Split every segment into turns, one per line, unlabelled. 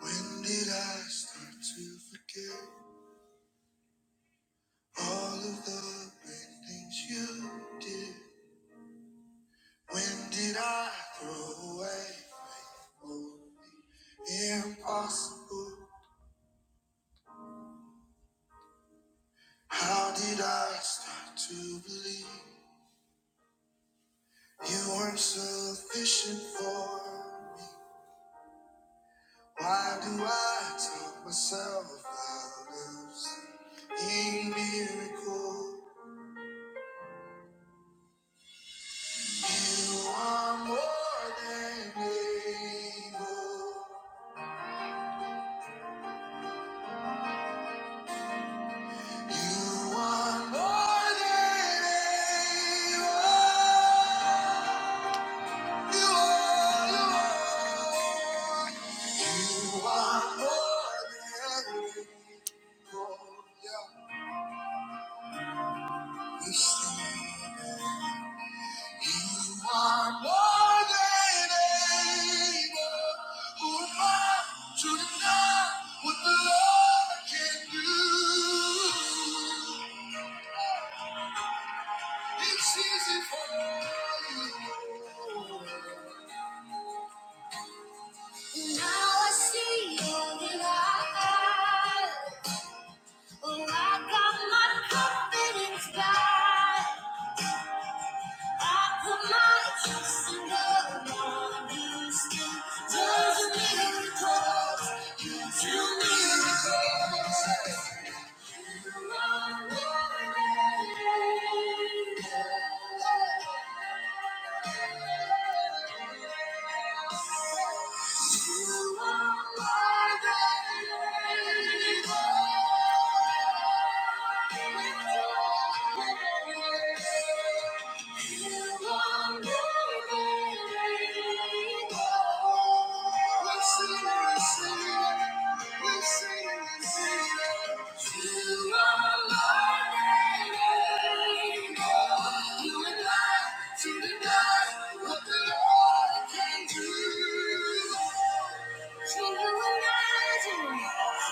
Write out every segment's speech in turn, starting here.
When did I start to forget all of the great things you did? When did I throw away hope? Impossible. How did I start to believe you weren't sufficient for me? Why do I talk myself out of seeing miracles? You are more than able. You are more than able. You are, you are. You are more than able. Yeah. You see. You are more than able. Who am I to deny what the Lord can do? It's easy for you. Now I see all your light. Oh, I got my confidence back. You are my baby. To the God, what the Lord can do. Can you imagine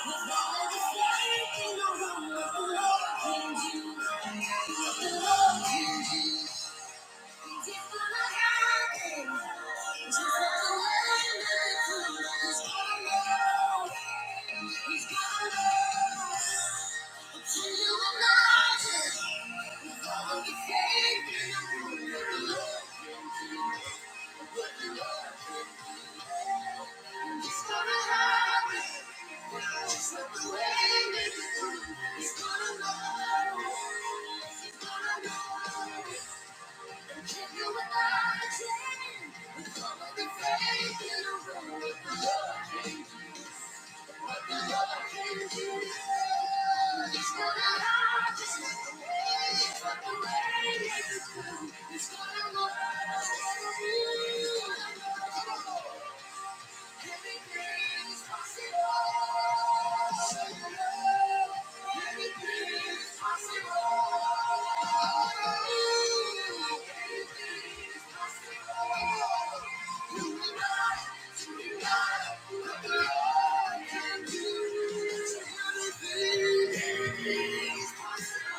what God is like in the room? What the Lord can do, what the Lord can do. It's gonna know. It's gonna know. It's gonna work. Thank you.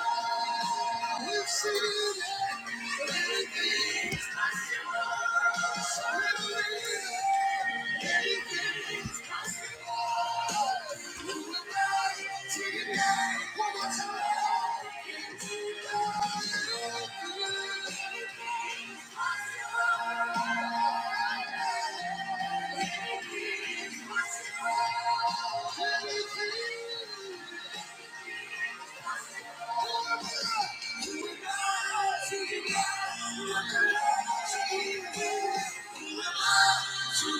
Thank you. You still can do it. Still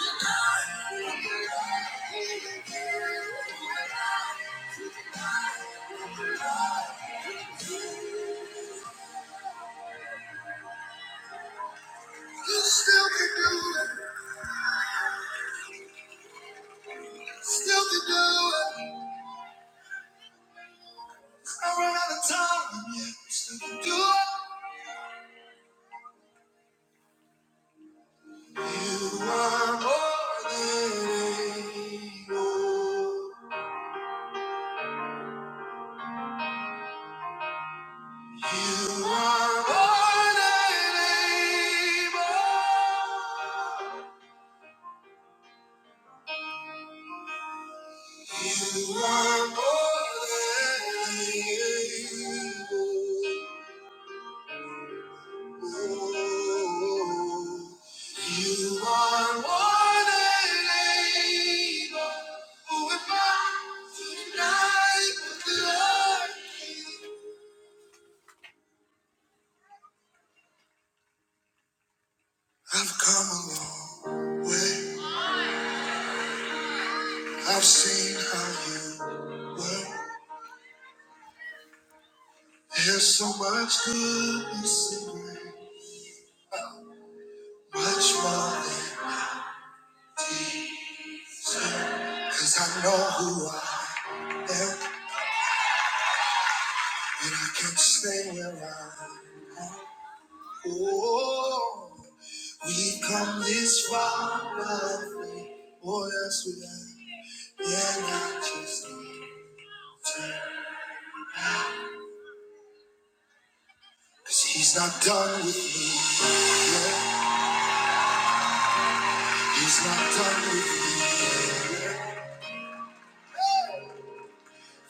can do it. I run out of time. and yet You still can do it. You are more than able. You are more than able. You are more than able. You are more than able. Who am I to deny what the Lord? I've come a long way. I've seen how you work. There's so much goodness in you, much more than deserve. 'Cause I know who I am, and I can stay where I am. Oh. We've come this far, roughly. What else we I? Yeah, I just need time. Cause he's not done with me. Yeah, he's not done with me. Yeah.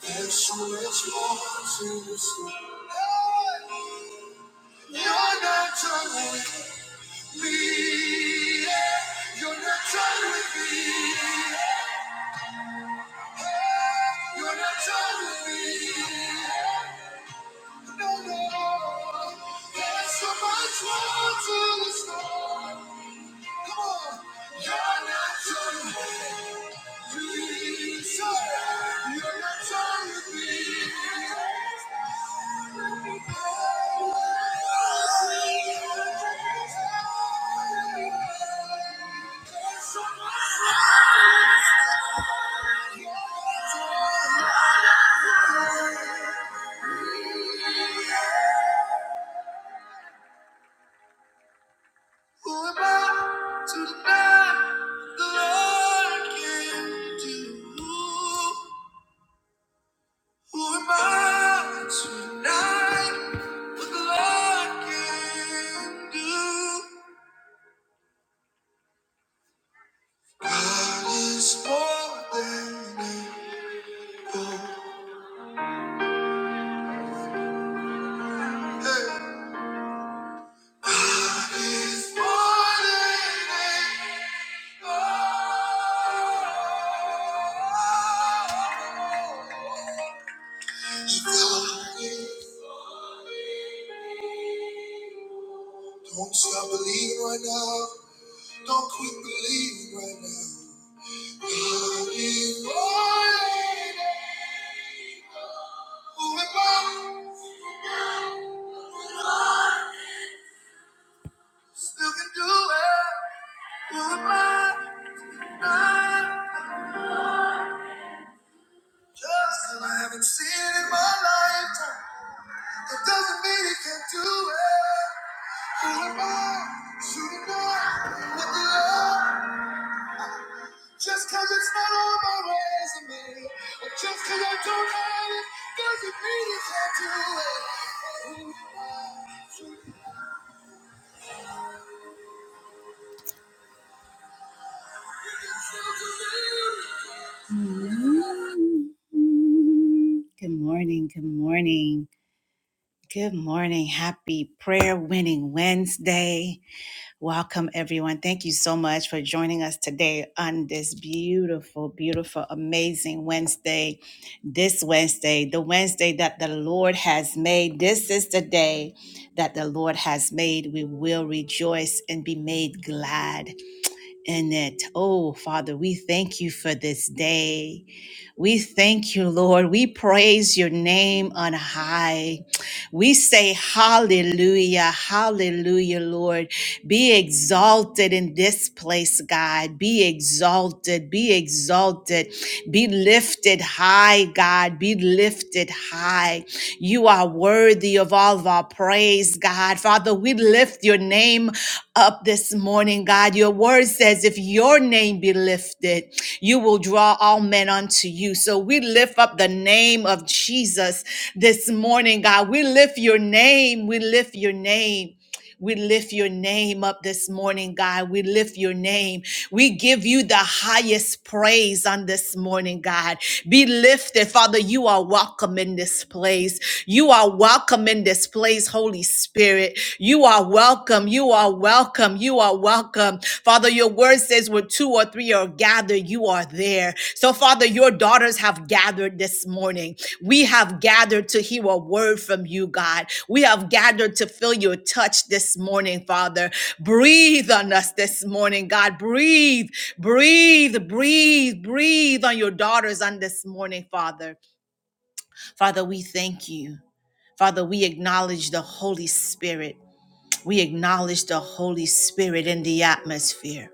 There's so much more to this. You're not done with me. You're not done with me. You're not done with me. No, no. There's so much more to this. Come on. You're not trying to be sorry. You're not trying to be Who am I to deny the Lord can do? Who am I to what the Lord can do? God is more than able. Don't stop believing right now. Don't quit believing right now. God is more Who am I? Still can do it. Who am I? Not Just 'cause I haven't seen it in my lifetime. It doesn't mean he can't do it. Just cause it's not on my resume, or just cause I don't have it, doesn't mean you can't do it. Mm-hmm. Good morning, good morning, good morning. Happy prayer winning Wednesday. Welcome, everyone. Thank you so much for joining us today on this beautiful, beautiful, amazing Wednesday. This Wednesday, the Wednesday that the Lord has made. This is the day that the Lord has made. We will rejoice and be made glad in it. Oh, Father, we thank you for this day. We thank you, Lord. We praise your name on high. We say hallelujah, hallelujah, Lord. Be exalted in this place, God. Be exalted, be exalted, be lifted high, God. Be lifted high. You are worthy of all of our praise, God. Father, we lift your name up this morning, God. Your word says, if your name be lifted, you will draw all men unto you. So we lift up the name of Jesus this morning, God. We lift your name. We lift your name. We lift your name up this morning, God. We lift your name. We give you the highest praise on this morning, God. Be lifted, Father. You are welcome in this place. You are welcome in this place, Holy Spirit. You are welcome. You are welcome. You are welcome. Father, your word says, where two or or three are gathered, you are there. So, Father, your daughters have gathered this morning. We have gathered to hear a word from you, God. We have gathered to feel your touch this morning, Father. Breathe on us this morning, God. Breathe, breathe, breathe, breathe on your daughters on this morning, Father. Father, we thank you. Father, we acknowledge the Holy Spirit. We acknowledge the Holy Spirit in the atmosphere.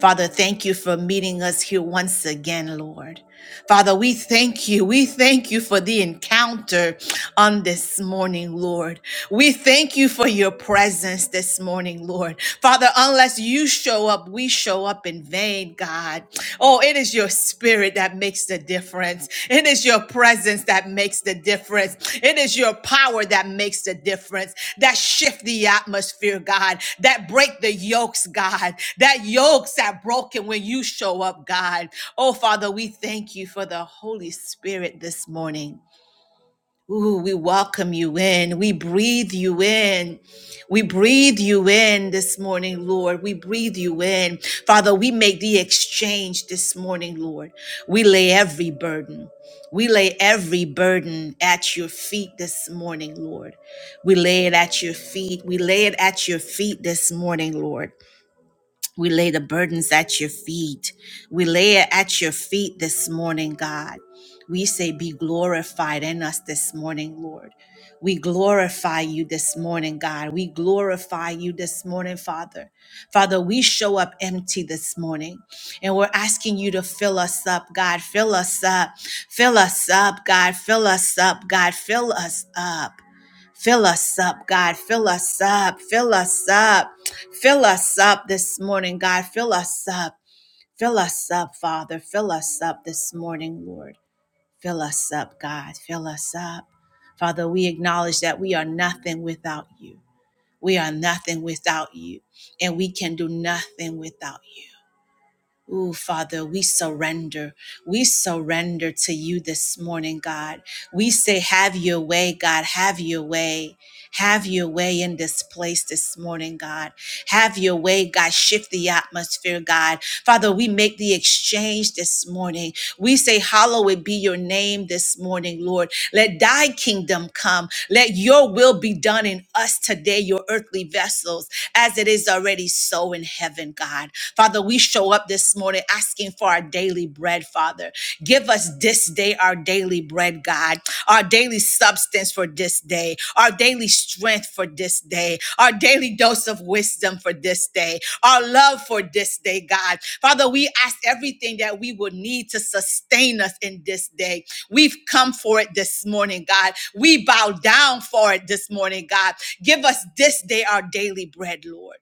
Father, thank you for meeting us here once again, Lord. Father, we thank you. We thank you for the encounter on this morning, Lord. We thank you for your presence this morning, Lord. Father, unless you show up, we show up in vain, God. Oh, it is your spirit that makes the difference. It is your presence that makes the difference. It is your power that makes the difference. That shift the atmosphere, God. That break the yokes, God. That yokes are broken when you show up, God. Oh, Father, we thank you for the Holy Spirit this morning. Ooh, we welcome you in. We breathe you in. We breathe you in this morning, Lord. We breathe you in. Father, we make the exchange this morning, Lord. We lay every burden. We lay every burden at your feet this morning, Lord. We lay it at your feet. We lay it at your feet this morning, Lord. We lay the burdens at your feet. We lay it at your feet this morning, God. We say, Be glorified in us this morning, Lord. We glorify you this morning, God. We glorify you this morning, Father. Father, we show up empty this morning and we're asking you to fill us up, God. Fill us up. Fill us up, God. Fill us up, God. Fill us up. Fill us up, God. Fill us up. Fill us up. Fill us up this morning, God. Fill us up. Fill us up, Father. Fill us up this morning, Lord. Fill us up, God. Fill us up. Father, we acknowledge that we are nothing without you. We are nothing without you, and we can do nothing without you. Ooh, Father, we surrender. We surrender to you this morning, God. We say, Have your way, God. Have your way. Have your way in this place this morning, God. Have your way, God. Shift the atmosphere, God. Father, we make the exchange this morning. We say, Hallowed be your name this morning, Lord. Let thy kingdom come. Let your will be done in us today, your earthly vessels, as it is already so in heaven, God. Father, we show up this morning asking for our daily bread, Father. Give us this day our daily bread, God, our daily substance for for this day, our daily strength for this day, our daily dose of wisdom for this day, our love for this day, God. Father, we ask everything that we would need to sustain us in this day. We've come for it this morning, God. We bow down for it this morning, God. Give us this day our daily bread, Lord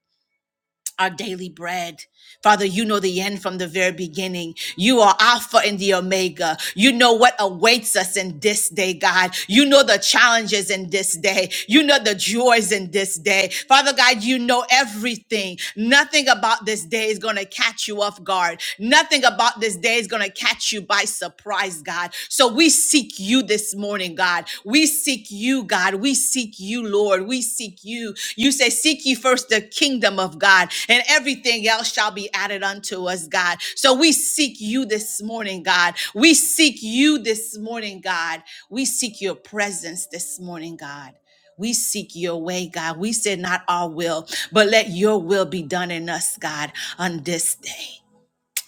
our daily bread. Father, you know the end from the very beginning. You are Alpha and the Omega. You know what awaits us in this day, God. You know the challenges in this day. You know the joys in this day. Father God, you know everything. Nothing about this day is going to catch you off guard. Nothing about this day is going to catch you by surprise God. So we seek you this morning, God. We seek you, God. We seek you, Lord. We seek you. You say, Seek ye first the kingdom of God, and everything else shall be added unto us, God. So we seek you this morning, God. We seek you this morning, God. We seek your presence this morning, God. We seek your way, God. We said not our will, but let your will be done in us, God, on this day,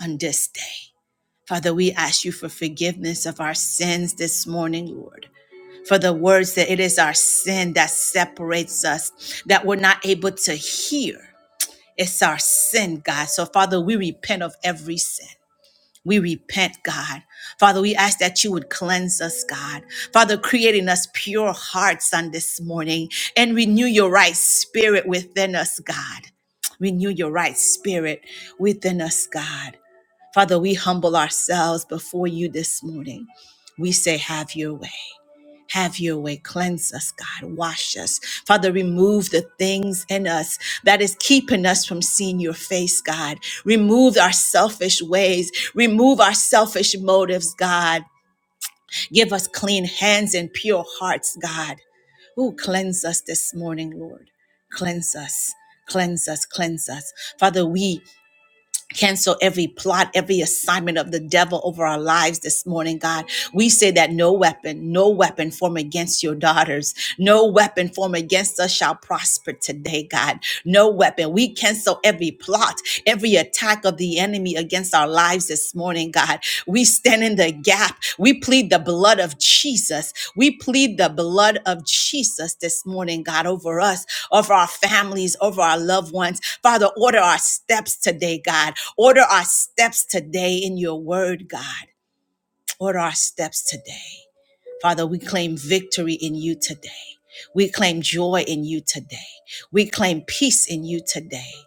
on this day. Father, we ask you for forgiveness of our sins this morning, Lord. For the words that it is our sin that separates us, that we're not able to hear. It's our sin, God. So, Father, we repent of every sin. We repent, God. Father, we ask that you would cleanse us, God. Father, create in us pure hearts on this morning and renew your right spirit within us, God. Renew your right spirit within us, God. Father, we humble ourselves before you this morning. We say, Have your way. Have your way. Cleanse us, God. Wash us. Father, remove the things in us that is keeping us from seeing your face, God. Remove our selfish ways. Remove our selfish motives, God. Give us clean hands and pure hearts, God. Ooh, cleanse us this morning, Lord. Cleanse us. Cleanse us, cleanse us. Father, we Cancel every plot, every assignment of the devil over our lives this morning, God. We say that no weapon, no weapon formed against your daughters, no weapon formed against us shall prosper today, God. No weapon. We cancel every plot, every attack of the enemy against our lives this morning, God. We stand in the gap. We plead the blood of Jesus. We plead the blood of Jesus this morning, God, over us, over our families, over our loved ones Father, order our steps today, God. Order our steps today in your word, God. Order our steps today. Father, we claim victory in you today. We claim joy in you today. We claim peace in you today.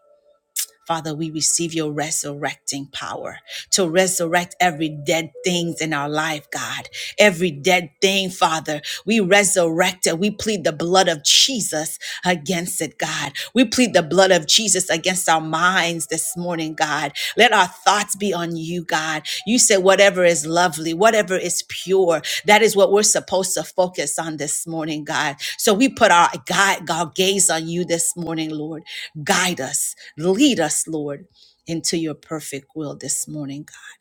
Father, we receive your resurrecting power to resurrect every dead things in our life, God. Every dead thing, Father, we resurrect it. We plead the blood of Jesus against it, God. We plead the blood of Jesus against our minds this morning, God. Let our thoughts be on you, God. You said whatever is lovely, whatever is pure, that is what we're supposed to focus on this morning, God. So we put our, God, our gaze on you this morning, Lord. Guide us, lead us, Lord, into your perfect will this morning, God.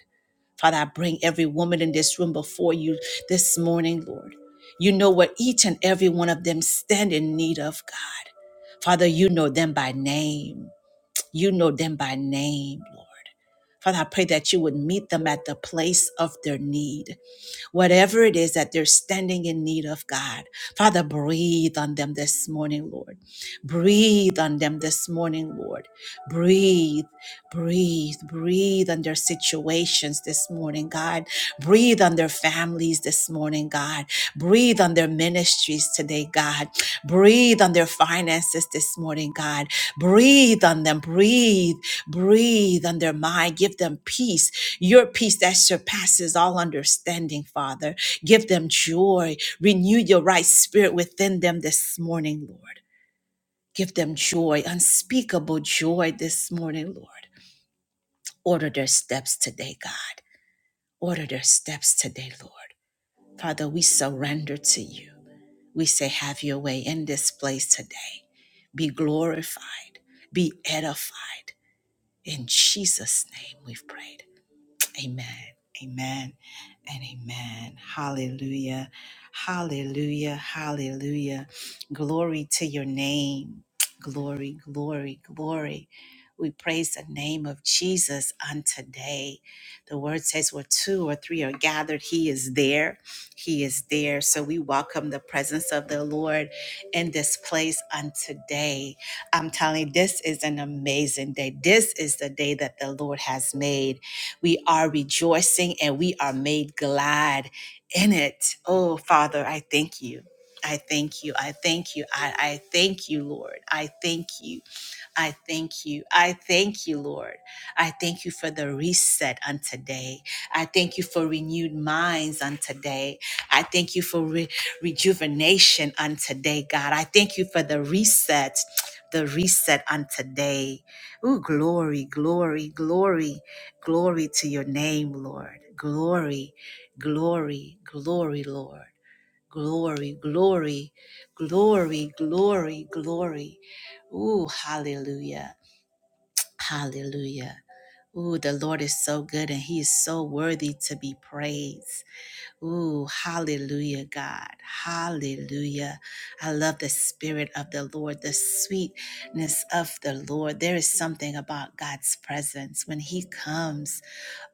Father, I bring every woman in this room before you this morning, Lord. You know what each and every one of them stand in need of, God. Father, you know them by name. You know them by name, Lord. Father, I pray that you would meet them at the place of their need whatever it is that they're standing in need of, God. Father, breathe on them this morning, Lord. Breathe on them this morning, Lord. Breathe. Breathe, breathe on their situations this morning, God. Breathe on their families this morning, God. Breathe on their ministries today, God. Breathe on their finances this morning, God. Breathe on them. Breathe, breathe on their mind. Give them peace, your peace that surpasses all understanding, Father. Give them joy. Renew your right spirit within them this morning, Lord. Give them joy, unspeakable joy this morning, Lord. Order their steps today, God. Order their steps today, Lord. Father, we surrender to you. We say, have your way in this place today. Be glorified, be edified. In Jesus' name we've prayed. Amen. Amen. And amen. Hallelujah. Hallelujah. Hallelujah. Glory to your name. Glory, glory, glory. We praise the name of Jesus on today. The word says where two or three are gathered, he is there. He is there. So we welcome the presence of the Lord in this place on today. I'm telling you, this is an amazing day. This is the day that the Lord has made we are rejoicing and we are made glad in it. Oh, Father, I thank you. I thank you. I thank you. I, I thank you, Lord. I thank you. I thank you. I thank you, Lord. I thank you for the reset on today. I thank you for renewed minds on today. I thank you for re- rejuvenation on today, God. I thank you for the reset, the reset on today. Ooh, glory, glory, glory, glory to your name, Lord. Glory, glory, glory, Lord. Glory, glory, glory, glory, glory. Ooh, hallelujah, hallelujah. Ooh, the Lord is so good and he is so worthy to be praised. Ooh, hallelujah, God. Hallelujah. I love the spirit of the Lord, the sweetness of the Lord. There is something about God's presence. When He comes,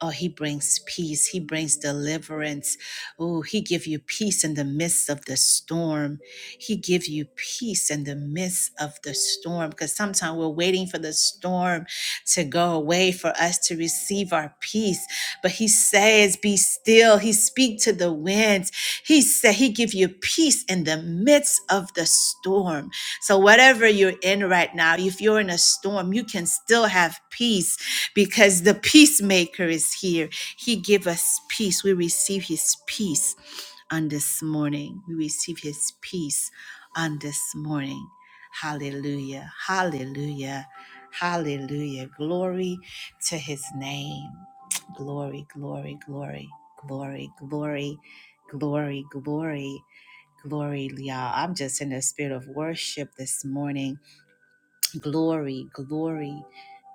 Oh, he brings peace. He brings deliverance. Oh, he give you peace in the midst of the storm. He give you peace in the midst of the storm because sometimes we're waiting for the storm to go away for us to receive our peace. But he says, Be still. He speak to the winds. He said he give you peace in the midst of the storm. So whatever you're in right now, if you're in a storm, you can still have peace because the peacemaker is here. He give us peace. We receive his peace on this morning. We receive his peace on this morning. Hallelujah. Hallelujah. Hallelujah. Glory to his name. Glory, glory, glory, glory, glory, glory, glory, glory, y'all. I'm just in the spirit of worship this morning. Glory, glory,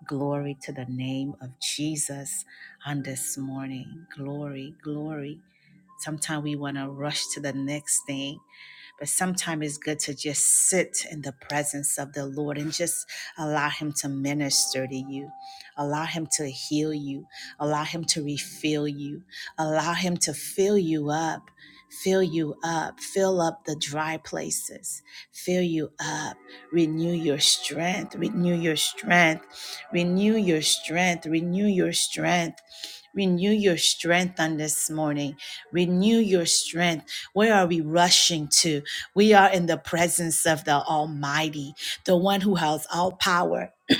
Glory to the name of Jesus on this morning. Glory, glory. Sometimes we want to rush to the next thing but sometimes it's good to just sit in the presence of the Lord and just allow Him to minister to you, allow Him to heal you, allow Him to refill you, allow Him to fill you up. Fill you up, fill up the dry places, fill you up, renew your strength, renew your strength, renew your strength, renew your strength. Renew your strength on this morning. Renew your strength. Where are we rushing to? We are in the presence of the Almighty, the one who has all power.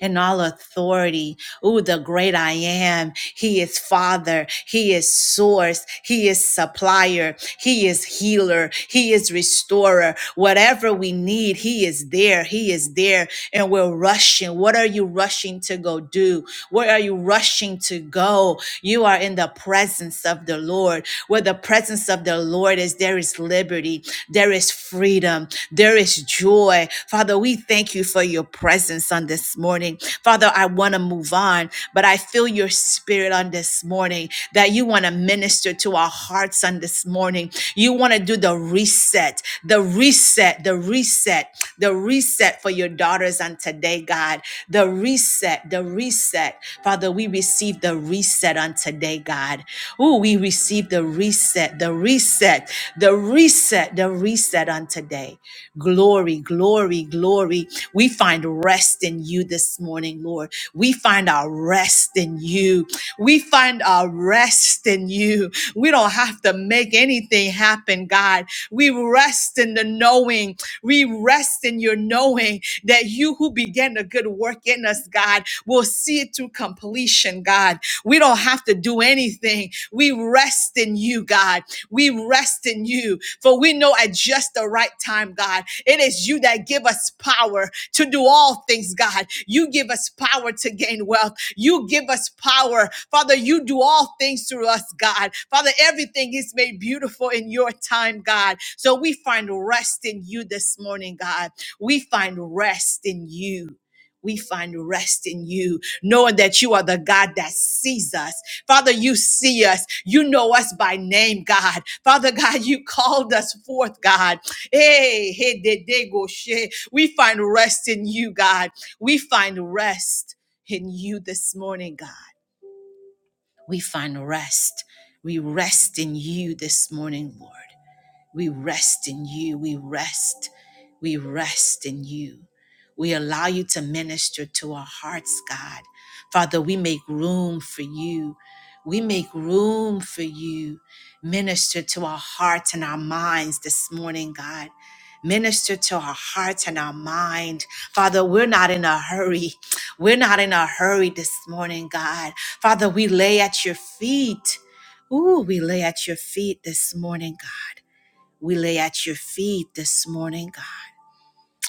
and all authority. Ooh, the great I am. He is Father. He is Source. He is Supplier. He is Healer. He is Restorer. Whatever we need, He is there. He is there. And we're rushing. What are you rushing to go do? Where are you rushing to go? You are in the presence of the Lord. Where the presence of the Lord is, there is liberty. There is freedom. There is joy. Father, we thank you for your presence on this morning. Father, I want to move on, but I feel your spirit on this morning that you want to minister to our hearts on this morning. You want to do the reset, the reset, the reset, the reset for your daughters on today, God. The reset, the reset. Father, we receive the reset on today, God. Ooh, we receive the reset, the reset the reset, the reset on today. Glory, glory, glory. We find rest in you this morning, Lord. We find our rest in you. We find our rest in you. We don't have to make anything happen, God. We rest in the knowing. We rest in your knowing that you who began a good work in us, God, will see it through completion, God. We don't have to do anything. We rest in you, God. We rest in you, for we know at just the right time, God, it is you that give us power to do all things, God. You give us power to gain wealth. You give us power. Father, you do all things through us, God. Father, everything is made beautiful in your time, God. So we find rest in you this morning, God. We find rest in you. We find rest in you, knowing that you are the God that sees us. Father, you see us. You know us by name, God. Father God, you called us forth, God. Hey, hey, de, de, go, she. We find rest in you, God. We find rest in you this morning, God. We find rest. We rest in you this morning, Lord. We rest in you. We rest. We rest in you. We allow you to minister to our hearts, God. Father, we make room for you. We make room for you. Minister to our hearts and our minds this morning, God. Minister to our hearts and our mind. Father, we're not in a hurry. We're not in a hurry this morning, God. Father, we lay at your feet. Ooh, we lay at your feet this morning, God we lay at your feet this morning, God.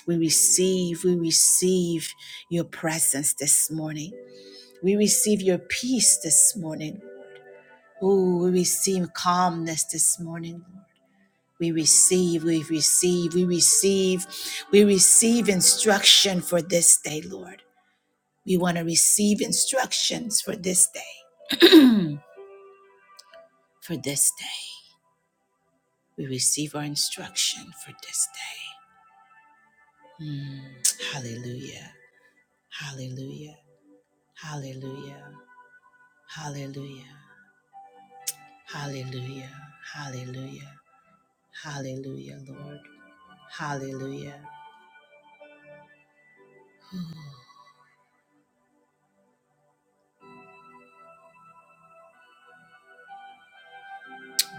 We receive, we receive your presence this morning. We receive your peace this morning. Ooh, we receive calmness this morning, Lord. We receive, we receive, we receive, we receive instruction for this day, Lord. We want to receive instructions for this day, for this day. We receive our instruction for this day. Mm, hallelujah. Hallelujah. Hallelujah. Hallelujah. Hallelujah. Hallelujah. Hallelujah, Lord. Hallelujah.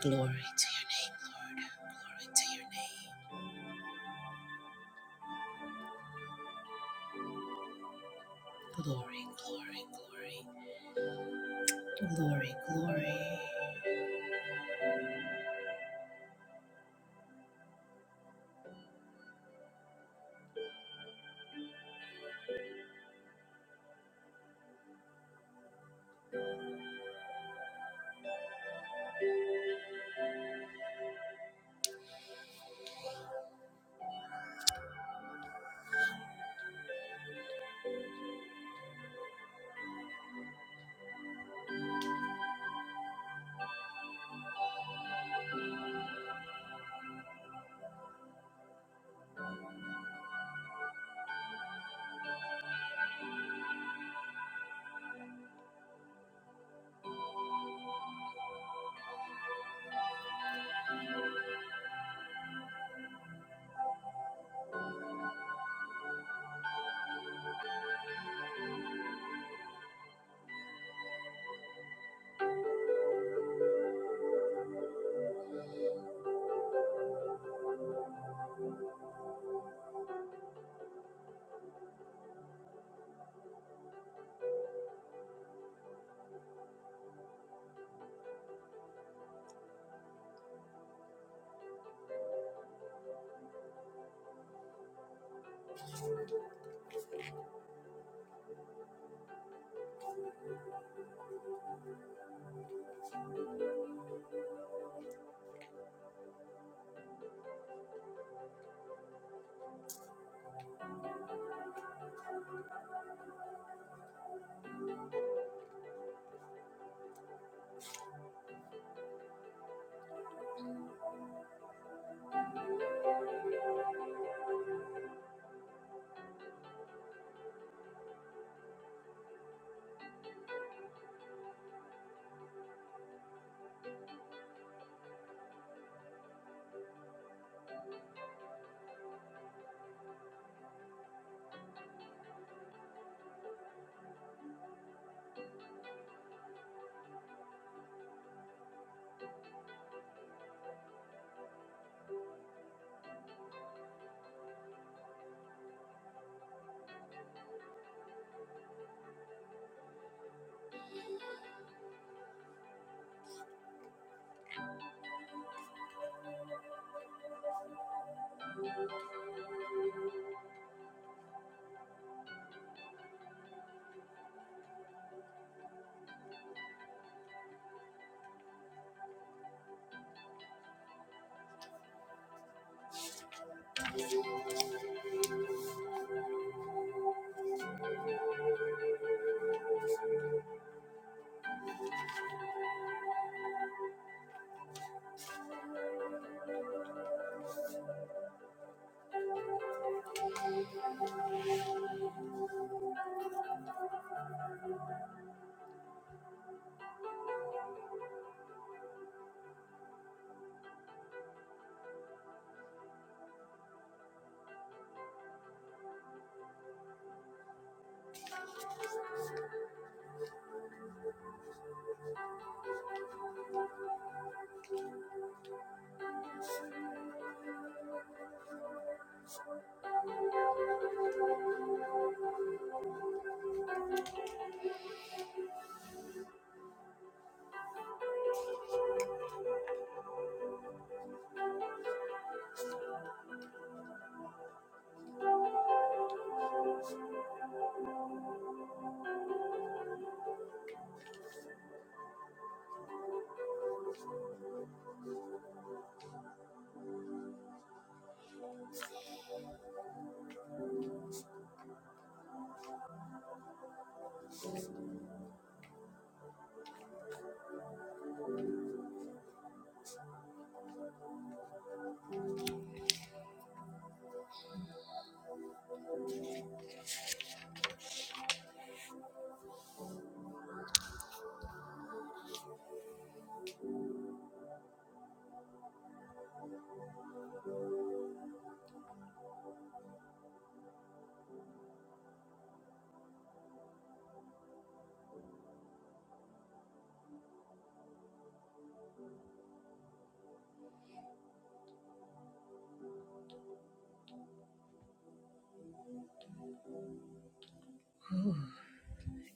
Glory to your name, Lord. Glory to your name. Glory, glory, glory. Glory, glory.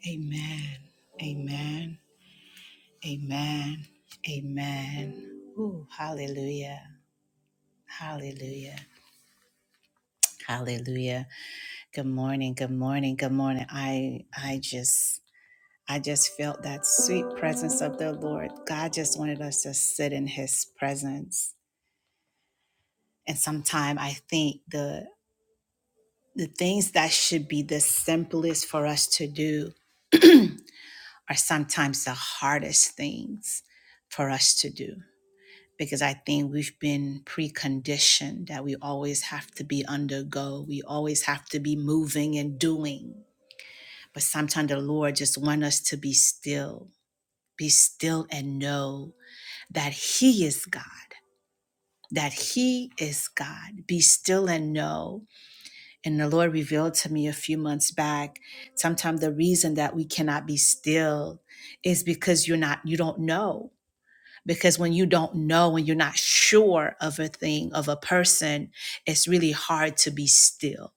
Amen. Amen. Amen. Amen. Ooh, hallelujah. Hallelujah. Hallelujah. Good morning. Good morning. Good morning. I I just I just felt that sweet presence of the Lord. God just wanted us to sit in his presence. And sometimes I think the the things that should be the simplest for us to do are sometimes the hardest things for us to do because I think we've been preconditioned that we always have to be undergo, we always have to be moving and doing. But sometimes the Lord just want us to be still, be still and know that He is God, that He is God. Be still and know. And the Lord revealed to me a few months back, sometimes the reason that we cannot be still is because you're not, you don't know. Because when you don't know and you're not sure of a thing, of a person, it's really hard to be still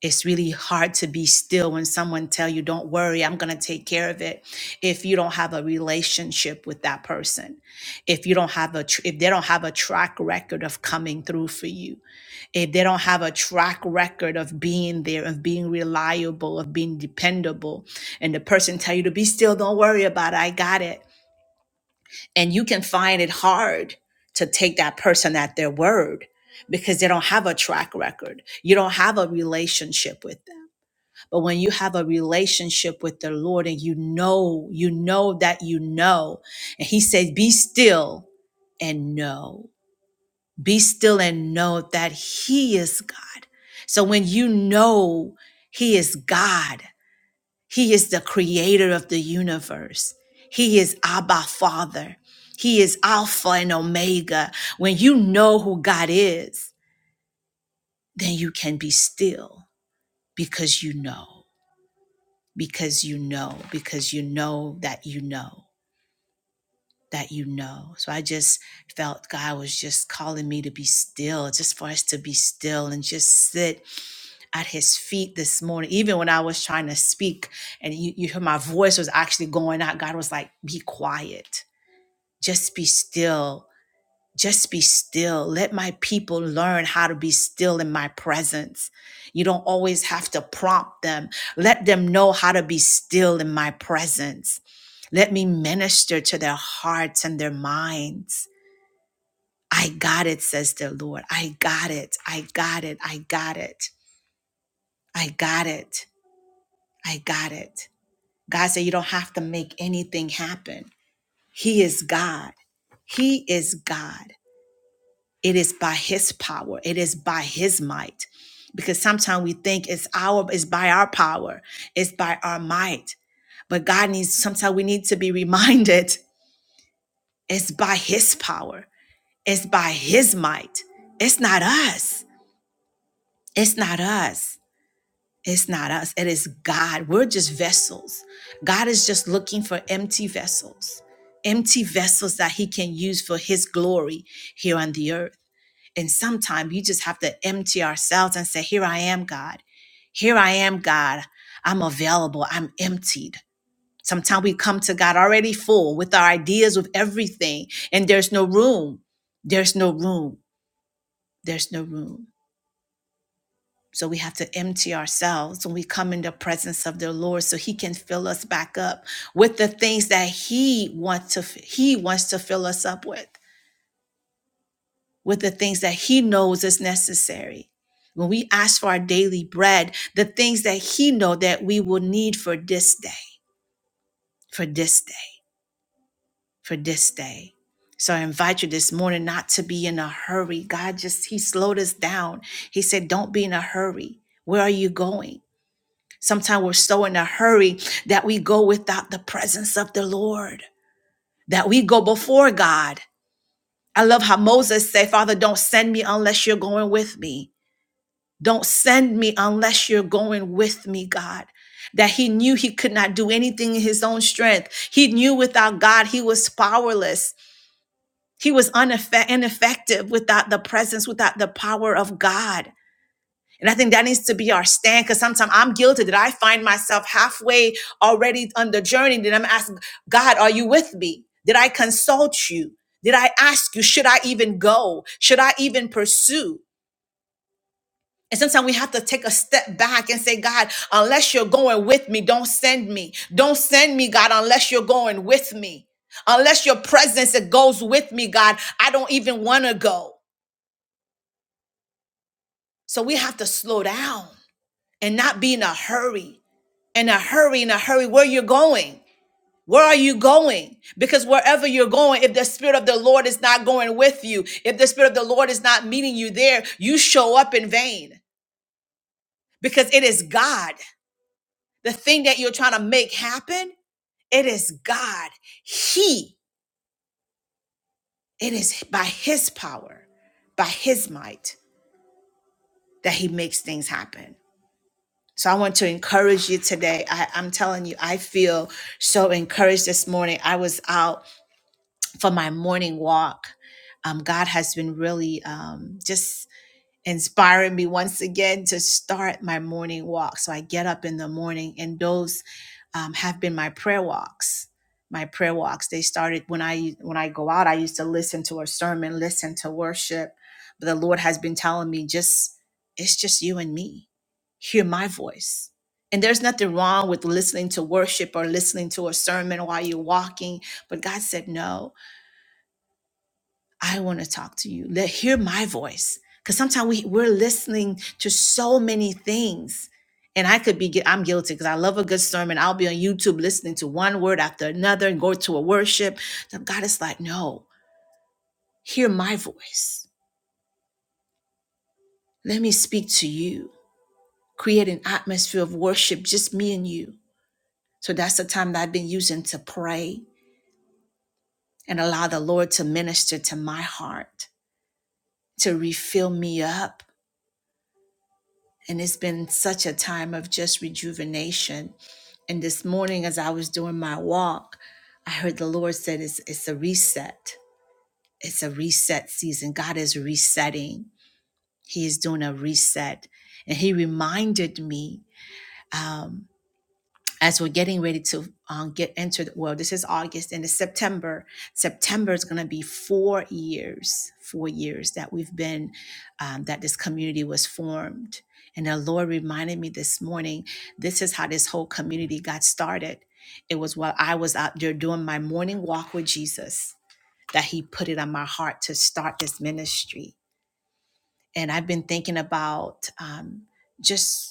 it's really hard to be still when someone tell you don't worry i'm going to take care of it if you don't have a relationship with that person if you don't have a tr- if they don't have a track record of coming through for you if they don't have a track record of being there of being reliable of being dependable and the person tell you to be still don't worry about it i got it and you can find it hard to take that person at their word because they don't have a track record you don't have a relationship with them but when you have a relationship with the Lord and you know, you know that you know, and He says, Be still and know. Be still and know that He is God. So when you know He is God, He is the creator of the universe, He is Abba Father, He is Alpha and Omega. When you know who God is, then you can be still because you know. because you know, because you know that you know, that you know. So I just felt God was just calling me to be still, just for us to be still and just sit at his feet this morning. Even when I was trying to speak and you, you hear my voice was actually going out, God was like, be quiet, just be still just be still. Let my people learn how to be still in my presence. You don't always have to prompt them. Let them know how to be still in my presence. Let me minister to their hearts and their minds. I got it, says the Lord. I got it. I got it. I got it. I got it. I got it. God said, You don't have to make anything happen. He is God. He is God. It is by his power. It is by his might. Because sometimes we think it's our it's by our power, it's by our might. But God needs sometimes we need to be reminded it's by his power. It's by his might. It's not us. It's not us. It's not us. It is God. We're just vessels. God is just looking for empty vessels. Empty vessels that he can use for his glory here on the earth. And sometimes you just have to empty ourselves and say, Here I am, God. Here I am, God. I'm available. I'm emptied. Sometimes we come to God already full with our ideas, with everything, and there's no room. There's no room. There's no room. So we have to empty ourselves when we come in the presence of the Lord so he can fill us back up with the things that he wants to he wants to fill us up with. with the things that he knows is necessary. When we ask for our daily bread, the things that he know that we will need for this day, for this day, for this day. So I invite you this morning not to be in a hurry. God just he slowed us down. He said, "Don't be in a hurry. Where are you going?" Sometimes we're so in a hurry that we go without the presence of the Lord, that we go before God. I love how Moses said, Father, don't send me unless you're going with me. Don't send me unless you're going with me, God. That he knew he could not do anything in his own strength. He knew without God, he was powerless. He was uneffe- ineffective without the presence, without the power of God. And I think that needs to be our stand because sometimes I'm guilty that I find myself halfway already on the journey. That I'm asking, God, are you with me? Did I consult you? Did I ask you, should I even go? Should I even pursue? And sometimes we have to take a step back and say, God, unless you're going with me, don't send me. Don't send me, God, unless you're going with me. Unless your presence it goes with me, God, I don't even want to go. So we have to slow down and not be in a hurry. In a hurry, in a hurry, where you're going. Where are you going? Because wherever you're going, if the Spirit of the Lord is not going with you, if the Spirit of the Lord is not meeting you there, you show up in vain because it is God. the thing that you're trying to make happen, it is God. He, it is by His power, by His might, that He makes things happen. So I want to encourage you today. I, I'm telling you, I feel so encouraged this morning. I was out for my morning walk. Um, God has been really um, just inspiring me once again to start my morning walk. So I get up in the morning, and those um, have been my prayer walks. My prayer walks. They started when I when I go out. I used to listen to a sermon, listen to worship. But the Lord has been telling me, just it's just you and me. Hear my voice. And there's nothing wrong with listening to worship or listening to a sermon while you're walking. But God said no I want to talk to you. Let hear my voice. Cause sometimes we, we're listening to so many things. And I could be, gui- I'm guilty because I love a good sermon. I'll be on YouTube listening to one word after another and go to a worship. Now God is like, no, hear my voice. Let me speak to you. Create an atmosphere of worship, just me and you. So that's the time that I've been using to pray and allow the Lord to minister to my heart, to refill me up And it's been such a time of just rejuvenation. And this morning, as I was doing my walk, I heard the Lord said, it's, it's a reset. It's a reset season. God is resetting. He is doing a reset. And He reminded me. um, as we're getting ready to um, get into the world, this is august and it's september september is going to be four years four years that we've been um, that this community was formed and the lord reminded me this morning this is how this whole community got started it was while i was out there doing my morning walk with jesus that he put it on my heart to start this ministry and i've been thinking about um, just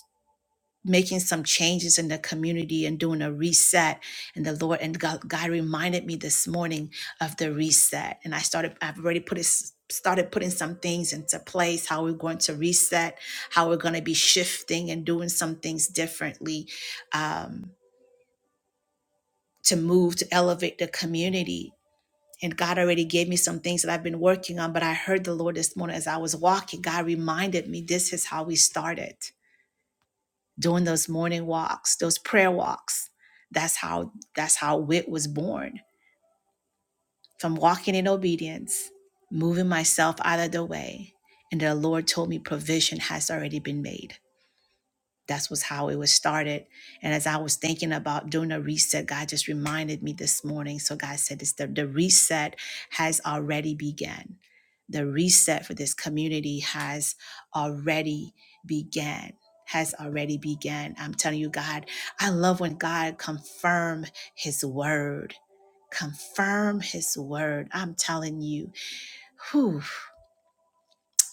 making some changes in the community and doing a reset and the lord and god, god reminded me this morning of the reset and i started i've already put it started putting some things into place how we're going to reset how we're going to be shifting and doing some things differently um, to move to elevate the community and god already gave me some things that i've been working on but i heard the lord this morning as i was walking god reminded me this is how we started doing those morning walks, those prayer walks. That's how that's how wit was born. From walking in obedience, moving myself out of the way, and the Lord told me provision has already been made. That's was how it was started. And as I was thinking about doing a reset, God just reminded me this morning. So God said this the, the reset has already begun. The reset for this community has already began. Has already began. I'm telling you, God, I love when God confirm his word. Confirm his word. I'm telling you. Whew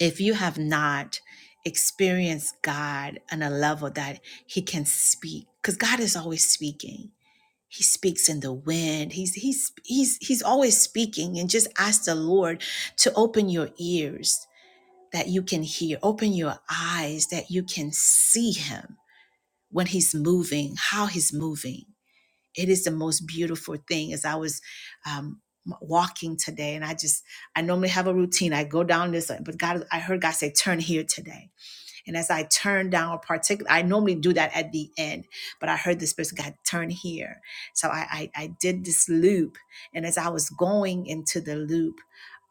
if you have not experienced God on a level that He can speak, because God is always speaking. He speaks in the wind. He's he's he's he's always speaking, and just ask the Lord to open your ears that you can hear, open your eyes that you can see Him when He's moving, how He's moving it is the most beautiful thing as i was um walking today and i just i normally have a routine i go down this but god i heard god say turn here today and as i turn down a particular i normally do that at the end but i heard the spirit of god turn here so I, I i did this loop and as i was going into the loop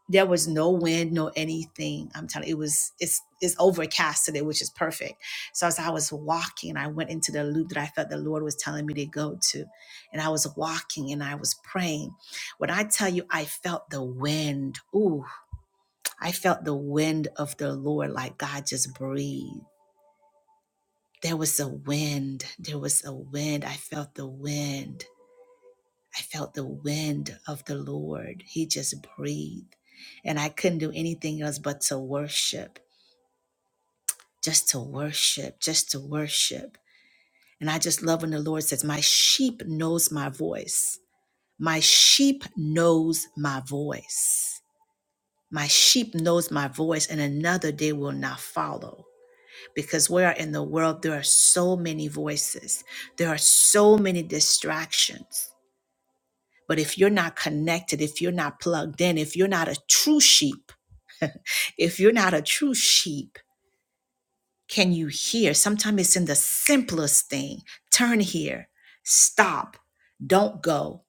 there was no wind, no anything. I'm telling you, it was it's it's overcast today, which is perfect. So as I was walking, and I went into the loop that I felt the Lord was telling me to go to, and I was walking and I was praying. When I tell you, I felt the wind. Ooh, I felt the wind of the Lord, like God just breathed. There was a wind. There was a wind. I felt the wind. I felt the wind of the Lord. He just breathed. And I couldn't do anything else but to worship, just to worship, just to worship. And I just love when the Lord says, My sheep knows my voice. My sheep knows my voice. My sheep knows my voice, and another they will not follow. Because where in the world there are so many voices, there are so many distractions. But if you're not connected, if you're not plugged in, if you're not a true sheep, if you're not a true sheep, can you hear? Sometimes it's in the simplest thing turn here, stop, don't go,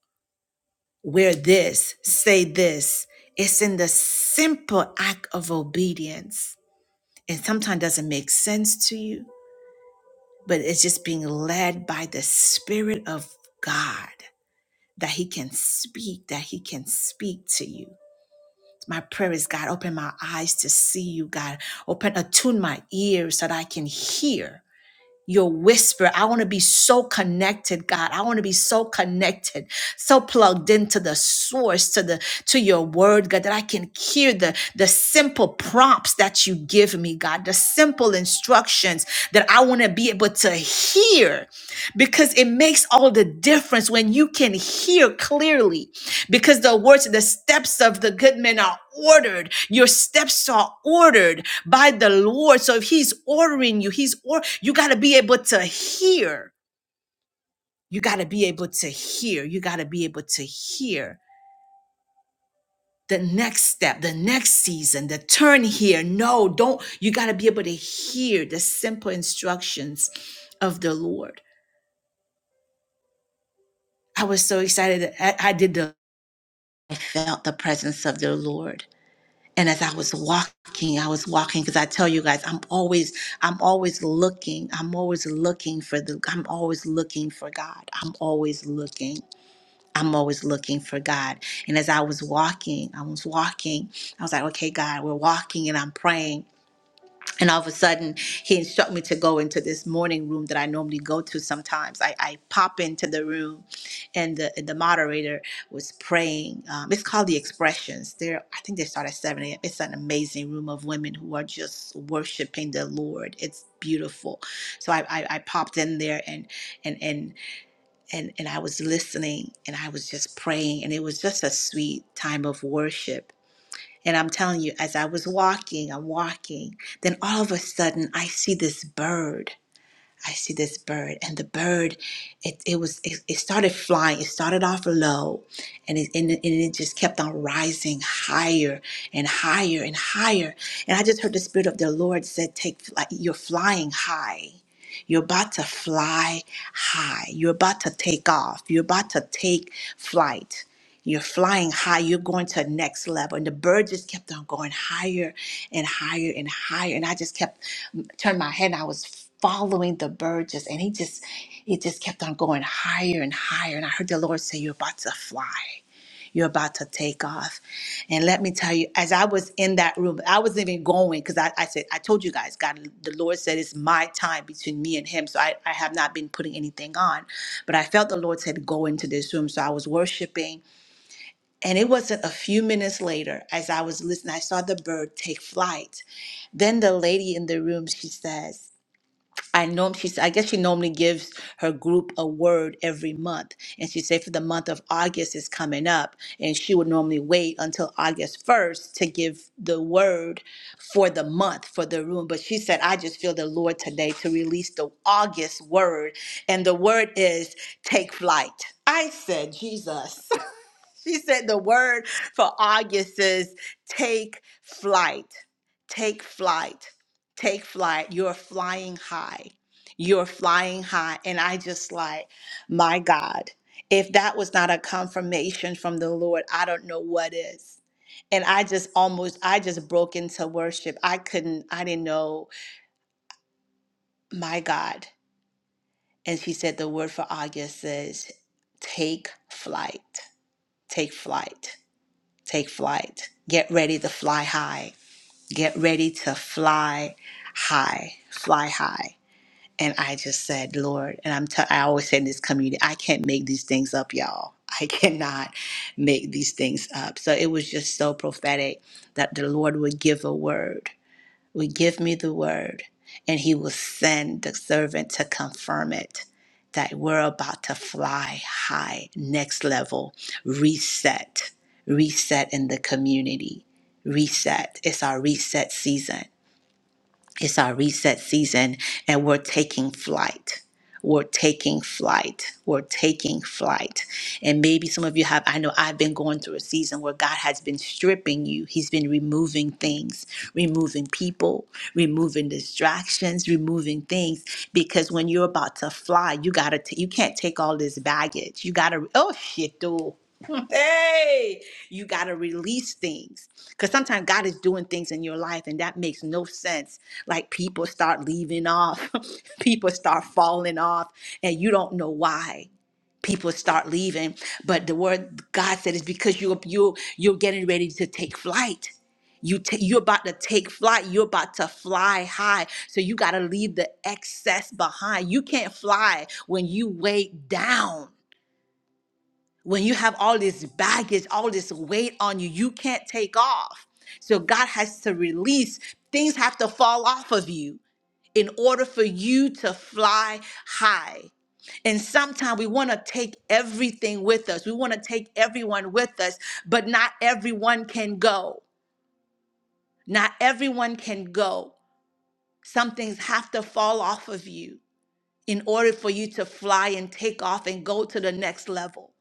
wear this, say this. It's in the simple act of obedience. And sometimes doesn't make sense to you, but it's just being led by the Spirit of God that He can speak, that He can speak to you My prayer is God, open my eyes to see you, God. Open, attune my ears so that I can hear your whisper. I want to be so connected, God. I want to be so connected, so plugged into the source, to the to your word, God, that I can hear the, the simple prompts that you give me, God, the simple instructions that I want to be able to hear because it makes all the difference when you can hear clearly because the words the steps of the good men are ordered your steps are ordered by the lord so if he's ordering you he's or you got to be able to hear you got to be able to hear you got to be able to hear the next step the next season the turn here no don't you got to be able to hear the simple instructions of the lord i was so excited that i I did the i felt the presence of the lord and as i was walking i was walking because i tell you guys i'm always i'm always looking i'm always looking for the i'm always looking for god i'm always looking i'm always looking for god and as i was walking i was walking i was like okay god we're walking and i'm praying and all of a sudden, he instructed me to go into this morning room that I normally go to sometimes. I, I pop into the room, and the, the moderator was praying. Um, it's called The Expressions. There, I think they start at 7 a.m. It's an amazing room of women who are just worshiping the Lord. It's beautiful. So I, I, I popped in there and and and and and I was listening and I was just praying and it was just a sweet time of worship and I'm telling you, as I was walking, I'm walking, then all of a sudden I see this bird. I see this bird, and the bird, it, it was it, it started flying. It started off low, and it, and, it, and it just kept on rising higher and higher and higher. And I just heard the spirit of the Lord said, "Take flight. You're flying high. You're about to fly high. You're about to take off. You're about to take flight." You're flying high. You're going to a next level. And the bird just kept on going higher and higher and higher. And I just kept mm, turned my head and I was following the bird just and he just it just kept on going higher and higher. And I heard the Lord say, You're about to fly. You're about to take off. And let me tell you, as I was in that room, I wasn't even going because I, I said, I told you guys, God, the Lord said it's my time between me and him. So I, I have not been putting anything on. But I felt the Lord said, Go into this room. So I was worshiping and it wasn't a few minutes later, as I was listening, I saw the bird take flight. Then the lady in the room, she says, I know she said, I guess she normally gives her group a word every month. And she said for the month of August is coming up. And she would normally wait until August 1st to give the word for the month for the room. But she said, I just feel the Lord today to release the August word. And the word is take flight. I said, Jesus. She said the word for August is take flight, take flight, take flight. You're flying high. You're flying high. And I just like, my God, if that was not a confirmation from the Lord, I don't know what is. And I just almost, I just broke into worship. I couldn't, I didn't know, my God. And she said the word for August is take flight, take flight Take flight. Get ready to fly high. Get ready to fly high. Fly high. And I just said, Lord, and I'm t- I always say in this community, I can't make these things up, y'all. I cannot make these things up. So it was just so prophetic that the Lord would give a word will give me the word, and he will send the servant to confirm it. That we're about to fly high, next level, reset, reset in the community, reset. It's our reset season it's our reset season, and we're taking flight. We're taking flight. We're taking flight. And maybe some of you have, I know I've been going through a season where God has been stripping you. He's been removing things, removing people, removing distractions, removing things. Because when you're about to fly, you gotta, t- you can't take all this baggage. You gotta, oh shit, dude. You got to release things because sometimes God is doing things in your life and that makes no sense. Like people start leaving off, people start falling off, and you don't know why people start leaving. But the word God said is because you you you're getting ready to take flight. You ta you're about to take flight. You're about to fly high. So you got to leave the excess behind. You can't fly when you weighed down when you have all this baggage, all this weight on you, you can't take off. So God has to release, things have to fall off of you in order for you to fly high. And sometimes we want to take everything with us. We want to take everyone with us, but not everyone can go. Not everyone can go. Some things have to fall off of you in order for you to fly and take off and go to the next level.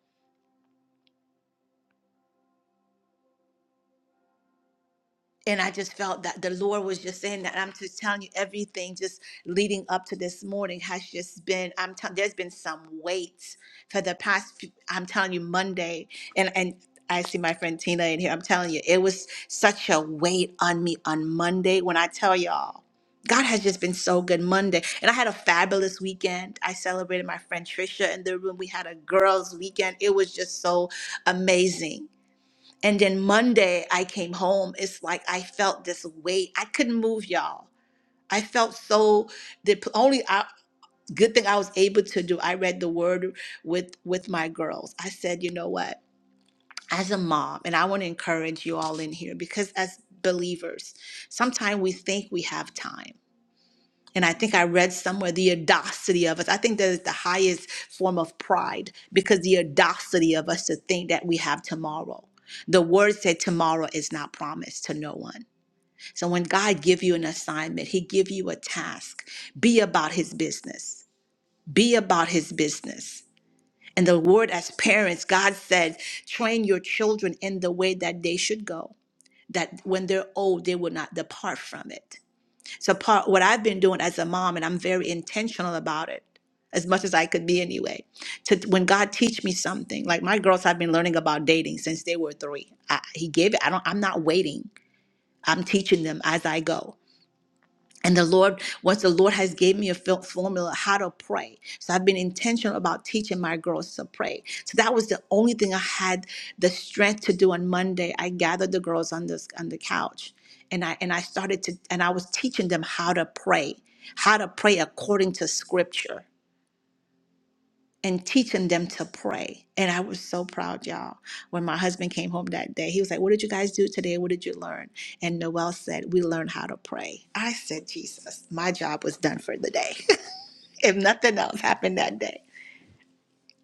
and I just felt that the Lord was just saying that. I'm just telling you everything just leading up to this morning has just been. I'm telling there's been some weight for the past. Few, I'm telling you Monday and and. I see my friend Tina in here. I'm telling you, it was such a weight on me on Monday when I tell y'all, God has just been so good Monday. And I had a fabulous weekend. I celebrated my friend Trisha in the room. We had a girls' weekend. It was just so amazing and then Monday, I came home. It's like I felt this weight. I couldn't move, y'all. I felt so. The only I, good thing I was able to do, I read the word with with my girls. I said, you know what? As a mom, and I want to encourage you all in here because as believers, sometimes we think we have time. And I think I read somewhere the audacity of us. I think that is the highest form of pride because the audacity of us to think that we have tomorrow. The word said tomorrow is not promised to no one. So when God give you an assignment, he give you a task. Be about his business. Be about his business. And the word as parents, God said, train your children in the way that they should go, that when they're old, they will not depart from it. So part what I've been doing as a mom, and I'm very intentional about it, as much as I could be anyway. To when God teach me something, like my girls have been learning about dating since they were three. I, he gave it. I don't. I'm not waiting. I'm teaching them as I go and the lord what the lord has gave me a fil- formula how to pray so i've been intentional about teaching my girls to pray so that was the only thing i had the strength to do on monday i gathered the girls on this on the couch and i and i started to and i was teaching them how to pray how to pray according to scripture and teaching them to pray. And I was so proud, y'all. When my husband came home that day, he was like, What did you guys do today? What did you learn? And Noel said, We learned how to pray. I said, Jesus, my job was done for the day. if nothing else happened that day,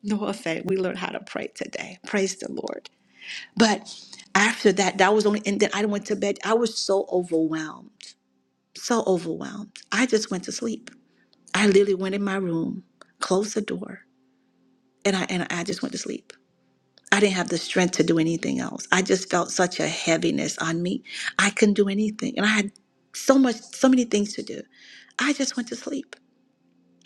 Noel said, We learned how to pray today. Praise the Lord. But after that, that was only, and then I went to bed. I was so overwhelmed, so overwhelmed. I just went to sleep. I literally went in my room, closed the door, and I and I just went to sleep. I didn't have the strength to do anything else. I just felt such a heaviness on me. I couldn't do anything. And I had so much, so many things to do. I just went to sleep.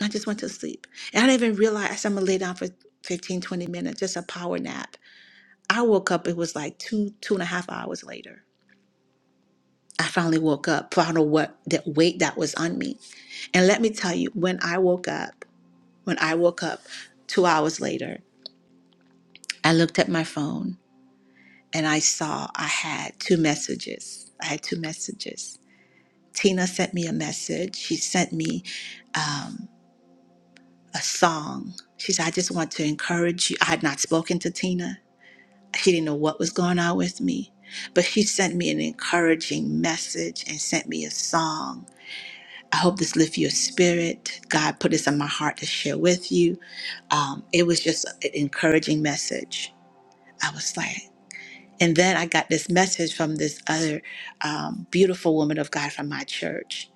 I just went to sleep. And I didn't even realize I'm going to lay down for 15, 20 minutes, just a power nap. I woke up, it was like two, two and a half hours later. I finally woke up, I don't know what that weight that was on me. And let me tell you, when I woke up, when I woke up two hours later, I looked at my phone and I saw I had two messages. I had two messages. Tina sent me a message. She sent me um, a song. She said, I just want to encourage you. I had not spoken to Tina. She didn't know what was going on with me, but she sent me an encouraging message and sent me a song. I hope this lifts your spirit. God put this in my heart to share with you. Um, it was just an encouraging message. I was like, And then I got this message from this other um, beautiful woman of God from my church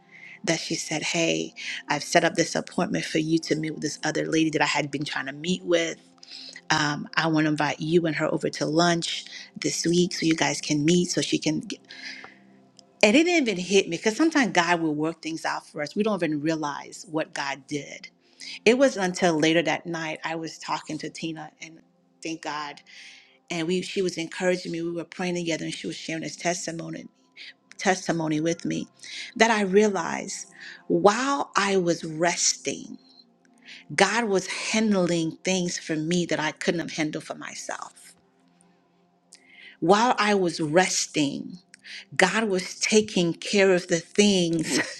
that she said, Hey, I've set up this appointment for you to meet with this other lady that I had been trying to meet with. Um, I want to invite you and her over to lunch this week so you guys can meet so she can. Get... And it didn't even hit me because sometimes God will work things out for us. We don't even realize what God did. It wasn't until later that night I was talking to Tina and thank God and we she was encouraging me. We were praying together, and she was sharing this testimony testimony with me that I realized while I was resting, God was handling things for me that I couldn't have handled for myself. While I was resting, God was taking care of the things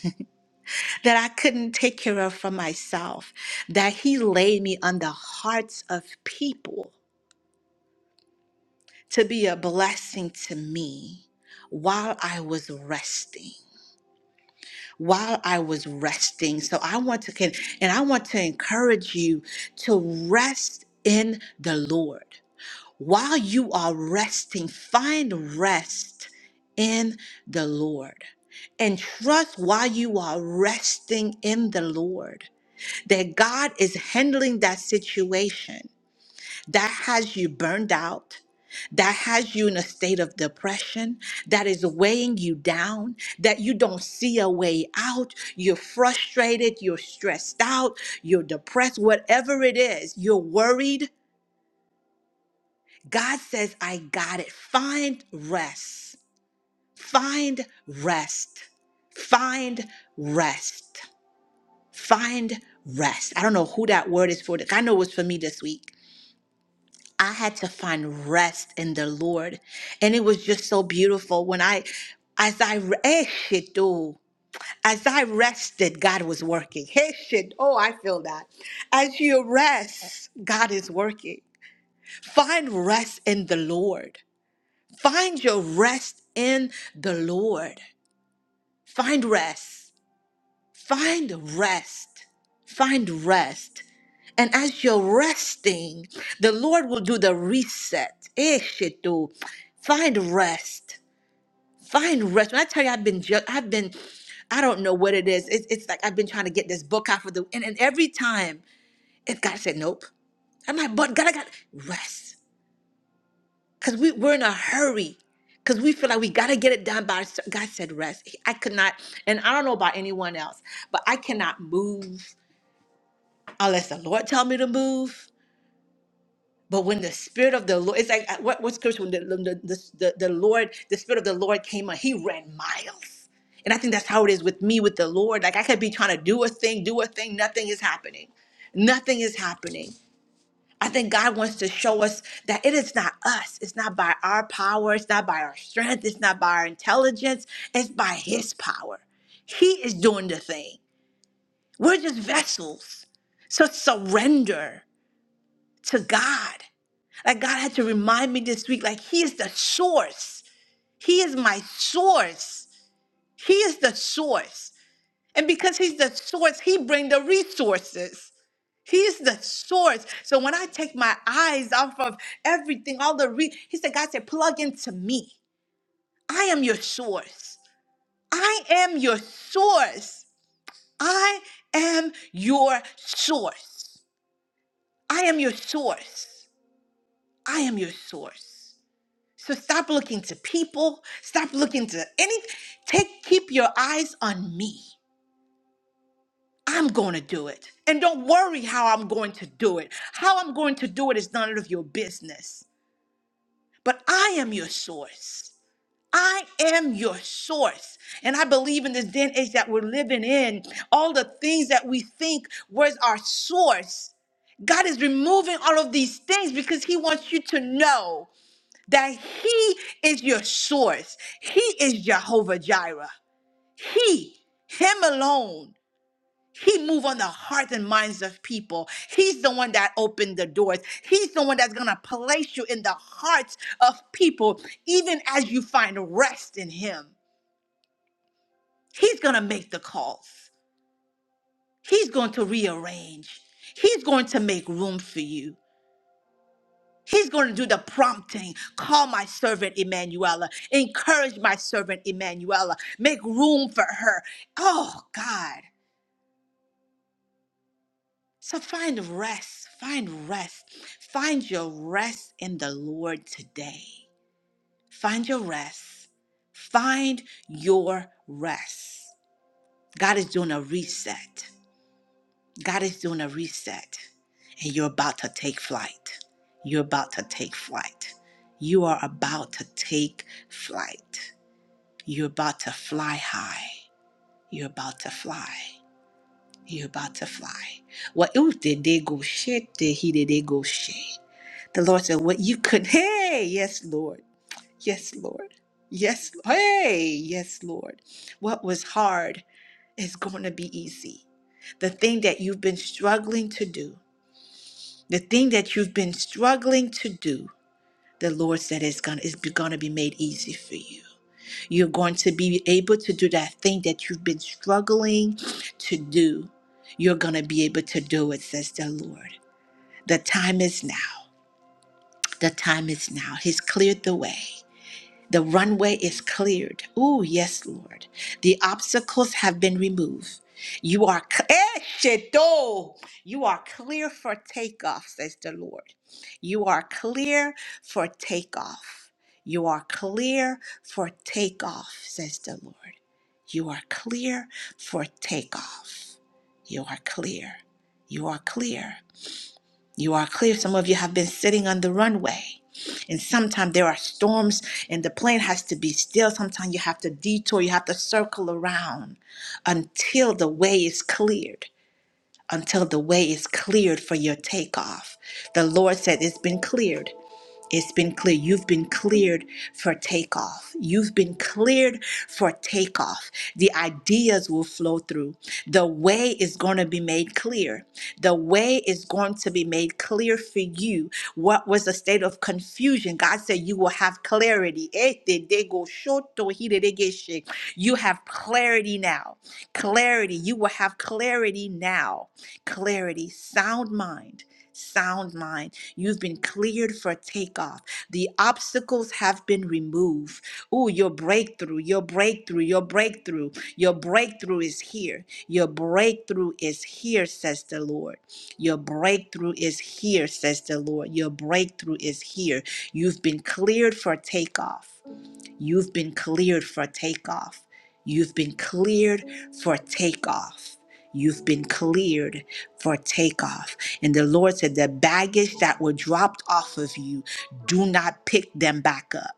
that I couldn't take care of for myself, that He laid me on the hearts of people to be a blessing to me while I was resting. while I was resting. So I want to can and I want to encourage you to rest in the Lord. While you are resting, find rest in the Lord. And trust while you are resting in the Lord that God is handling that situation that has you burned out, that has you in a state of depression, that is weighing you down, that you don't see a way out, you're frustrated, you're stressed out, you're depressed, whatever it is, you're worried, God says, I got it. Find rest. Find rest. Find rest. Find rest. I don't know who that word is for. I know it was for me this week. I had to find rest in the Lord. And it was just so beautiful when I, as I, eh, shit, oh. as I rested, God was working. Hey, shit, oh, I feel that. As you rest, God is working. Find rest in the Lord. Find your rest in the Lord. Find rest. Find rest. Find rest. And as you're resting, the Lord will do the reset. Eh, Shetu. Find rest. Find rest. When I tell you, I've been, ju- I've been, I don't know what it is. It's, it's like I've been trying to get this book out for the, and, and every time, it God said nope, I'm like, but God, I got rest, because we we're in a hurry, because we feel like we got to get it done by. ourse- God said rest. I could not, and I don't know about anyone else, but I cannot move unless the Lord tell me to move But when the spirit of the Lord, it's like uh, what, what scripture when the, the, the, the the Lord, the spirit of the Lord came on, he ran miles. And I think that's how it is with me with the Lord. Like I could be trying to do a thing, do a thing, nothing is happening. Nothing is happening. I think God wants to show us that it is not us. It's not by our power. It's not by our strength. It's not by our intelligence. It's by His power. He is doing the thing. We're just vessels. So surrender to God. Like God had to remind me this week, like He is the source. He is my source. He is the source. And because He's the source, He bring the resources. He is the source. So when I take my eyes off of everything, all the re He said, God said, plug into me. I am your source. I am your source. I am your source. I am your source. I am your source. So stop looking to people. Stop looking to any. Take keep your eyes on me. I'm going to do it. And don't worry how I'm going to do it. How I'm going to do it is none of your business. But I am your source. I am your source. And I believe in this day and age that we're living in, all the things that we think was our source God is removing all of these things because He wants you to know. that He is your source. He is Jehovah Jireh. He, Him alone. He move on the hearts and minds of people. He's the one that opened the doors. He's the one that's gonna place you in the hearts of people, even as you find rest in Him. He's gonna make the calls. He's going to rearrange. He's going to make room for you. He's going to do the prompting. Call my servant Emanuela. Encourage my servant Emanuela. Make room for her. Oh, God. So find rest. Find rest. Find your rest in the Lord today. Find your rest. Find your rest. God is doing a reset. God is doing a reset. And you're about to take flight. You're about to take flight. You are about to take flight. You're about to fly high. You're about to fly. You're about to fly. What ooh, did they go shit? Did he did they go shit? The Lord said, What you could hey, yes, Lord. Yes, Lord. Yes, hey, yes, Lord. What was hard is going to be easy. The thing that you've been struggling to do, the thing that you've been struggling to do, the Lord said is gonna is gonna be made easy for you. You're going to be able to do that thing that you've been struggling to do. You're going to be able to do it, says the Lord. The time is now. The time is now. He's cleared the way. The runway is cleared. Oh, yes, Lord. The obstacles have been removed. You are cl- eh, Shedo. you are clear for takeoff, says the Lord. You are clear for takeoff. You are clear for takeoff, says the Lord. You are clear for takeoff. You are clear. You are clear. You are clear. Some of you have been sitting on the runway. And sometimes there are storms, and the plane has to be still. Sometimes you have to detour, you have to circle around until the way is cleared, until the way is cleared for your takeoff. The Lord said, It's been cleared. It's been clear. You've been cleared for takeoff. You've been cleared for takeoff. The ideas will flow through. The way is going to be made clear. The way is going to be made clear for you. What was a state of confusion? God said you will have clarity. You have clarity now. Clarity. You will have clarity now. Clarity. Sound mind sound mind. You've been cleared for takeoff. The obstacles have been removed. Ooh, your breakthrough, your breakthrough, your breakthrough, your breakthrough is here. Your breakthrough is here, says the Lord. Your breakthrough is here, says the Lord. Your breakthrough is here. You've been cleared for takeoff. You've been cleared for takeoff. You've been cleared for takeoff. You've been cleared for takeoff. And the Lord said, The baggage that were dropped off of you, do not pick them back up.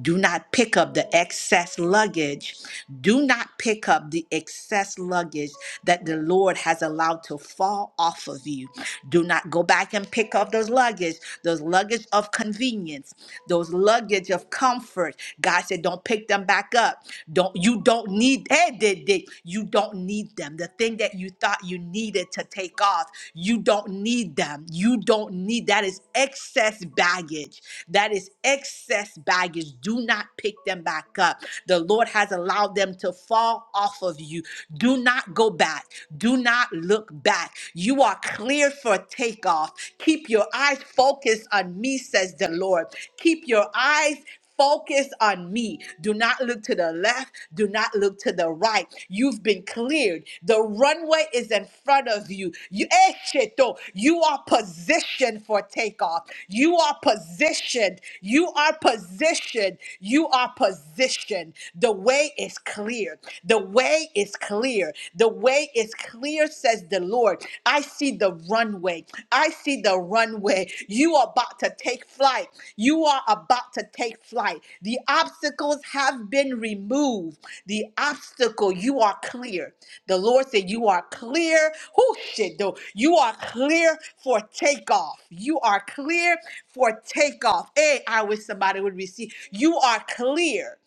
Do not pick up the excess luggage. Do not pick up the excess luggage that the Lord has allowed to fall off of you. Do not go back and pick up those luggage, those luggage of convenience, those luggage of comfort. God said, don't pick them back up. Don't you don't need eh, they, they, you don't need them. The thing that you thought you needed to take off, you don't need them. You don't need that that is excess baggage. That is excess baggage. Do not pick them back up. The Lord has allowed them to fall off of you. Do not go back. Do not look back. You are clear for takeoff. Keep your eyes focused on me, says the Lord. Keep your eyes Focus on me. Do not look to the left. Do not look to the right. You've been cleared. The runway is in front of you. You, Esheto, you are positioned for takeoff. You are positioned. You are positioned. You are positioned position. The way is clear. The way is clear. The way is clear, says the Lord. I see the runway. I see the runway. You are about to take flight. You are about to take flight. The obstacles have been removed. The obstacle, you are clear. The Lord said, You are clear. Who shit though? You are clear for takeoff. You are clear for takeoff. Hey, I wish somebody would receive. You are clear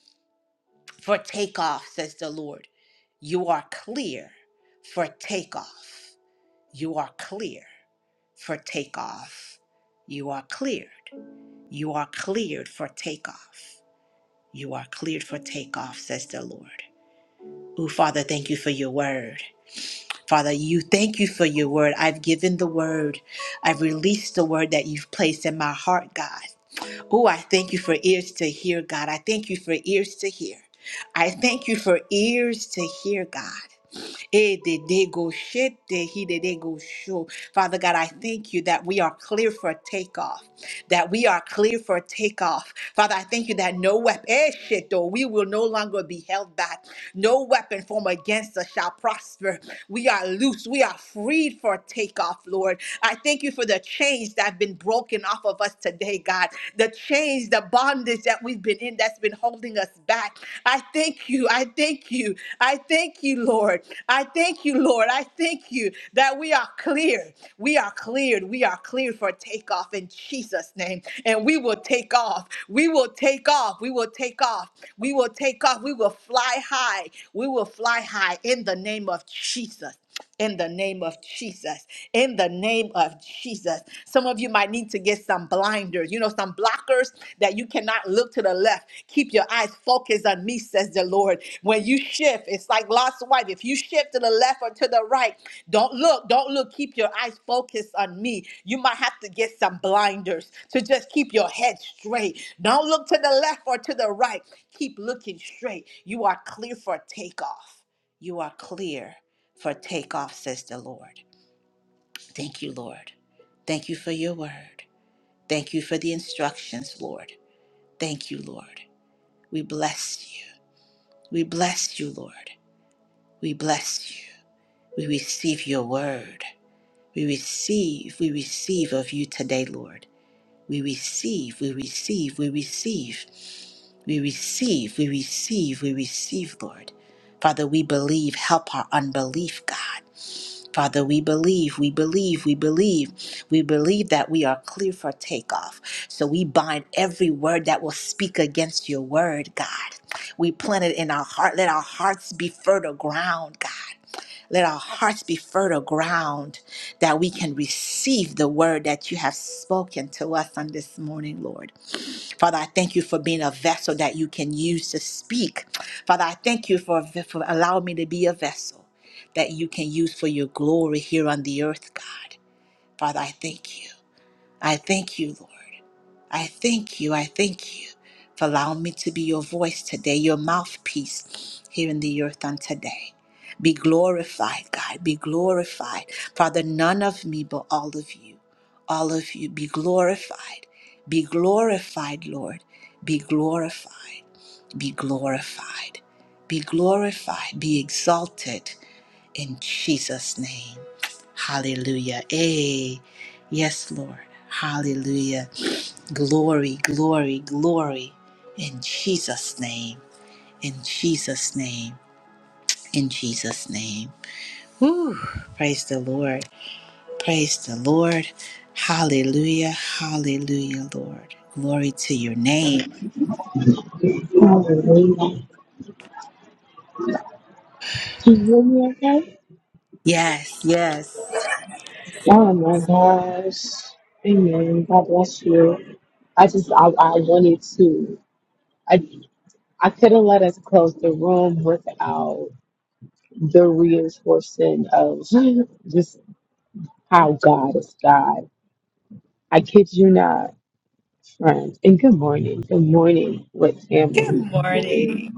for takeoff, says the Lord. You are clear for takeoff. You are clear for takeoff. You are cleared. You are cleared for takeoff. You are cleared for takeoff, says the Lord. Ooh, Father, thank you for your word. Father, you thank you for your word. I've given the word. I've released the word that you've placed in my heart, God. Oh, I thank you for ears to hear, God. I thank you for ears to hear. I thank you for ears to hear, God. Eh, de de go shit, de he de de go show. Father God, I thank you that we are clear for takeoff, that we are clear for takeoff. Father, I thank you that no weapon, eh, shit, though, we will no longer be held back. No weapon formed against us shall prosper. We are loose. We are freed for takeoff, Lord. I thank you for the chains that have been broken off of us today, God. The chains, the bondage that we've been within that's been holding us back. I thank you. I thank you. I thank you, Lord. I thank you, Lord. I thank you that we are cleared. We are cleared. We are cleared for takeoff in Jesus' name. And we will take off. We will take off. We will take off. We will take off. We will fly high. We will fly high in the name of Jesus in the name of Jesus. In the name of Jesus. Some of you might need to get some blinders, you know, some blockers that you cannot look to the left. Keep your eyes focused on me, says the Lord. When you shift, it's like Lot's wife. If you shift to the left or to the right, don't look, don't look. Keep your eyes focused on me. You might have to get some blinders to just keep your head straight. Don't look to the left or to the right. Keep looking straight. You are clear for takeoff. You are clear for takeoff, says the Lord. Thank you, Lord. Thank you for your word. Thank you for the instructions, Lord. Thank you, Lord. We bless you. We bless you, Lord. We bless you. We receive your word. We receive, we receive of you today, Lord. We receive, we receive, we receive, we receive, we receive, we receive, Lord. Father, we believe. Help our unbelief, God. Father, we believe, we believe, we believe, we believe that we are clear for takeoff. So we bind every word that will speak against your word, God. We plant it in our heart. Let our hearts be fertile ground, God. Let our hearts be fertile ground that we can receive the word that you have spoken to us on this morning, Lord. Father, I thank you for being a vessel that you can use to speak. Father, I thank you for, for allowing me to be a vessel that you can use for your glory here on the earth, God. Father, I thank you. I thank you, Lord. I thank you. I thank you for allowing me to be your voice today, your mouthpiece here in the earth on today. Be glorified, God. Be glorified. Father, none of me, but all of you. All of you. Be glorified. Be glorified, Lord. Be glorified. Be glorified. Be glorified. Be exalted in Jesus' name. Hallelujah. Hey, yes, Lord. Hallelujah. Glory, glory, glory. In Jesus' name. In Jesus' name. In Jesus' name. Whew. Praise the Lord. Praise the Lord. Hallelujah. Hallelujah, Lord. Glory to your name.
Can you hear me okay?
Yes, yes.
Oh my gosh. Amen. God bless you. I just I, I wanted to I I couldn't let us close the room without the reinforcing of just how God is God. I kid you not, friends. And good morning. Good morning with
Good
family. Good
morning.
morning.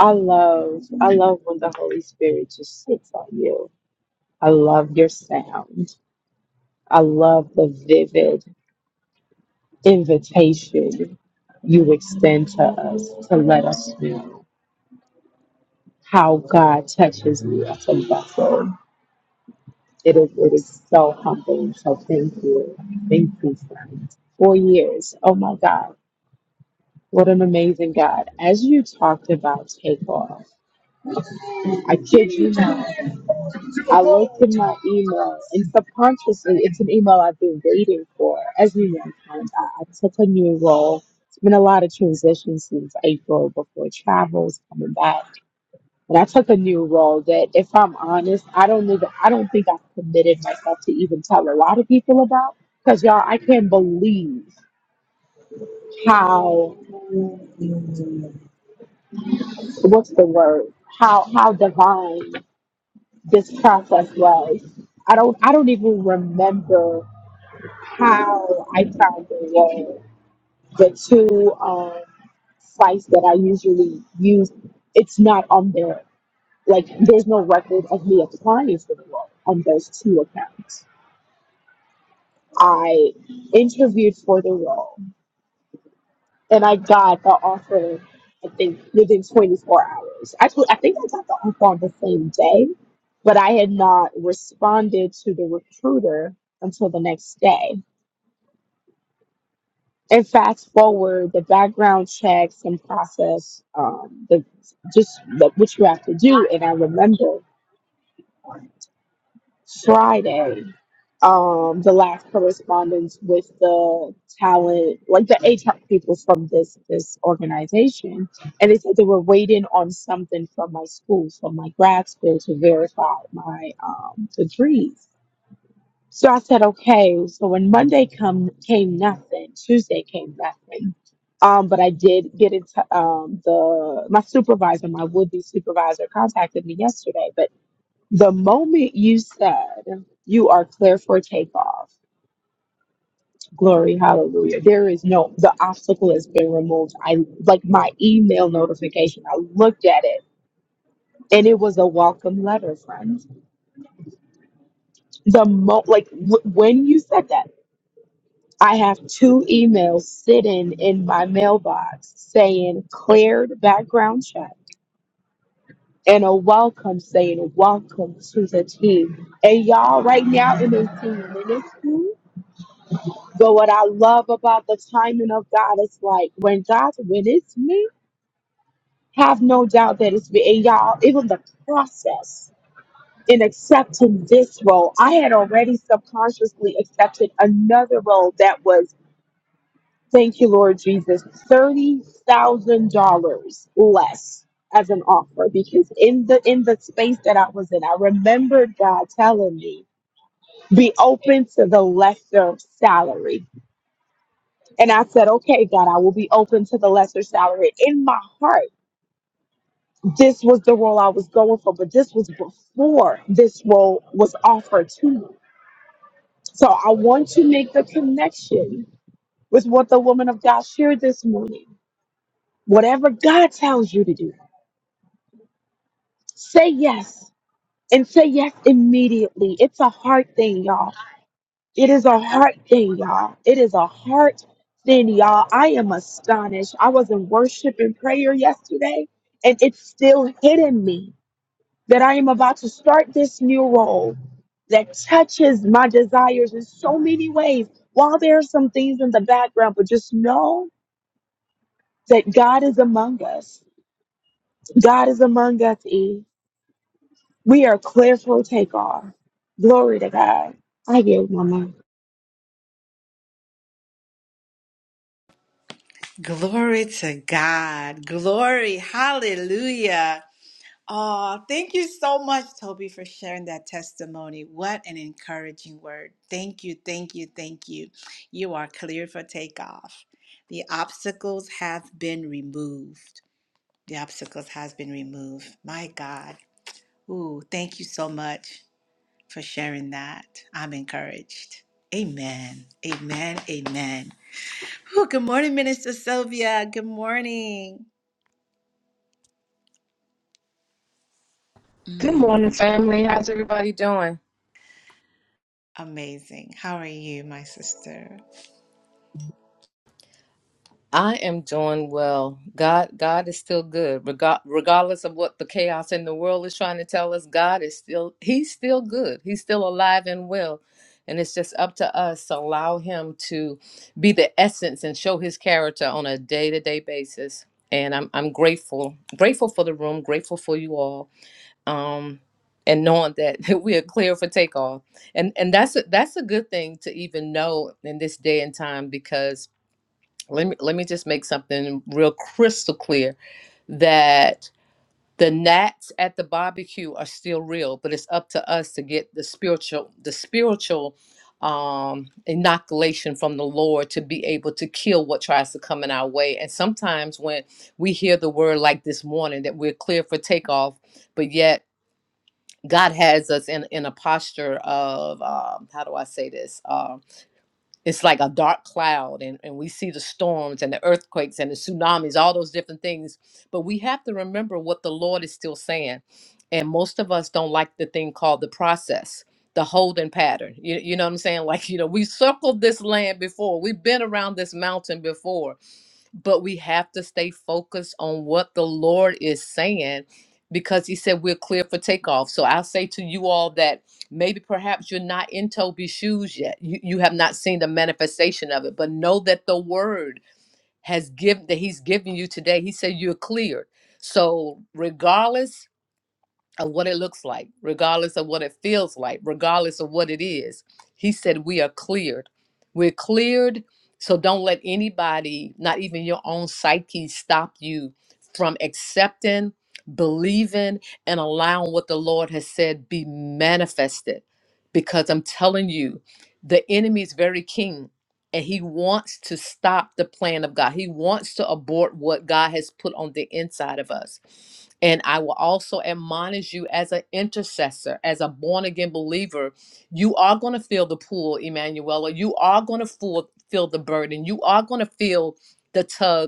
I love I love when the Holy Spirit just sits on you. I love your sound. I love the vivid invitation you extend to us to let us know how God touches you as a vessel. It is, it is so humbling. So thank you. Thank you, friend. Four years. Oh my God. What an amazing God. As you talked about takeoff, I kid you not. I looked in my email, and subconsciously, it's an email I've been waiting for. As you know, Tom, I, I took a new role. It's been a lot of transition since April before travels coming back, but I took a new role that, if I'm honest, I don't even I don't think I've committed myself to even tell a lot of people about. Because y'all, I can't believe how what's the word how how divine this process was. I don't I don't even remember how I found them was the two um, sites that I usually use. It's not on there. Like, there's no record of me applying for the role on those two accounts. I interviewed for the role and I got the offer, I think, within 24 hours. Actually, I think I got the offer on the same day, but I had not responded to the recruiter until the next day. and fast forward the background checks and process um, the just the, what you have to do. And I remember Friday, um, the last correspondence with the talent, like the HR people from this this organization, and they said they were waiting on something from my school, from my grad school, to verify my um, degrees. So I said, okay. So when Monday come came nothing, Tuesday came nothing. Um, but I did get into um the my supervisor, my would be supervisor, contacted me yesterday. But the moment you said you are clear for takeoff, glory, hallelujah. There is no the obstacle has been removed. I like my email notification. I looked at it and it was a welcome letter, friends. The mo like w- when you said that. I have two emails sitting in my mailbox saying cleared background check and a welcome saying welcome to the team. And y'all right now in this team in this team. But what I love about the timing of God is like when God when it's me, have no doubt that it's me. And y'all, even the process in accepting this role, I had already subconsciously accepted another role that was Thank you, Lord Jesus. $30,000 less as an offer because in the in the space that I was in, I remembered God telling me, be open to the lesser salary. And I said, okay, God, I will be open to the lesser salary. In my heart, this was the role I was going for, but this was before this role was offered to me. So I want to make the connection with what the woman of God shared this morning. Whatever God tells you to do Say yes and say yes immediately. It's a hard thing, y'all. It is a hard thing, y'all. It is a hard thing, y'all. I am astonished. I was in worship and prayer yesterday, and it's still hitting me that I am about to start this new role that touches my desires in so many ways. While there are some things in the background, but just know that God is among us. God is among us, E. We are clear for takeoff. Glory to God. I yield my mind.
Glory to God. Glory. Hallelujah. Oh, thank you so much, Toby, for sharing that testimony. What an encouraging word. Thank you, thank you, thank you. You are cleared for takeoff. The obstacles have been removed. The obstacles has been removed. My God. Ooh, thank you so much for sharing that. I'm encouraged. Amen. Amen. Amen. Ooh, good morning, Minister Sylvia. Good morning.
Good
Mm,
morning, family. How's everybody doing?
amazing. How are you, my sister?
I am doing well. God, God is still good. Rega- regardless of what the chaos in the world is trying to tell us, God is still He's still good. He's still alive and well. And it's just up to us to allow him to be the essence and show his character on a day-to-day basis. And I'm I'm grateful. Grateful for the room, grateful for you all. um, and knowing that we are clear for takeoff. And and that's a, that's a good thing to even know in this day and time because let me let me just make something real crystal clear that the gnats at the barbecue are still real, but it's up to us to get the spiritual the spiritual um inoculation from the lord to be able to kill what tries to come in our way and sometimes when we hear the word like this morning that we're clear for takeoff but yet God has us in in a posture of um, how do I say this? Um, it's like a dark cloud, and and we see the storms and the earthquakes and the tsunamis, all those different things. But we have to remember what the Lord is still saying, and most of us don't like the thing called the process, the holding pattern. You you know what I'm saying? Like you know, we circled this land before, we've been around this mountain before, but we have to stay focused on what the Lord is saying because he said we're clear for takeoff. So I say to you all that maybe perhaps you're not in Toby's shoes yet. You, you have not seen the manifestation of it, but know that the word has given that he's given you today. He said you're cleared. So regardless of what it looks like, regardless of what it feels like, regardless of what it is. He said, We are cleared. We're cleared. So don't let anybody, not even your own psyche, stop you from accepting, believing, and allowing what the Lord has said be manifested. Because I'm telling you, the enemy is very keen and he wants to stop the plan of God. He wants to abort what God has put on the inside of us. And I will also admonish you as an intercessor, as a born again believer, you are going to feel the pull, Emanuela. You are going to feel, feel the burden. You are going to feel the tug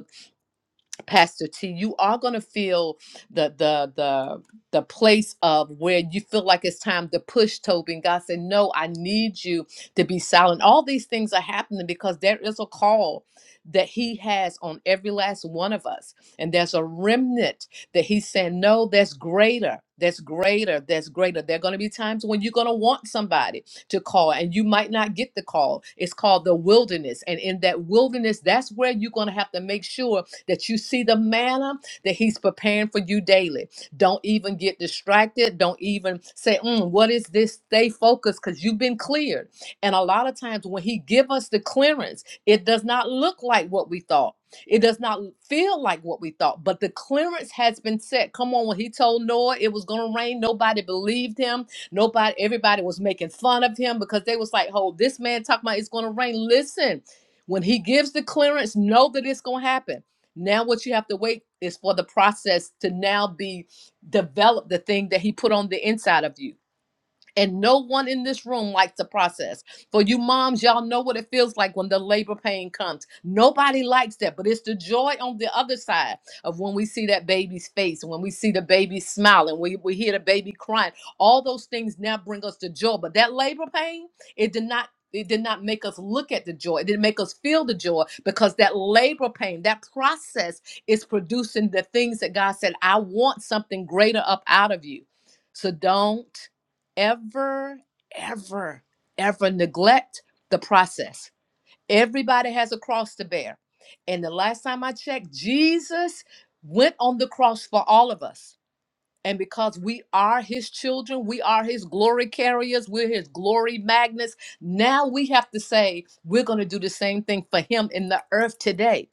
Pastor T, you are gonna feel the the the the place of where you feel like it's time to push Toby. And God said, No, I need you to be silent. All these things are happening because there is a call that he has on every last one of us. And there's a remnant that he's saying, No, that's greater. That's greater. That's greater. There are going to be times when you're going to want somebody to call and you might not get the call. It's called the wilderness. And in that wilderness, that's where you're going to have to make sure that you see the manna that He's preparing for you daily. Don't even get distracted. Don't even say, "Mm, "What is this?" Stay focused because you've been cleared. And a lot of times when He give us the clearance, it does not look like what we thought. It does not feel like what we thought. But the clearance has been set. Come on, when He told Noah it was going to rain, nobody believed him. Nobody, everybody was making fun of him because they was like, "Oh, this man talking about it's going to rain." Listen. When he gives the clearance, know that it's going to happen. Now, what you have to wait is for the process to now be developed, the thing that He put on the inside of you. And no one in this room likes the process. For you moms, y'all know what it feels like when the labor pain comes. Nobody likes that, but it's the joy on the other side of when we see that baby's face, when we see the baby smiling, we, we hear the baby crying. All those things now bring us the joy. But that labor pain, it did not. It did not make us look at the joy. It didn't make us feel the joy because that labor pain, that process is producing the things that God said, I want something greater up out of you. So don't ever, ever, ever neglect the process. Everybody has a cross to bear. And the last time I checked, Jesus went on the cross for all of us. And because we are his children, we are his glory carriers, we're his glory magnets. Now we have to say, we're going to do the same thing for him in the earth today.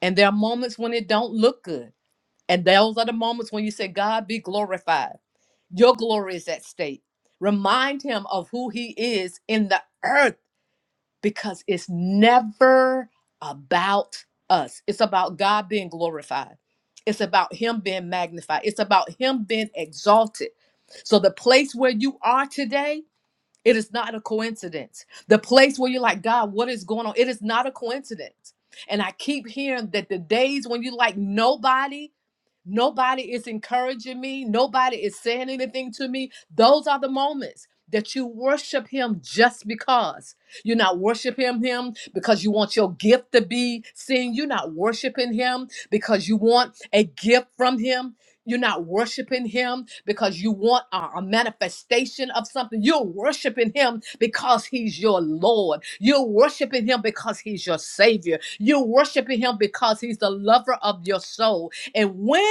And there are moments when it don't look good. And those are the moments when you say, God be glorified. Your glory is at stake. Remind him of who he is in the earth because it's never about us. It's about God being glorified. It's about him being magnified. It's about him being exalted. So the place where you are today, it is not a coincidence. The place where you're like, God, what is going on? It is not a coincidence. And I keep hearing that the days when you like nobody, Nobody is encouraging me. Nobody is saying anything to me. Those are the moments that you worship him just because. You're not worshiping him because you want your gift to be seen. You're not worshiping him because you want a gift from him. You're not worshiping him because you want a, a manifestation of something. You're worshiping him because he's your Lord. You're worshiping him because he's your Savior. You're worshiping him because he's the lover of your soul. And when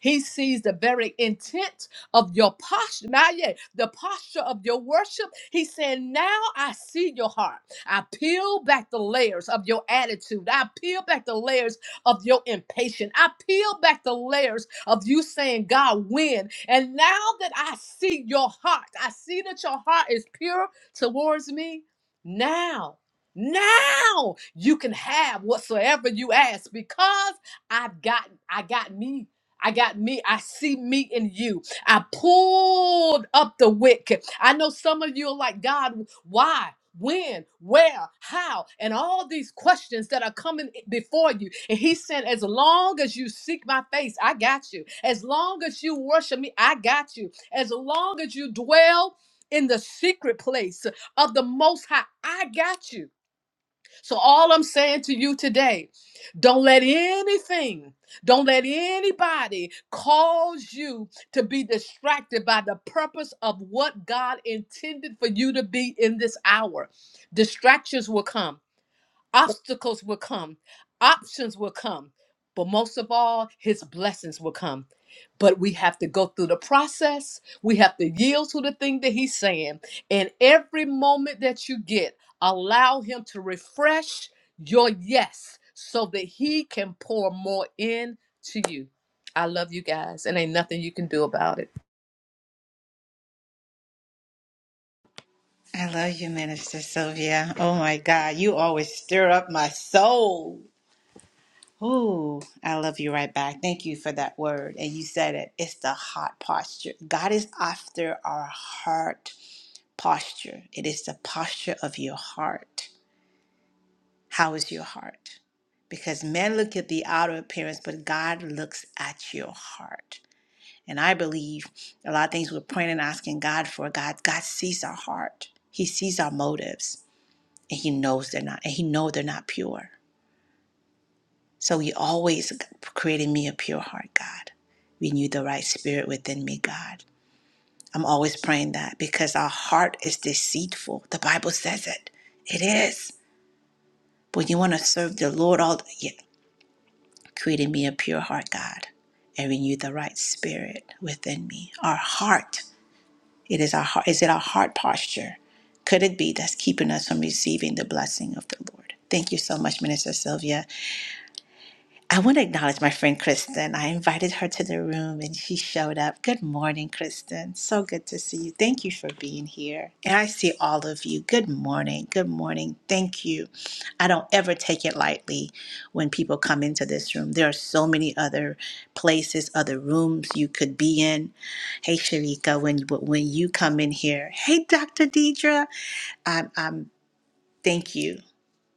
he sees the very intent of your posture, not yet, the posture of your worship. He said, Now I see your heart. I peel back the layers of your attitude. I peel back the layers of your impatience. I peel back the layers of you saying, God, when? And now that I see your heart, I see that your heart is pure towards me. Now, now you can have whatsoever you ask because I've got I got me. I got me. I see me in you. I pulled up the wick. I know some of you are like, God, why? When, where, how, and all these questions that are coming before you. And he said, As long as you seek my face, I got you. As long as you worship me, I got you. As long as you dwell in the secret place of the Most High, I got you. So, all I'm saying to you today, don't let anything, don't let anybody cause you to be distracted by the purpose of what God intended for you to be in this hour. Distractions will come. Obstacles will come, options will come, but most of all, his blessings will come. But we have to go through the process. We have to yield to the thing that he's saying. And every moment that you get, allow him to refresh your yes so that he can pour more in to you. I love you guys, and ain't nothing you can do about it.
I love you, Minister Sylvia. Oh my God, you always stir up my soul. Ooh, I love you right back. Thank you for that word. And you said it. It's the heart posture. God is after our heart posture. It is the posture of your heart. How is your heart? Because men look at the outer appearance, but God looks at your heart. And I believe a lot of things we're praying and asking God for, God, God sees our heart. He sees our motives. and he knows they're not and he know they're not pure so you always created me a pure heart god renew the right spirit within me god i'm always praying that because our heart is deceitful the bible says it it is but you want to serve the lord all the yeah created me a pure heart god and renew the right spirit within me our heart it is our heart is it our heart posture could it be that's keeping us from receiving the blessing of the lord thank you so much minister sylvia I want to acknowledge my friend Kristen. I invited her to the room and she showed up. Good morning, Kristen. So good to see you. Thank you for being here. And I see all of you. Good morning. Good morning. Thank you. I don't ever take it lightly when people come into this room. There are so many other places, other rooms you could be in. Hey, Sharika, when, when you come in here, hey, Dr. Deidre, I'm, I'm, thank you.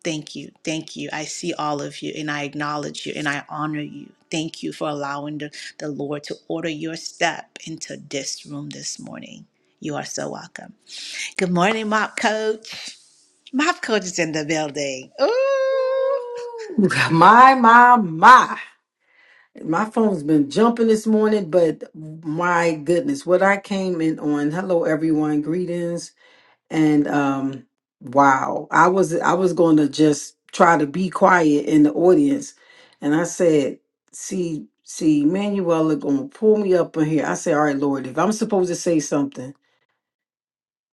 Thank you. Thank you. I see all of you and I acknowledge you and I honor you. Thank you for allowing the, the Lord to order your step into this room this morning. You are so welcome. Good morning, Mop Coach. Mop Coach is in the building. Ooh,
My, my, my. My phone's been jumping this morning, but my goodness, what I came in on. Hello, everyone. Greetings. And um, wow. I was I was gonna just try to be quiet in the audience. And I said, see, see, Manuela gonna pull me up in here. I said, All right, Lord, if I'm supposed to say something,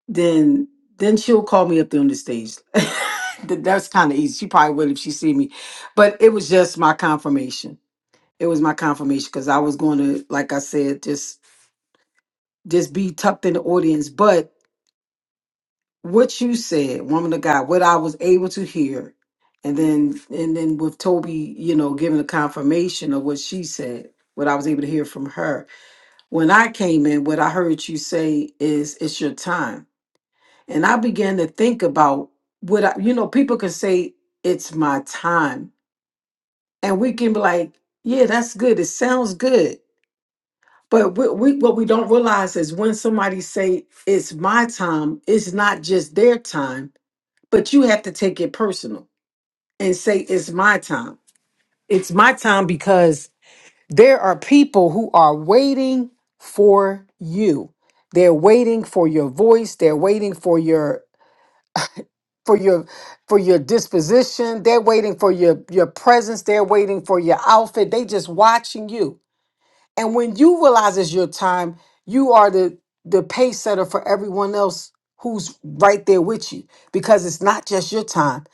then then she'll call me up there on the stage. Th- That's kind of easy. She probably will if she see me, but it was just my confirmation. It was my confirmation because I was going to, like I said, just just be tucked in the audience. But what you said, woman of God, what I was able to hear, and then and then with Toby, you know, giving a confirmation of what she said, what I was able to hear from her. When I came in, what I heard you say is, "It's your time." And I began to think about what I, you know, people can say, it's my time. And we can be like, yeah, that's good. It sounds good. But we, we, what we don't realize is when somebody say, it's my time, it's not just their time, but you have to take it personal and say, it's my time. It's my time because there are people who are waiting for you. They're waiting for your voice. They're waiting for your for your for your disposition they're waiting for your your presence they're waiting for your outfit they just watching you and when you realize it's your time you are the the pace setter for everyone else who's right there with you because it's not just your time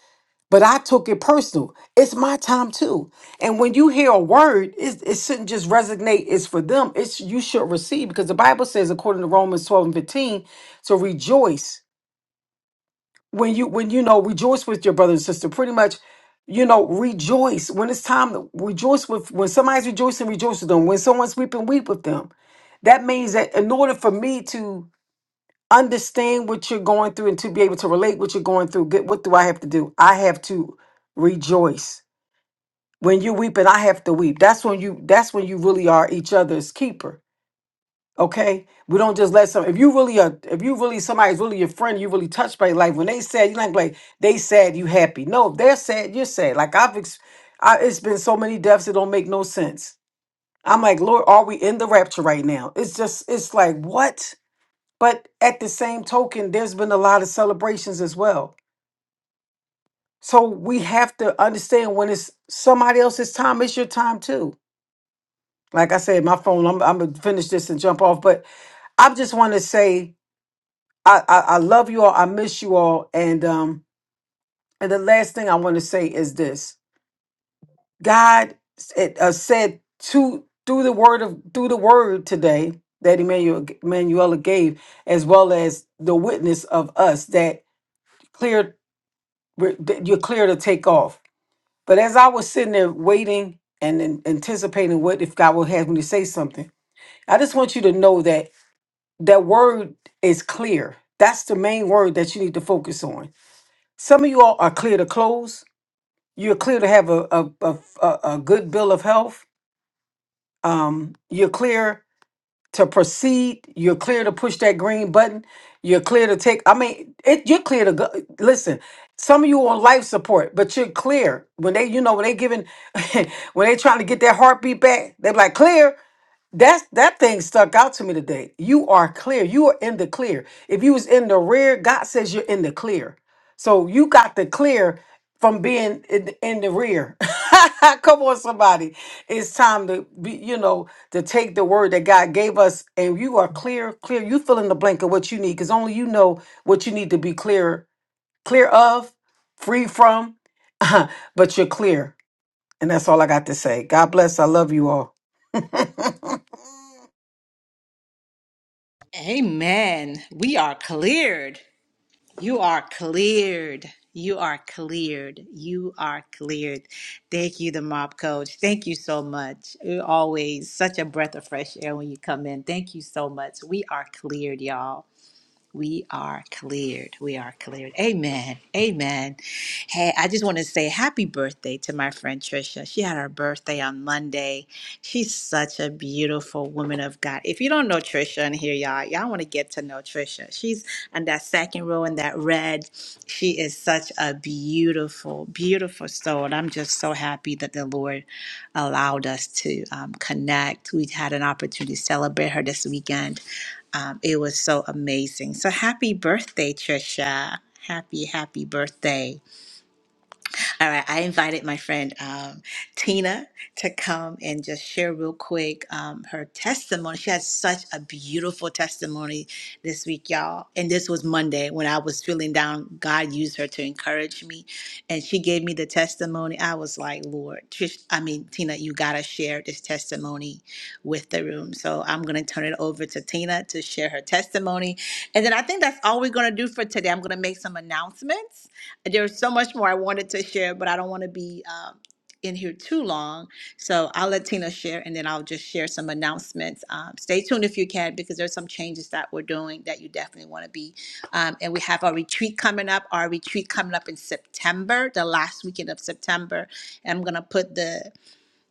but i took it personal it's my time too and when you hear a word it, it shouldn't just resonate it's for them it's you should receive because the bible says according to romans 12 and 15 to rejoice when you when you know rejoice with your brother and sister pretty much you know rejoice when it's time to rejoice with when somebody's rejoicing rejoice with them when someone's weeping weep with them that means that in order for me to understand what you're going through and to be able to relate what you're going through get what do i have to do i have to rejoice when you're weeping i have to weep that's when you that's when you really are each other's keeper Okay, we don't just let some. If you really are, if you really somebody's really your friend, you really touched by life. When they sad, you're not like they sad, you happy. No, if they're sad, you're sad. Like I've, ex- I, it's been so many deaths that don't make no sense. I'm like, Lord, are we in the rapture right now? It's just, it's like what? But at the same token, there's been a lot of celebrations as well. So we have to understand when it's somebody else's time, it's your time too. Like I said, my phone. I'm, I'm gonna finish this and jump off, but I just want to say. I, I I love you all. I miss you all. And um and the last thing I want to say is this: God said, uh, said to through the word of through the word today that Emmanuel Emanuela gave, as well as the witness of us that clear that you're clear to take off. But as I was sitting there waiting and an- anticipating what if God will have me to say something, I just want you to know that that word is clear. That's the main word that you need to focus on Some of you all are clear to close. You're clear to have a a, a, a- a good bill of health. Um, you're clear to proceed. You're clear to push that green button. You're clear to take. I mean, it, you're clear to go. Listen, some of you on life support, but you're clear when they, you know, when they giving, when they trying to get their heartbeat back. They're like clear. That's that thing stuck out to me today. You are clear. You are in the clear. If you was in the rear, God says you're in the clear. So you got the clear from being in, the- in the rear. Come on, somebody. It's time to be, you know, to take the word that God gave us and you are clear, clear. You fill in the blank of what you need because only you know what you need to be clear, clear of, free from, but you're clear. And that's all I got to say. God bless. I love you all.
amen. We are cleared. You are cleared. You are cleared. You are cleared. Thank you, the mob coach. Thank you so much. You're always such a breath of fresh air when you come in. Thank you so much. We are cleared, y'all. We are cleared. We are cleared. Amen. Amen. Hey, I just want to say happy birthday to my friend Trisha. She had her birthday on Monday. She's such a beautiful woman of God. If you don't know Trisha in here, y'all, y'all want to get to know Trisha. She's on that second row in that red. She is such a beautiful, beautiful soul. And I'm just so happy that the Lord allowed us to um, connect. We had an opportunity to celebrate her this weekend um, it was so amazing. So happy birthday, Trisha. Happy, happy birthday. All right, I invited my friend um, Tina to come and just share real quick um, her testimony. She had such a beautiful testimony this week, y'all. And this was Monday when I was feeling down. God used her to encourage me, and she gave me the testimony. I was like, Lord, Trish, I mean, Tina, you gotta share this testimony with the room. So I'm gonna turn it over to Tina to share her testimony, and then I think that's all we're gonna do for today. I'm gonna make some announcements there's so much more I wanted to share, but I don't want to be um, in here too long. So I'll let Tina share and then I'll just share some announcements. Um, stay tuned if you can because there's some changes that we're doing that you definitely want to be. Um, and we have our retreat coming up, our retreat coming up in September, the last weekend of September. And I'm going to put the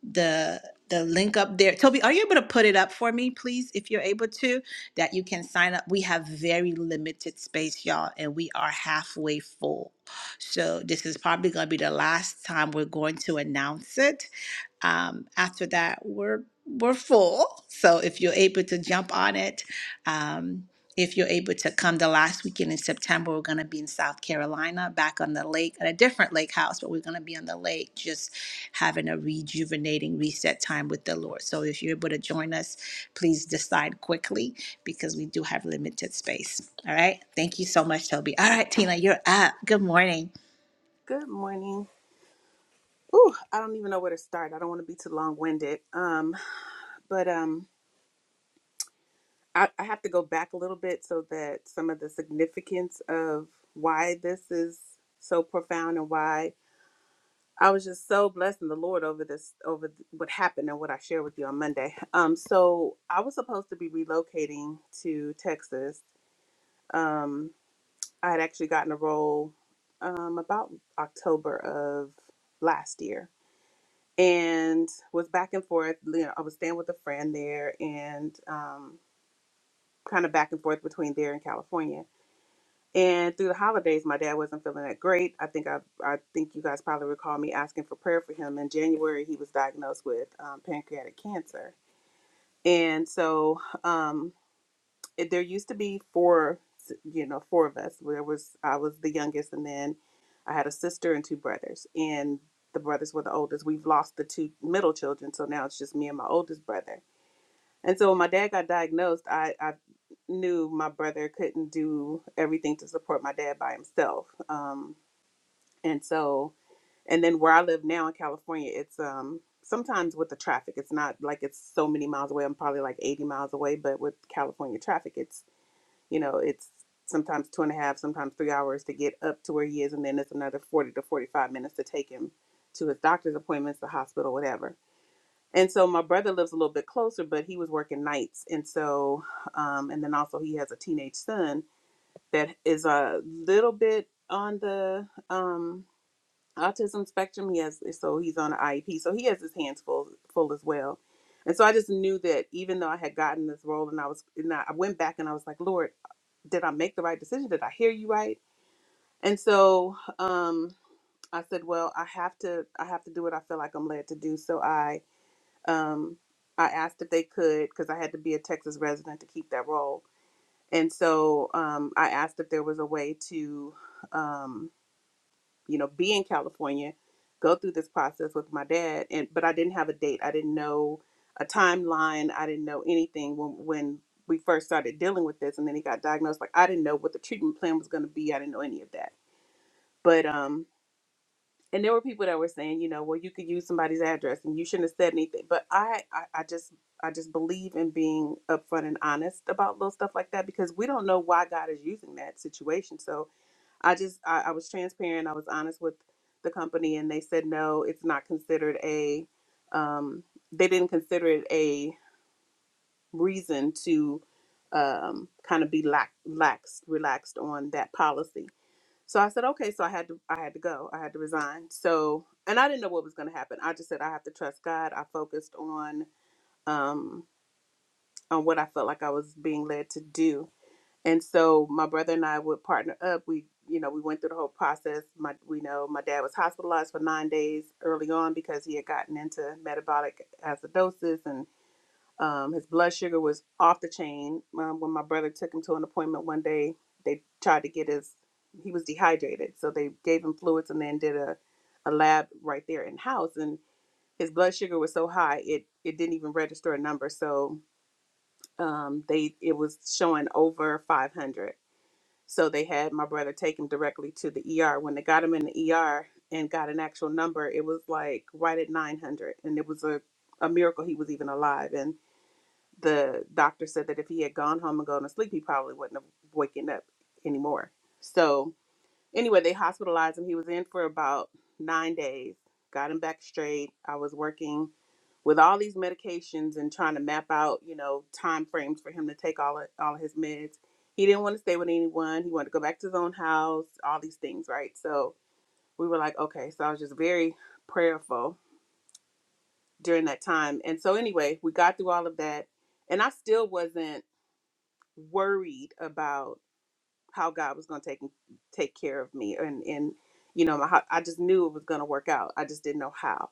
the the link up there. Toby, are you able to put it up for me, please, if you're able to, that you can sign up? We have very limited space, y'all, and we are halfway full. So this is probably going to be the last time we're going to announce it um, after that we're we're full so if you're able to jump on it um, if you're able to come the last weekend in september we're going to be in south carolina back on the lake at a different lake house but we're going to be on the lake just having a rejuvenating reset time with the lord so if you're able to join us please decide quickly because we do have limited space all right thank you so much toby all right tina you're up good morning
Good morning. Ooh, I don't even know where to start. I don't want to be too long-winded. Um, but um, I, I have to go back a little bit so that some of the significance of why this is so profound and why I was just so blessed in the Lord over this over th- what happened and what I shared with you on Monday. Um, so I was supposed to be relocating to Texas. Um, I had actually gotten a role um about October of last year and was back and forth. You know, I was staying with a friend there and um, kind of back and forth between there and California. And through the holidays, my dad wasn't feeling that great. I think I, I think you guys probably recall me asking for prayer for him. In January, he was diagnosed with um, pancreatic cancer, and so um, it, there used to be four, you know, four of us. There was I was the youngest, and then I had a sister and two brothers, and the brothers were the oldest. We've lost the two middle children, so now it's just me and my oldest brother. And so when my dad got diagnosed, I, I knew my brother couldn't do everything to support my dad by himself. Um, and so, and then where I live now in California, it's um, sometimes with the traffic, it's not like it's so many miles away. I'm probably like 80 miles away, but with California traffic, it's you know, it's sometimes two and a half, sometimes three hours to get up to where he is, and then it's another 40 to 45 minutes to take him to his doctor's appointments, the hospital, whatever. And so my brother lives a little bit closer, but he was working nights. And so, um, and then also he has a teenage son that is a little bit on the um, autism spectrum. He has, so he's on an IEP. So he has his hands full, full as well. And so I just knew that even though I had gotten this role and I was, and I I went back and I was like, Lord, did I make the right decision? Did I hear you right? And so um, I said, well, I have to, I have to do what I feel like I'm led to do. So I, um, I asked if they could, because I had to be a Texas resident to keep that role. And so um, I asked if there was a way to, um, you know, be in California, go through this process with my dad, and but I didn't have a date. I didn't know a timeline. I didn't know anything when when we first started dealing with this, and then he got diagnosed. Like I didn't know what the treatment plan was going to be. I didn't know any of that. But um, and there were people that were saying, you know, well, you could use somebody's address, and you shouldn't have said anything. But I, I, I just. I just believe in being upfront and honest about little stuff like that because we don't know why God is using that situation. So I just I, I was transparent. I was honest with the company, and they said no, it's not considered a. Um, they didn't consider it a reason to um, kind of be lax, laxed, relaxed on that policy. So I said okay. So I had to I had to go. I had to resign. So and I didn't know what was going to happen. I just said I have to trust God. I focused on um, on what I felt like I was being led to do and so my brother and I would partner up. We, you know, we went through the whole process. My, we know my dad was hospitalized for nine days early on because he had gotten into metabolic acidosis and um, his blood sugar was off the chain. Um, when my brother took him to an appointment one day, they tried to get his, he was dehydrated. So they gave him fluids and then did a, a lab right there in house. And his blood sugar was so high, it, it didn't even register a number. So um, they, it was showing over 500 so they had my brother take him directly to the ER. When they got him in the ER and got an actual number, it was like right at 900. And it was a, a miracle he was even alive. And the doctor said that if he had gone home and gone to sleep, he probably wouldn't have waken up anymore. So anyway, they hospitalized him. He was in for about nine days, got him back straight. I was working with all these medications and trying to map out, you know, time frames for him to take all of, all of his meds. He didn't want to stay with anyone. He wanted to go back to his own house. All these things, right? So we were like, okay. So I was just very prayerful during that time. And so anyway, we got through all of that, and I still wasn't worried about how God was going to take take care of me, and and you know, my, I just knew it was going to work out. I just didn't know how.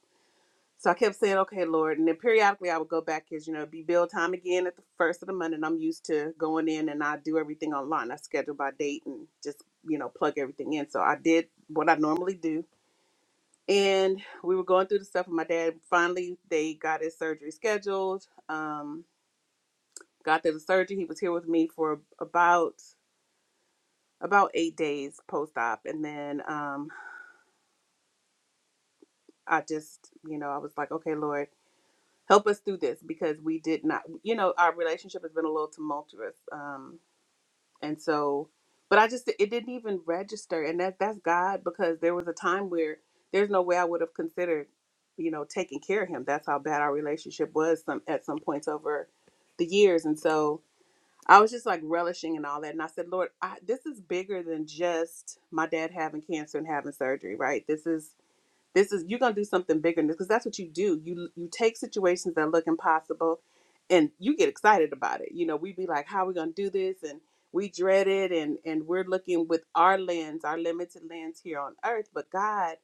So I kept saying, okay, Lord. And then periodically I would go back because, you know, it'd be bill time again at the first of the month. And I'm used to going in and I do everything online. I schedule by date and just, you know, plug everything in. So I did what I normally do. And we were going through the stuff with my dad. Finally, they got his surgery scheduled. Um, got to the surgery. He was here with me for about about eight days post op. And then um, I just, you know, I was like, okay, Lord. help us through this because we did not you know our relationship has been a little tumultuous um and so but i just it didn't even register and that that's god because there was a time where there's no way i would have considered you know taking care of him that's how bad our relationship was some at some points over the years and so i was just like relishing and all that and i said lord I, this is bigger than just my dad having cancer and having surgery right this is this is you're gonna do something bigger because that's what you do. You you take situations that look impossible, and you get excited about it. You know, we be like, "How are we gonna do this?" and we dread it, and and we're looking with our lens, our limited lens here on earth. But God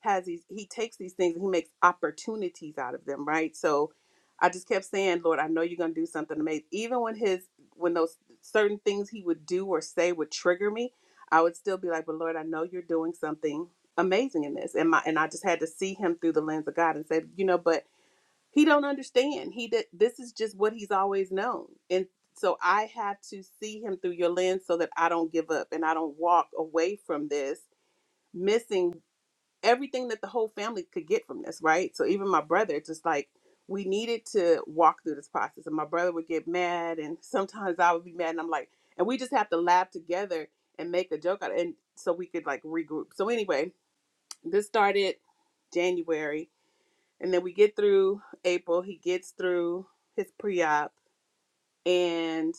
has these he takes these things and he makes opportunities out of them right so i just kept saying lord i know you're going to do something amazing even when his when those certain things he would do or say would trigger me i would still be like but lord i know you're doing something amazing in this and my and i just had to see him through the lens of god and say you know but he don't understand he did this is just what he's always known and so i have to see him through your lens so that i don't give up and i don't walk away from this missing everything that the whole family could get from this, right? So even my brother, just like we needed to walk through this process, and my brother would get mad, and sometimes I would be mad, and I'm like, and we just have to laugh together and make a joke out, of it, and so we could like regroup. So anyway, this started January, and then we get through April. He gets through his pre-op, and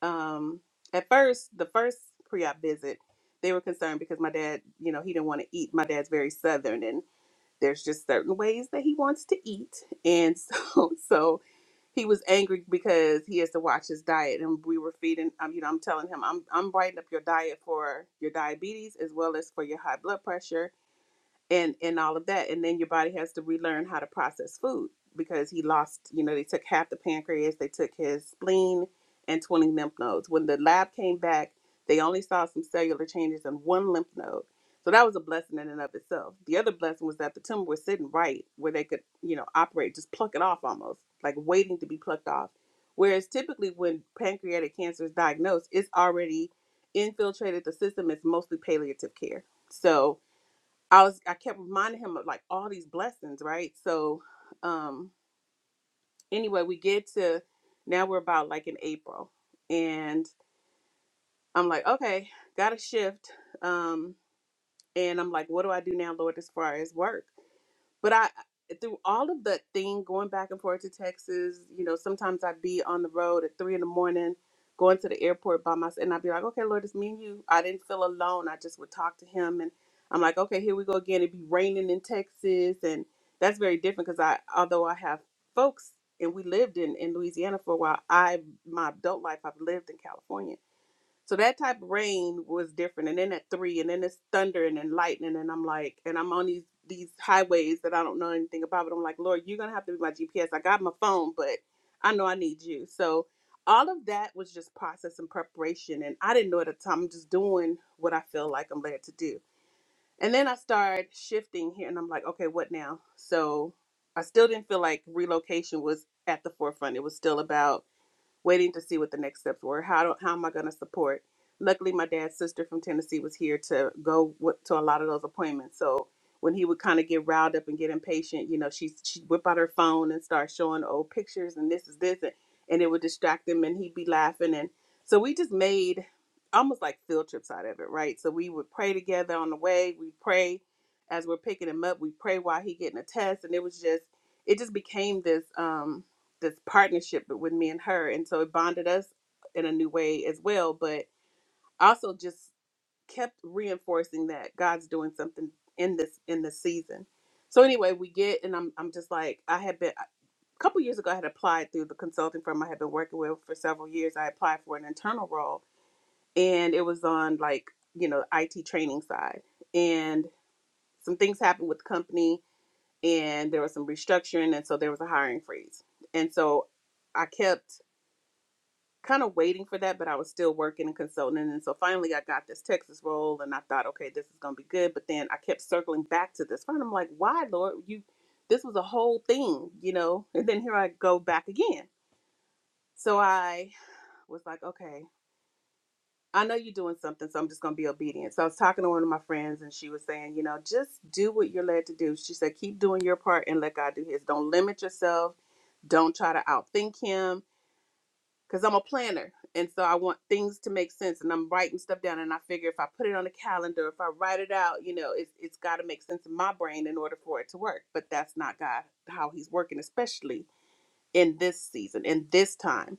um, at first, the first pre-op visit, they were concerned because my dad, you know, he didn't want to eat. My dad's very southern, and there's just certain ways that he wants to eat and so so he was angry because he has to watch his diet and we were feeding um, you know i'm telling him i'm i'm writing up your diet for your diabetes as well as for your high blood pressure and and all of that and then your body has to relearn how to process food because he lost you know they took half the pancreas they took his spleen and 20 lymph nodes when the lab came back they only saw some cellular changes in one lymph node so that was a blessing in and of itself the other blessing was that the tumor was sitting right where they could you know operate just pluck it off almost like waiting to be plucked off whereas typically when pancreatic cancer is diagnosed it's already infiltrated the system it's mostly palliative care so I was I kept reminding him of like all these blessings, right? So um anyway, we get to now we're about like in April and I'm like, okay, gotta shift. Um and I'm like, what do I do now, Lord, as far as work? but I through all of that thing going back and forth to Texas, you know, sometimes I'd be on the road at three in the morning, going to the airport by myself, and I'd be like, okay, Lord, it's me and you. I didn't feel alone. I just would talk to him, and I'm like, okay, here we go again. It'd be raining in Texas, and that's very different because I, although I have folks and we lived in in Louisiana for a while, I my adult life I've lived in California. So that type of rain was different. And then at three, and then it's thunder and then lightning, and I'm like, and I'm on these these highways that I don't know anything about. But I'm like, Lord, you're gonna have to be my GPS. I got my phone, but I know I need you. So all of that was just process and preparation, and I didn't know at the time. I'm just doing what I feel like I'm led to do. And then I started shifting here, and I'm like, okay, what now? So I still didn't feel like relocation was at the forefront. It was still about waiting to see what the next steps were. How do, how am I going to support? Luckily, my dad's sister from Tennessee was here to go with, to a lot of those appointments. So when he would kind of get riled up and get impatient, you know, she she'd whip out her phone and start showing old pictures and this is this and, and it would distract him and he'd be laughing and so we just made almost like field trips out of it, right? So we would pray together on the way. We pray as we're picking him up. We pray while he getting a test, and it was just it just became this. um this partnership with me and her and so it bonded us in a new way as well but also just kept reinforcing that god's doing something in this in this season so anyway we get and i'm, I'm just like i had been a couple years ago i had applied through the consulting firm i had been working with for several years i applied for an internal role and it was on like you know it training side and some things happened with the company and there was some restructuring and so there was a hiring freeze and so i kept kind of waiting for that, but I was still working and consulting. And so finally I got this Texas role and I thought, okay, this is going to be good. But then I kept circling back to this. And I'm like, why, Lord? You, this was a whole thing, you know? And then here I go back again. So I was like, okay, I know you're doing something, so I'm just going to be obedient. So I was talking to one of my friends and she was saying, you know, just do what you're led to do. She said, keep doing your part and let God do his. Don't limit yourself. Don't try to outthink him because I'm a planner. And so I want things to make sense. And I'm writing stuff down. And I figure if I put it on a calendar, if I write it out, you know, it's, it's got to make sense in my brain in order for it to work. But that's not God, how He's working, especially in this season, in this time.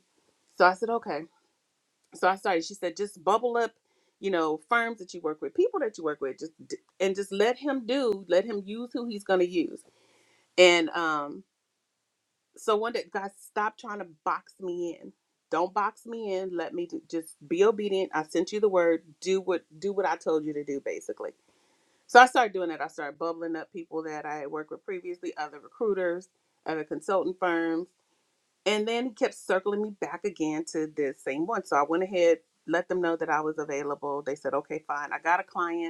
So I said, okay. So I started. She said, just bubble up, you know, firms that you work with, people that you work with, just d- and just let him do, let him use who he's going to use. And um, so one day, guys, stop trying to box me in. Don't box me in. Let me do, just be obedient. I sent you the word. Do what do what I told you to do, basically. So I started doing that. I started bubbling up people that I had worked with previously, other recruiters, other consulting firms, and then he kept circling me back again to this same one. So I went ahead, let them know that I was available. They said, "Okay, fine." I got a client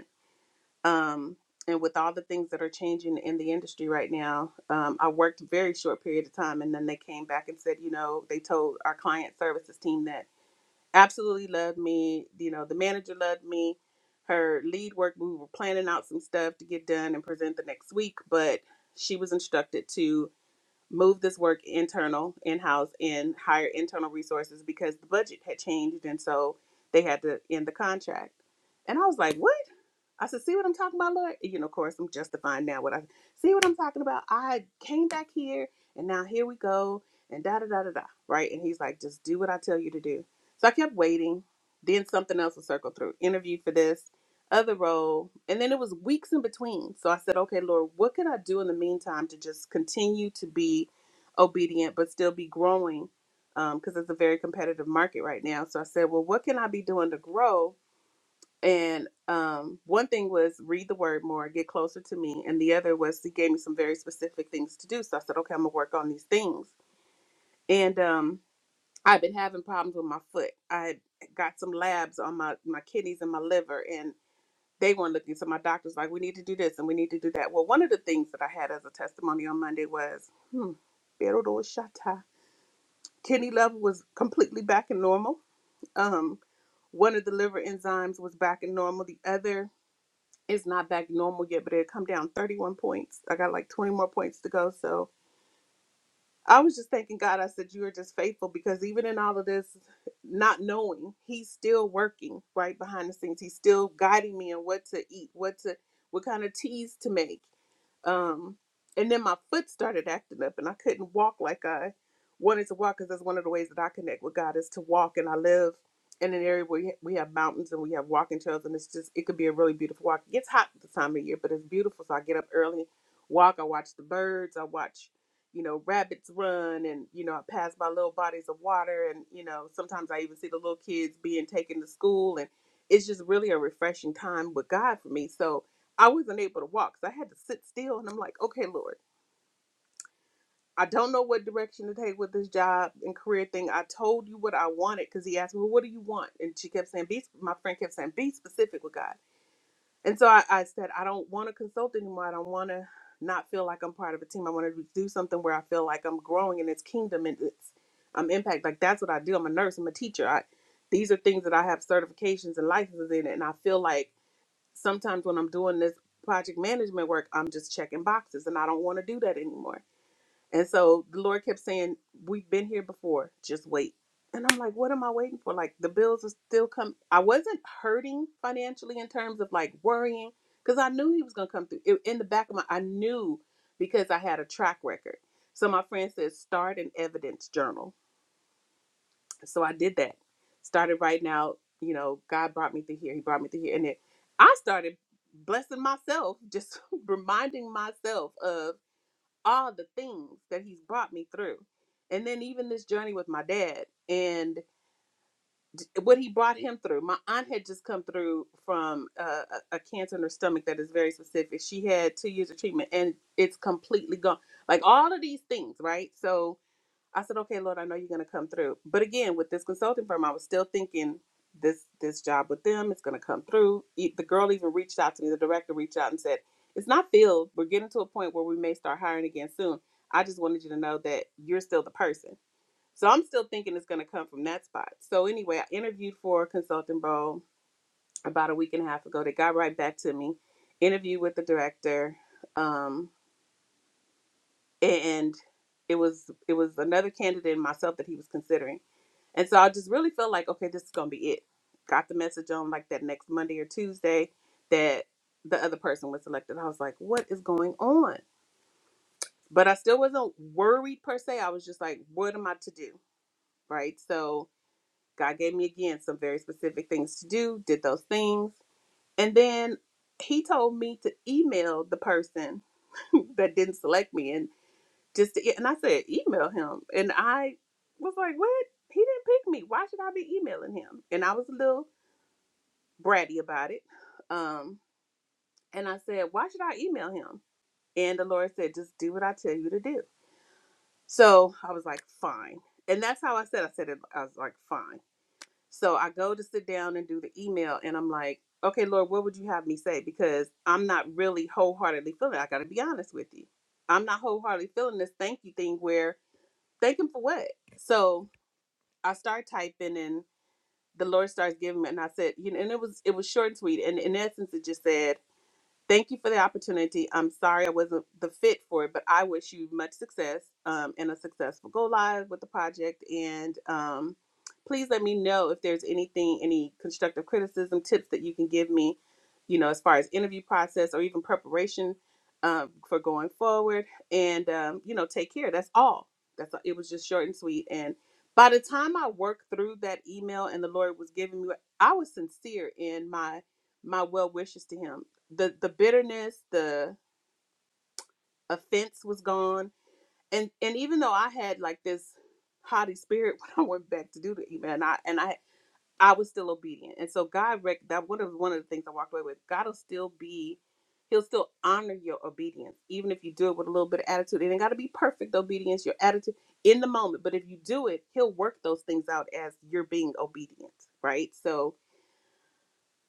um, and with all the things that are changing in the industry right now, um, I worked a very short period of time, and then they came back and said, you know, they told our client services team that absolutely loved me. You know, the manager loved me. Her lead work, we were planning out some stuff to get done and present the next week, but she was instructed to move this work internal in house and hire internal resources because the budget had changed, and so they had to end the contract. And I was like, what? I said, see what I'm talking about, Lord? You know, of course, I'm justifying now what I see what I'm talking about. I came back here and now here we go and da da da da da. Right. And he's like, just do what I tell you to do. So I kept waiting. Then something else would circle through. Interview for this, other role. And then it was weeks in between. So I said, okay, Lord, what can I do in the meantime to just continue to be obedient but still be growing? Because um, it's a very competitive market right now. So I said, well, what can I be doing to grow? And um, one thing was read the word more, get closer to me. And the other was he gave me some very specific things to do. So I said, okay, I'm gonna work on these things. And um, I've been having problems with my foot. I had got some labs on my my kidneys and my liver, and they weren't looking. So my doctor's like, we need to do this and we need to do that. Well, one of the things that I had as a testimony on Monday was, hmm, Berodo Shata. Kidney level was completely back in normal. Um, one of the liver enzymes was back in normal. The other It's not back normal yet, but it come down 31 points. I got like 20 more points to go, so I was just thanking God. I said, You are just faithful because even in all of this, not knowing, He's still working right behind the scenes. He's still guiding me in what to eat, what to, what kind of teas to make. Um, and then my foot started acting up and I couldn't walk like I wanted to walk because that's one of the ways that I connect with God is to walk. And I live in an area where we we have mountains and we have walking trails and it's just, it could be a really beautiful walk. It gets hot this time of year, but it's beautiful. So I get up early, walk, I watch the birds, I watch you know, rabbits run and, you know, I pass by little bodies of water and, you know, sometimes I even see the little kids being taken to school and it's just really a refreshing time with God for me. So I wasn't able to walk. So I had to sit still and I'm like, okay, Lord, I don't know what direction to take with this job and career thing. I told you what I wanted because he asked me, well, what do you want? And she kept saying, be, my friend kept saying, be specific with God. And so I, I said, I don't want to consult anymore. I don't want to not feel like I'm part of a team. I want to do something where I feel like I'm growing in its kingdom and its um, impact. Like that's what I do. I'm a nurse. I'm a teacher. I, these are things that I have certifications and licenses in. And I feel like sometimes when I'm doing this project management work, I'm just checking boxes and I don't want to do that anymore. And so the Lord kept saying, We've been here before, just wait. And I'm like, What am I waiting for? Like, the bills are still coming. I wasn't hurting financially in terms of like worrying because I knew He was going to come through. It, in the back of my, I knew because I had a track record. So my friend says, Start an evidence journal. So I did that. Started writing out, you know, God brought me through here. He brought me through here. And then I started blessing myself, just reminding myself of all the things that he's brought me through. And then even this journey with my dad and what he brought him through. My aunt had just come through from uh, a, a cancer in her stomach that is very specific. She had two years of treatment and it's completely gone. Like all of these things, right? So I said, okay, Lord, I know you're going to come through. But again, with this consulting firm, I was still thinking this this job with them is going to come through. E- The girl even reached out to me. The director reached out and said, it's not filled. We're getting to a point where we may start hiring again soon. I just wanted you to know that you're still the person. So I'm still thinking it's going to come from that spot. So anyway, I interviewed for a consulting role about a week and a half ago. They got right back to me. Interview with the director, um, and it was it was another candidate and myself that he was considering and so I just really felt like, okay, this is gonna be it. Got the message on like that next Monday or Tuesday that the other person was selected. I was like, what is going on? But I still wasn't worried per se. I was just like, what am I to do? Right. So God gave me again some very specific things to do, did those things. And then he told me to email the person that didn't select me and just to, e-, and I said, email him. And I was like, what? He didn't pick me. Why should I be emailing him? And I was a little bratty about it. Um, and I said, Why should I email him? And the Lord said, Just do what I tell you to do. So I was like, Fine. And that's how I said, I said it, I was like, Fine. So I go to sit down and do the email, and I'm like, Okay, Lord, what would you have me say? Because I'm not really wholeheartedly feeling it. I got to be honest with you. I'm not wholeheartedly feeling this thank you thing where, thank him for what? So I start typing, and the Lord starts giving me, and I said, You know, and it was, it was short and sweet. And in essence, it just said, Thank you for the opportunity. I'm sorry I wasn't the fit for it, but I wish you much success um, and a successful go live with the project. And um, please let me know if there's anything, any constructive criticism, tips that you can give me, you know, as far as interview process or even preparation um, for going forward. And, um, you know, take care. That's all. That's all. It was just short and sweet. And by the time I worked through that email and the Lord was giving me, I was sincere in my my well wishes to him the the bitterness, the offense was gone. And and even though I had like this haughty spirit when I went back to do the email, and I and I I was still obedient. And so God rec- that one of one of the things I walked away with. God will still be, He'll still honor your obedience, even if you do it with a little bit of attitude. It ain't got to be perfect obedience. Your attitude in the moment, but if you do it, He'll work those things out as you're being obedient, right? So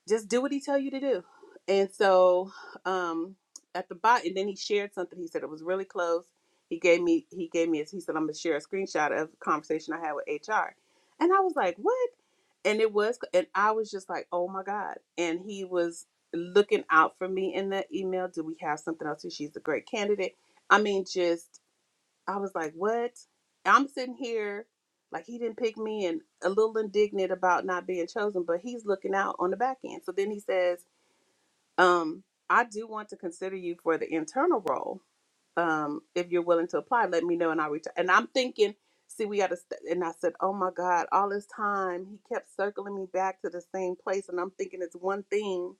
just do what he tell you to do. And so um at the bot and then he shared something. He said it was really close. He gave me he gave me he said I'm gonna share a screenshot of a conversation I had with HR. And I was like, What? And it was and I was just like, Oh my God. And he was looking out for me in that email. Do we have something else? She's a great candidate. I mean, just I was like, what? I'm sitting here like he didn't pick me and a little indignant about not being chosen, but he's looking out on the back end. So then he says, um, I do want to consider you for the internal role. Um, if you're willing to apply, let me know and I'll return. And I'm thinking, see, we got to, st-. and I said, oh my God, all this time he kept circling me back to the same place. And I'm thinking it's one thing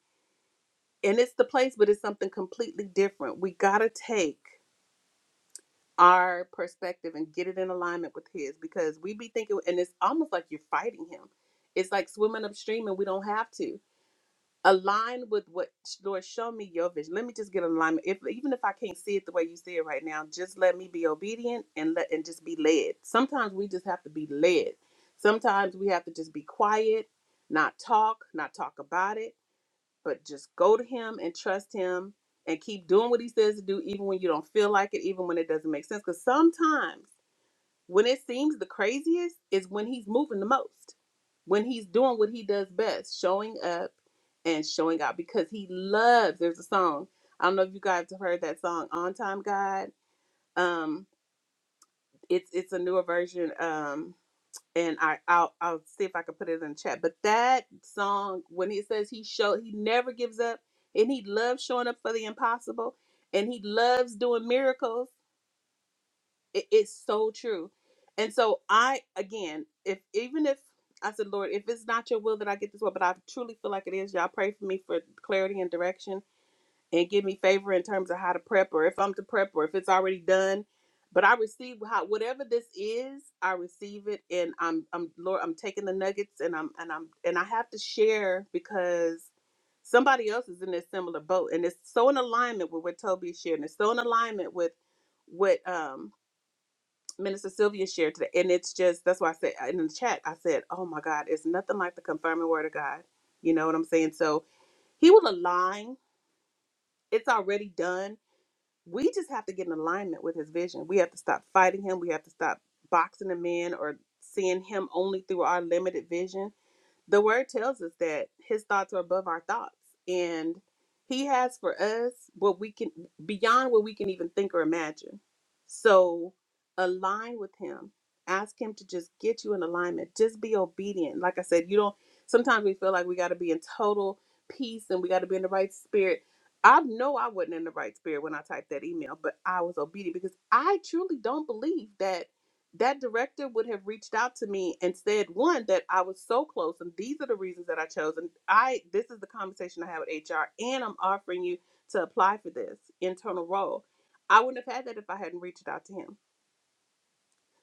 and it's the place, but it's something completely different. We got to take our perspective and get it in alignment with his because we be thinking and it's almost like you're fighting him it's like swimming upstream and we don't have to align with what lord show me your vision let me just get in alignment if even if i can't see it the way you see it right now just let me be obedient and let and just be led sometimes we just have to be led sometimes we have to just be quiet not talk not talk about it but just go to him and trust him and keep doing what he says to do even when you don't feel like it even when it doesn't make sense because sometimes when it seems the craziest is when he's moving the most when he's doing what he does best showing up and showing out because he loves there's a song i don't know if you guys have heard that song on time god um it's it's a newer version um and I I'll, I'll see if I can put it in the chat. But that song, when he says he show he never gives up, and he loves showing up for the impossible, and he loves doing miracles. It, it's so true. And so I again, if even if I said, Lord, if it's not your will that I get this one, but I truly feel like it is, y'all pray for me for clarity and direction and give me favor in terms of how to prep or if I'm to prep or if it's already done. But I receive how whatever this is, I receive it and I'm I'm Lord, I'm taking the nuggets and I'm and I'm and I have to share because somebody else is in this similar boat and it's so in alignment with what Toby shared and it's so in alignment with what um Minister Sylvia shared today. And it's just that's why I said uh, in the chat, I said, Oh my God, it's nothing like the confirming word of God. You know what I'm saying? So he will align. It's already done we just have to get in alignment with his vision. We have to stop fighting him. We have to stop boxing him in or seeing him only through our limited vision the word tells us that his thoughts are above our thoughts and he has for us what we can beyond what we can even think or imagine so align with him ask him to just get you in alignment just be obedient like i said you don't sometimes we feel like we got to be in total peace and we got to be in the right spirit i know i wasn't in the right spirit when i typed that email but i was obedient because i truly don't believe that that director would have reached out to me and said one that I was so close and these are the reasons that I chose and I this is the conversation I have with HR and I'm offering you to apply for this internal role. I wouldn't have had that if I hadn't reached out to him.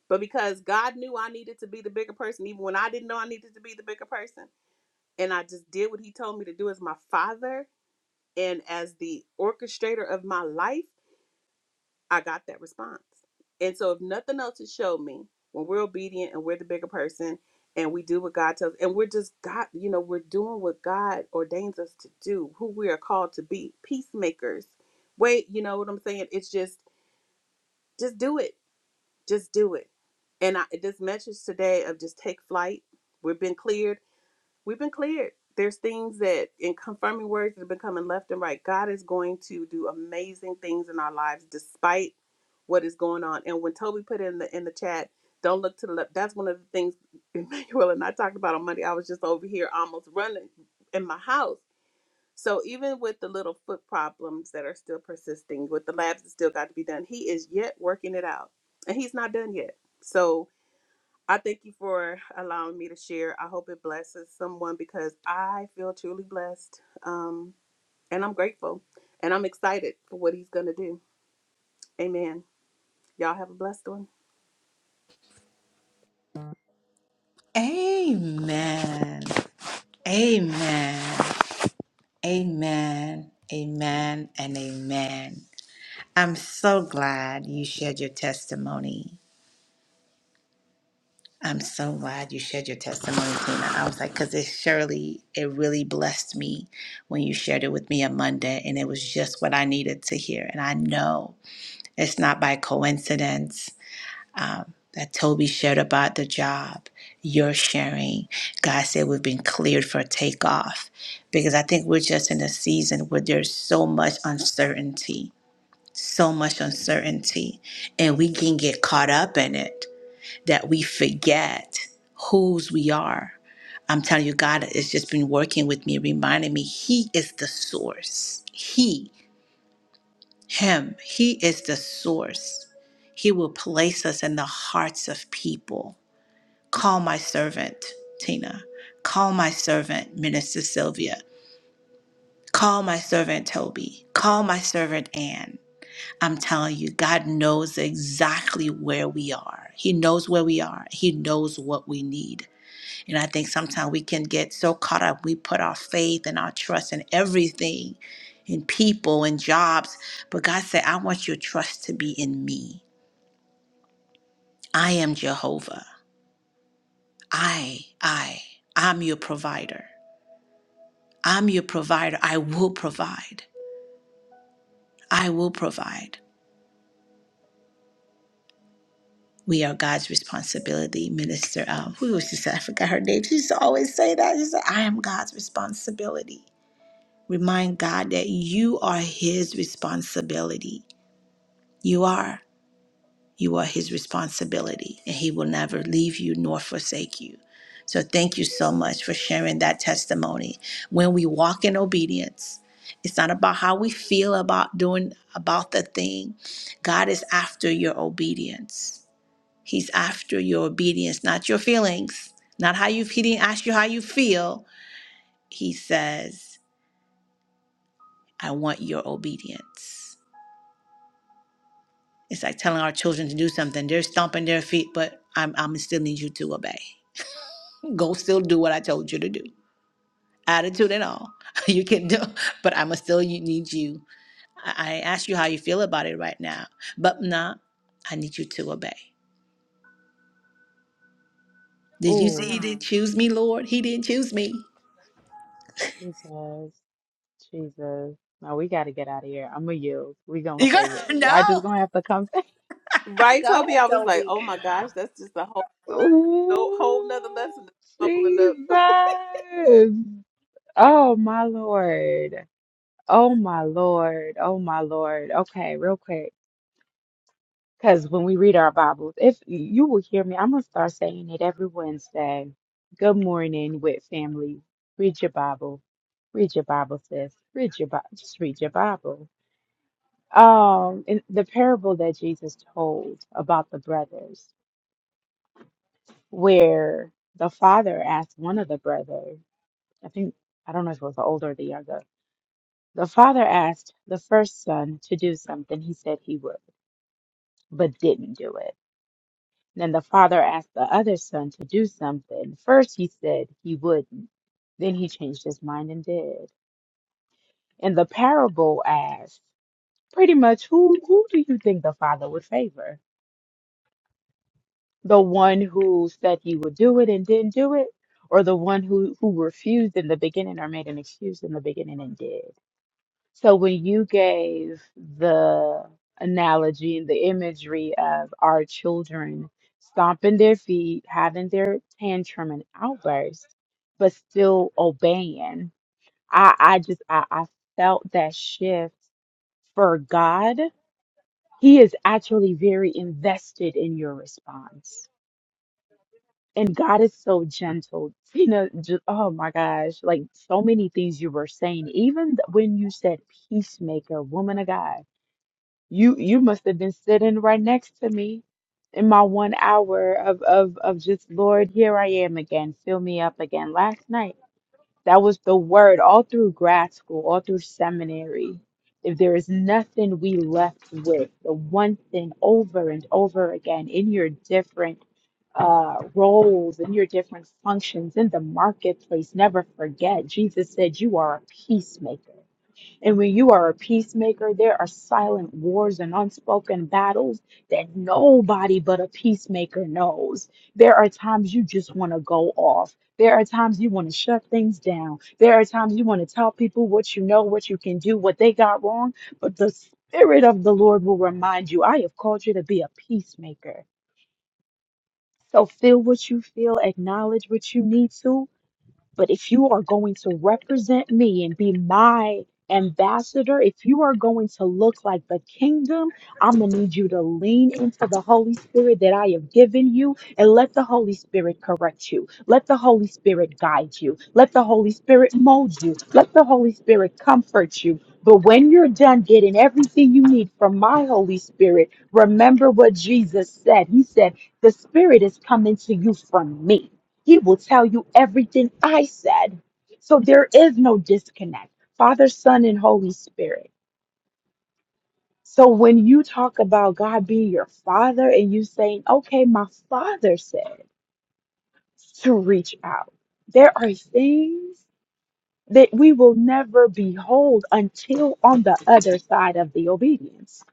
But because God knew I needed to be the bigger person even when I didn't know I needed to be the bigger person and I just did what he told me to do as my father and as the orchestrator of my life, I got that response. And so, if nothing else, it showed me when we're obedient and we're the bigger person and we do what God tells, and we're just God, you know, we're doing what God ordains us to do, who we are called to be, peacemakers. Wait, you know what I'm saying? It's just, just do it, just do it. And I, this message today of just take flight. We've been cleared. We've been cleared. There's things that, in confirming words that have been coming left and right, God is going to do amazing things in our lives despite what is going on. And when Toby put in the in the chat, don't look to the left. That's one of the things Emmanuel and I talked about on Monday. I was just over here almost running in my house. So even with the little foot problems that are still persisting, with the labs that still got to be done, he is yet working it out, and he's not done yet. So I thank you for allowing me to share. I hope it blesses someone because I feel truly blessed. Um, and I'm grateful and I'm excited for what he's going to do. Amen. Y'all have a blessed one.
amen amen Amen, amen, and amen. I'm so glad you shared your testimony. I'm so glad you shared your testimony, Tina. I was like, because it surely, it really blessed me when you shared it with me on Monday, and it was just what I needed to hear. And I know it's not by coincidence um, that Toby shared about the job, your sharing. God said we've been cleared for takeoff because I think we're just in a season where there's so much uncertainty, so much uncertainty, and we can get caught up in it that we forget whose we are. I'm telling you, God has just been working with me, reminding me He is the source. He, Him, He is the source. He will place us in the hearts of people. Call my servant, Tina. Call my servant, Minister Sylvia. Call my servant, Toby. Call my servant, Anne. I'm telling you, God knows exactly where we are. He knows where we are. He knows what we need. And I think sometimes we can get so caught up, we put our faith and our trust in everything, in people in jobs. But God said, I want your trust to be in me. I am Jehovah. I, I, I'm your provider. I'm your provider. I will provide. I will provide. We are God's responsibility, Minister. Um, who was she? Said? I forgot her name. She used to always say that. She said, "I am God's responsibility." Remind God that you are His responsibility. You are. You are his responsibility, and he will never leave you nor forsake you. So thank you so much for sharing that testimony. When we walk in obedience, it's not about how we feel about doing about the thing. God is after your obedience. He's after your obedience, not your feelings, not how you he didn't ask you how you feel. He says, I want your obedience. It's like telling our children to do something. They're stomping their feet, but I'm, I'm still need you to obey. Go still do what I told you to do. Attitude and all. You can do, but I'ma still you- need you. I I asked you how you feel about it right now, but nah, I need you to obey. Did you see he Mm. didn't Mm. choose me, Lord? He didn't choose me.
Jesus. No, we got to get out of here. I'm going to yield. we going to
You got
save it. Y'all just going to
no.
have to come.
Right, Toby? I was like, oh my gosh, that's just a whole, no, whole nother
Ooh,
lesson that's bubbling
Jesus.
up.
Oh, my Lord. Oh, my Lord. Oh, my Lord. Okay, real quick. Because when we read our Bibles, if you will hear me, I'm going to start saying it every Wednesday. Good morning with family. Read your Bible. Read your Bible, sis. Read your Bible. Just read your Bible. Um, in the parable that Jesus told about the brothers, where the father asked one of the brothers, I think, I don't know if it was the older or the younger, the father asked the first son to do something he said he would, but didn't do it. Then the father asked the other son to do something. First he said he wouldn't. Then he changed his mind and did. And the parable asked pretty much who who do you think the father would favor? The one who said he would do it and didn't do it, or the one who, who refused in the beginning or made an excuse in the beginning and did? So when you gave the analogy and the imagery of our children stomping their feet, having their tantrum and outburst, but still obeying, I, I just I, I felt that shift for God. He is actually very invested in your response. And God is so gentle. Tina, just, oh my gosh, like so many things you were saying, even th- when you said peacemaker, woman of God. You you must have been sitting right next to me in my one hour of of of just Lord, here I am again. Fill me up again. Last night, that was the word all through grad school, all through seminary. If there is nothing we left with, the one thing over and over again in your different uh roles, in your different functions in the marketplace, never forget. Jesus said, "You are a peacemaker." And when you are a peacemaker, there are silent wars and unspoken battles that nobody but a peacemaker knows. There are times you just want to go off. There are times you want to shut things down. There are times you want to tell people what you know, what you can do, what they got wrong. But the Spirit of the Lord will remind you, I have called you to be a peacemaker. So feel what you feel, acknowledge what you need to, but if you are going to represent me and be my ambassador, if you are going to look like the kingdom, I'm going to need you to lean into the Holy Spirit that I have given you and let the Holy Spirit correct you. Let the Holy Spirit guide you. Let the Holy Spirit mold you. Let the Holy Spirit comfort you. But when you're done getting everything you need from my Holy Spirit, remember what Jesus said. He said, The Spirit is coming to you from me. He will tell you everything I said. So there is no disconnect. Father, Son, and Holy Spirit. So when you talk about God being your father and you saying, okay, my father said to reach out, there are things that we will never behold until on the other side of the obedience.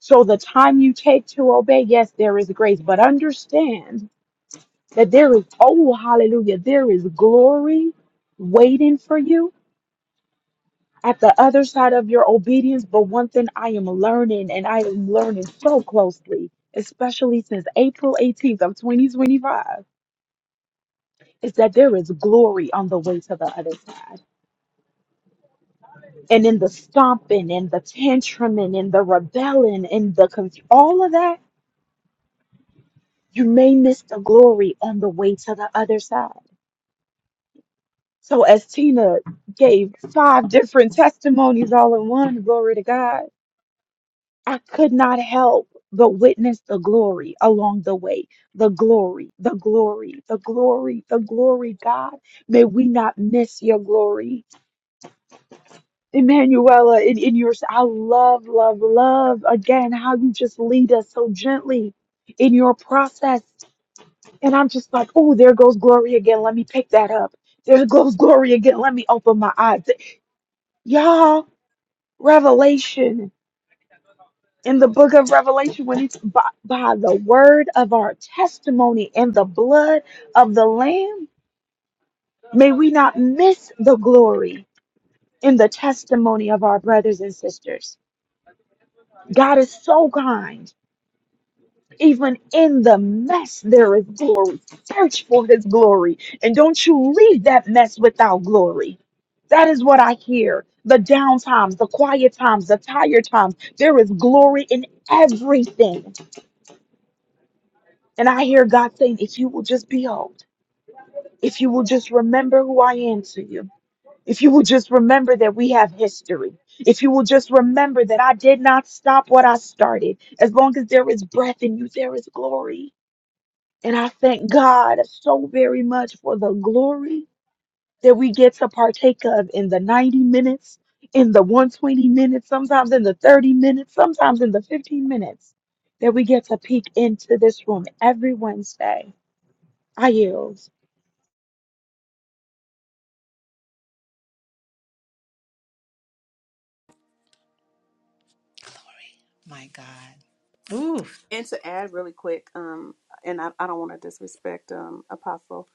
So the time you take to obey, yes, there is grace, but understand that there is, oh, hallelujah, there is glory waiting for you at the other side of your obedience. But one thing I am learning, and I am learning so closely, especially since April 18th of 2025, is that there is glory on the way to the other side. And in the stomping and the tantruming and the rebelling and the con- all of that, you may miss the glory on the way to the other side. So as Tina gave five different testimonies all in one, glory to God I could not help but witness the glory along the way. The glory, the glory, the glory, the glory, God. May we not miss your glory. Emanuela, in, in your, I love, love, love again how you just lead us so gently in your process. And I'm just like, oh, there goes glory again. Let me pick that up. There goes glory again. Let me open my eyes. Y'all, revelation. in the book of Revelation when it's by, by the word of our testimony and the blood of the Lamb, may we not miss the glory in the testimony of our brothers and sisters. God is so kind. Even in the mess, there is glory. Search for his glory. And don't you leave that mess without glory. That is what I hear. The down times, the quiet times, the tired times. There is glory in everything And I hear God saying, if you will just behold, if you will just remember who I am to you, if you will just remember that we have history, if you will just remember that I did not stop what I started, as long as there is breath in you, there is glory. And I thank God so very much for the glory that we get to partake of in the 90 minutes, in the 120 minutes, sometimes in the 30 minutes, sometimes in the 15 minutes that we get to peek into this room every Wednesday. I yield.
Ooh.
And to add really quick, um, and I, I don't want to disrespect um, Apostle,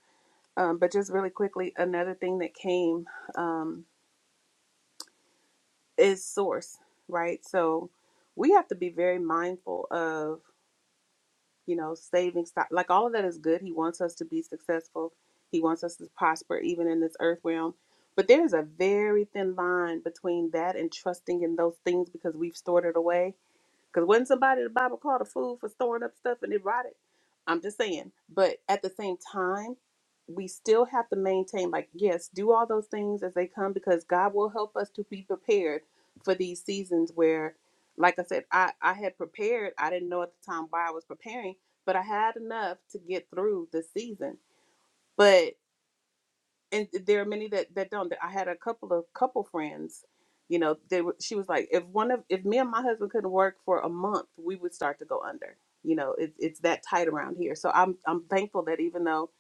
um, but just really quickly, another thing that came um, is source, right? So we have to be very mindful of you know, saving stock, like all of that is good. He wants us to be successful. He wants us to prosper even in this earth realm. But there's a very thin line between that and trusting in those things because we've stored it away because wasn't somebody in the Bible called a fool for storing up stuff and it rotted? I'm just saying. But at the same time, we still have to maintain, like, yes, do all those things as they come because God will help us to be prepared for these seasons where, like I said, I, I had prepared. I didn't know at the time why I was preparing, but I had enough to get through the season. But and there are many that that don't. I had a couple of couple friends, you know, they were, she was like, if one of if me and my husband couldn't work for a month, we would start to go under. You know, it's it's that tight around here. So I'm I'm thankful that even though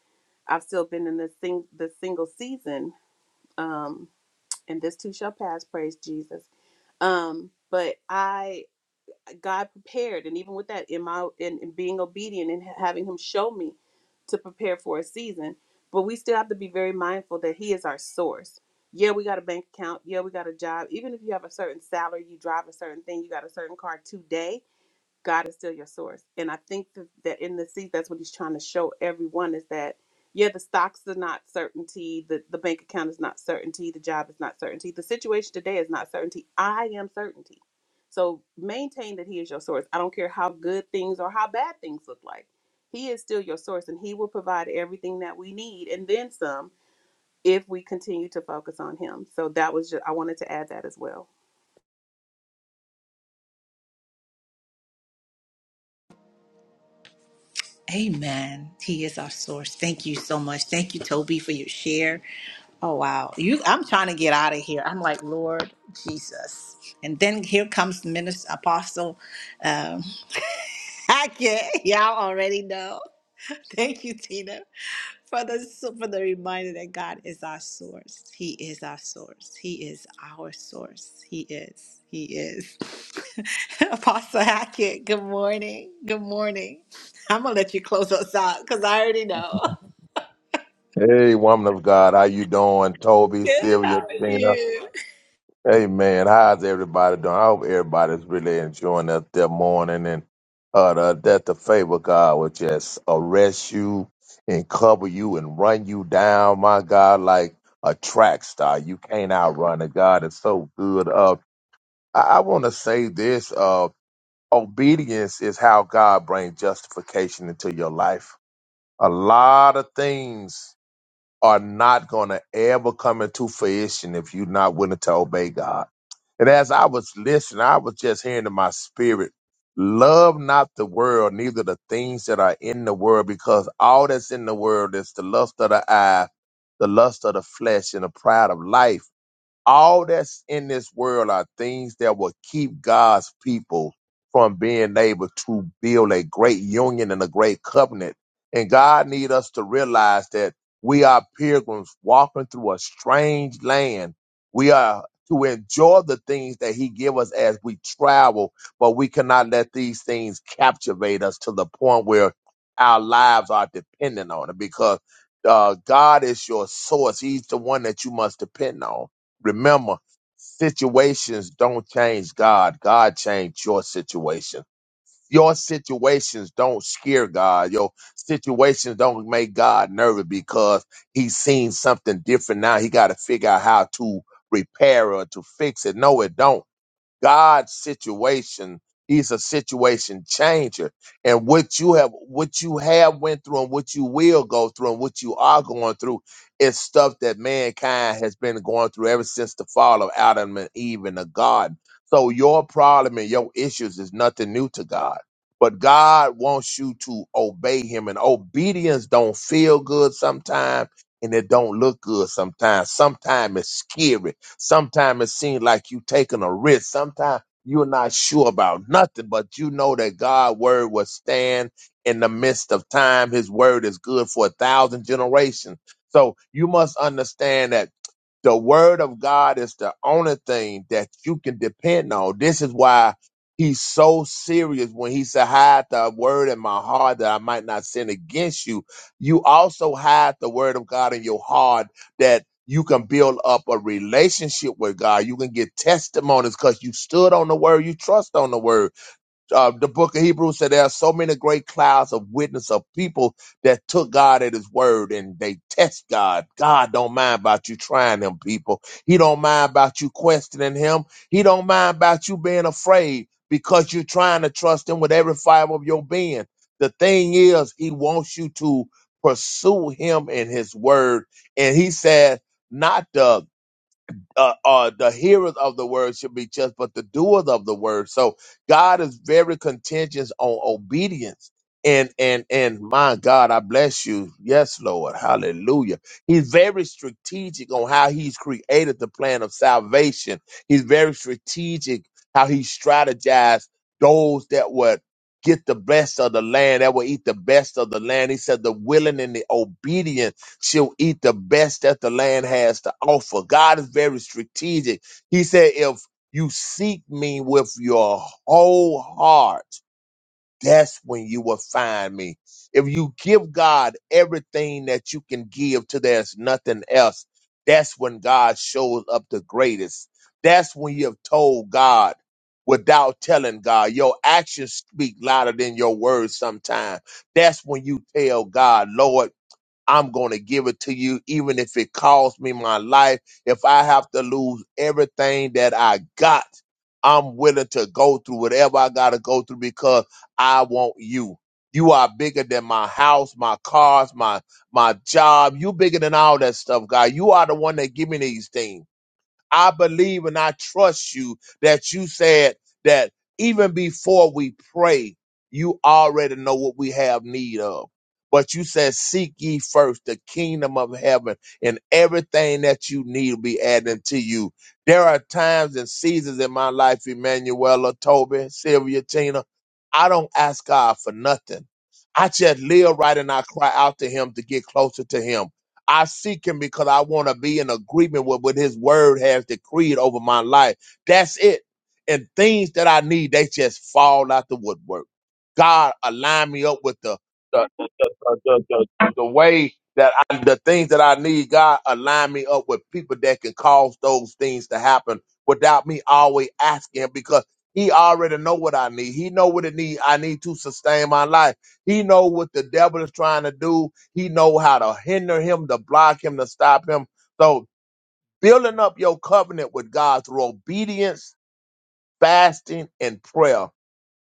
I've still been in this thing the single season, um, and this too shall pass, praise Jesus. Um, but I God prepared, and even with that, in my in, in being obedient and having Him show me to prepare for a season, but we still have to be very mindful that He is our source. Yeah, we got a bank account. Yeah, we got a job. Even if you have a certain salary, you drive a certain thing, you got a certain car today God is still your source. And I think th- that in the season, that's what he's trying to show everyone is that, yeah, the stocks are not certainty. The, the bank account is not certainty. The job is not certainty. The situation today is not certainty. I am certainty. So maintain that he is your source. I don't care how good things or how bad things look like. He is still your source and he will provide everything that we need and then some if we continue to focus on him. So that was just, I wanted to add that as well.
Amen. He is our source. Thank you so much. Thank you, Toby, for your share. Oh wow. You I'm trying to get out of here. I'm like, Lord Jesus. And then here comes Minister Apostle. um, I can't. Y'all already know. Thank you, Tina, for the for the reminder that God is our source. He is our source. He is our source. He is. He is. Apostle Hackett. Good morning. Good morning. I'm gonna let you close us out because I already know.
Hey, woman of God, how you doing? Toby,
Good.
Sylvia,
How are
Tina.
you?
Hey, man, how's everybody doing? I hope everybody's really enjoying their, their morning and uh, the, that the favor of God will just arrest you and cover you and run you down, my God, like a track star. You can't outrun it. God is so good. Uh, I, I want to say this. Uh, obedience is how God brings justification into your life. A lot of things are not going to ever come into fruition if you're not willing to obey God. And as I was listening, I was just hearing in my spirit, love not the world, neither the things that are in the world, because all that's in the world is the lust of the eye, the lust of the flesh, and the pride of life all that's in this world are things that will keep God's people from being able to build a great union and a great covenant. And God need us to realize that we are pilgrims walking through a strange land. We are to enjoy the things that he give us as we travel, but we cannot let these things captivate us to the point where our lives are dependent on it because uh, God is your source. He's the one that you must depend on Remember, situations don't change God. God changed your situation. Your situations don't scare God. Your situations don't make God nervous because he's seen something different now. He got to figure out how to repair or to fix it. No, it don't. God's situation. He's a situation changer. And what you have, what you have went through and what you will go through and what you are going through is stuff that mankind has been going through ever since the fall of Adam and Eve in the garden. So your problem and your issues is nothing new to God. But God wants you to obey him and obedience don't feel good sometimes and it don't look good sometimes. Sometimes it's scary Sometimes it seems like you taking a risk. Sometimes you're not sure about nothing, but you know that God's word will stand in the midst of time. His word is good for a thousand generations. So you must understand that the word of God is the only thing that you can depend on. This is why he's so serious when he said, hide the word in my heart that I might not sin against you. You also hide the word of God in your heart that you can build up a relationship with God. You can get testimonies because you stood on the word, you trust on the word uh, the book of Hebrews said there are so many great clouds of witness of people that took God at his word and they test God. God don't mind about you trying them people. He don't mind about you questioning him. He don't mind about you being afraid because you're trying to trust him with every fiber of your being. The thing is, he wants you to pursue him in his word. And he said, not the uh, uh, the hearers of the word should be just, but the doers of the word. So God is very contingent on obedience. And and and my God, I bless you. Yes, Lord, Hallelujah. He's very strategic on how He's created the plan of salvation. He's very strategic how He strategized those that would get the best of the land, that would eat the best of the land. He said the willing and the obedient She'll eat the best that the land has to offer. God is very strategic. He said, if you seek me with your whole heart, that's when you will find me. If you give God everything that you can give to there's nothing else, that's when God shows up the greatest. That's when you have told God without telling God. Your actions speak louder than your words sometimes. That's when you tell God, Lord. I'm going to give it to you, even if it costs me my life. If I have to lose everything that I got, I'm willing to go through whatever I got to go through because I want you. You are bigger than my house, my cars, my my job. You bigger than all that stuff, God. You are the one that give me these things. I believe and I trust you that you said that even before we pray, you already know what we have need of. But you said, Seek ye first the kingdom of heaven, and everything that you need will be added to you. There are times and seasons in my life, Emanuela, Toby, Sylvia, Tina, I don't ask God for nothing. I just live right and I cry out to Him to get closer to Him. I seek him because I want to be in agreement with what his word has decreed over my life. That's it. And things that I need, they just fall out the woodwork. God, align me up with the, the, uh, the, the the way that I, the things that I need, God, align me up with people that can cause those things to happen without me always asking because he already know what I need. He know what it need. I need to sustain my life. He know what the devil is trying to do. He know how to hinder him, to block him, to stop him. So building up your covenant with God through obedience, fasting, and prayer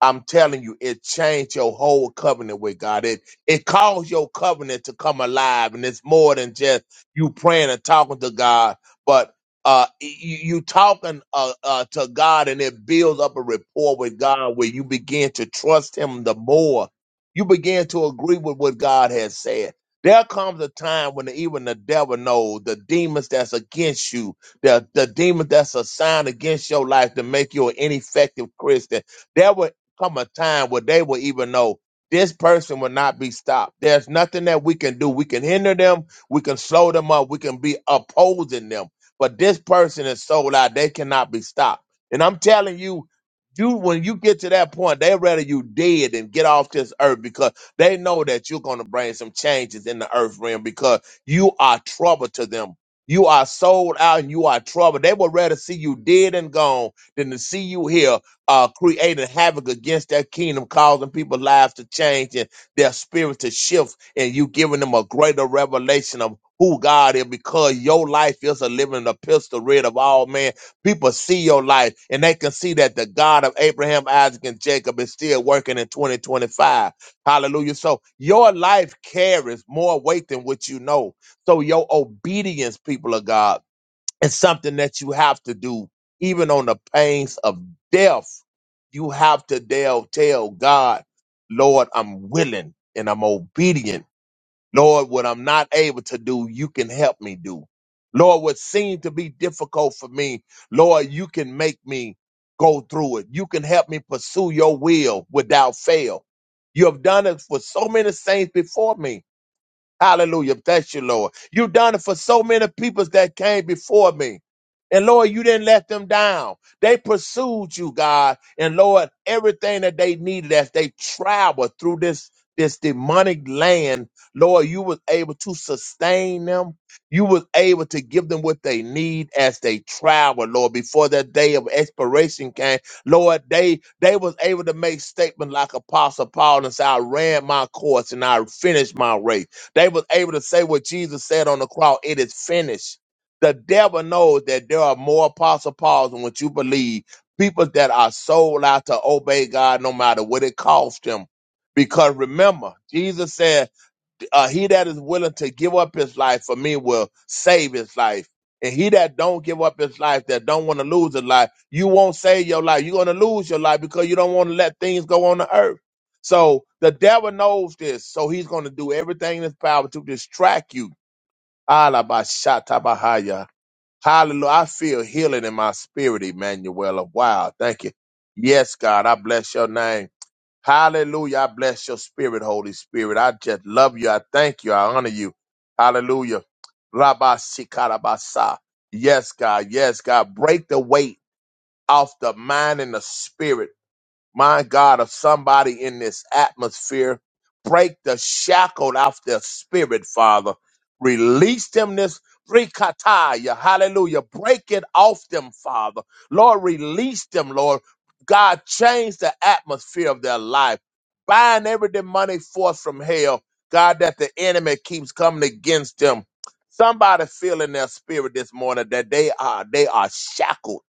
I'm telling you, it changed your whole covenant with God. It it caused your covenant to come alive, and it's more than just you praying and talking to God, but uh, you, you talking uh, uh, to God, and it builds up a rapport with God where you begin to trust Him the more. You begin to agree with what God has said. There comes a time when even the devil knows the demons that's against you, the, the demons that's assigned against your life to make you an ineffective Christian There will come a time where they will even know this person will not be stopped. There's nothing that we can do. We can hinder them, we can slow them up, we can be opposing them. But this person is sold out, they cannot be stopped. And I'm telling you, you when you get to that point, they rather you dead than get off this earth because they know that you're gonna bring some changes in the earth realm because you are trouble to them. You are sold out and you are trouble. They would rather see you dead and gone than to see you here uh, creating havoc against that kingdom, causing people's lives to change and their spirit to shift, and you giving them a greater revelation of who God is because your life is a living epistle read of all men. People see your life and they can see that the God of Abraham, Isaac, and Jacob is still working in 2025. Hallelujah. So your life carries more weight than what you know. So your obedience, people of God. It's something that you have to do, even on the pains of death. You have to tell, tell God, Lord, I'm willing and I'm obedient. Lord, what I'm not able to do, you can help me do. Lord, what seemed to be difficult for me, Lord, you can make me go through it. You can help me pursue your will without fail. You have done it for so many saints before me. Hallelujah. Thank you, Lord. You done it for so many peoples that came before me. And Lord, you didn't let them down. They pursued you, God. And Lord, everything that they needed as they traveled through this, this demonic land, Lord, you was able to sustain them. You was able to give them what they need as they traveled, Lord, before that day of expiration came. Lord, they they was able to make statement like Apostle Paul and say, I ran my course and I finished my race. They was able to say what Jesus said on the cross, it is finished. The devil knows that there are more apostle Pauls than what you believe. People that are sold out to obey God no matter what it costs them. Because remember, Jesus said uh, he that is willing to give up his life for me will save his life. And he that don't give up his life, that don't want to lose his life, you won't save your life. You're going to lose your life because you don't want to let things go on the earth. So the devil knows this. So he's going to do everything in his power to distract you. Alabashatabahaya. Hallelujah. I feel healing in my spirit, Emmanuel. Wow. Thank you. Yes, God. I bless your name. Hallelujah. I bless your spirit, Holy Spirit. I just love you. I thank you. I honor you. Hallelujah. Rabba Sikarabasa. Yes, God. Yes, God. Break the weight off the mind and the spirit my God, of somebody in this atmosphere. Break the shackled off their spirit, Father. Release them this rikataya. Hallelujah. Break it off them, Father. Lord, release them, Lord. God, change the atmosphere of their life. Bind every demonic force from hell. God, that the enemy keeps coming against them. Somebody feel in their spirit this morning that they are they are shackled.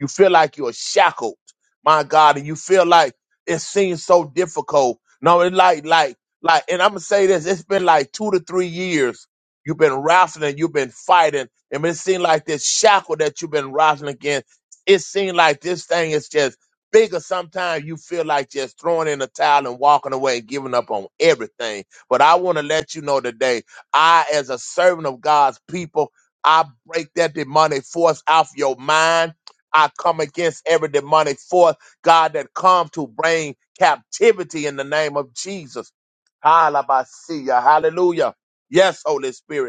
You feel like you're shackled my God, and you feel like it seems so difficult. No, it like like like, and I'm gonna say this: it's been like two to three years. You've been wrestling, you've been fighting, and it seems like this shackle that you've been wrestling against. It seems like this thing is just bigger. Sometimes you feel like just throwing in the towel and walking away and giving up on everything. But I want to let you know today, I, as a servant of God's people, I break that demonic force off your mind. I come against every demonic force, God, that come to bring captivity in the name of Jesus. Hallelujah. Hallelujah. Yes, Holy Spirit.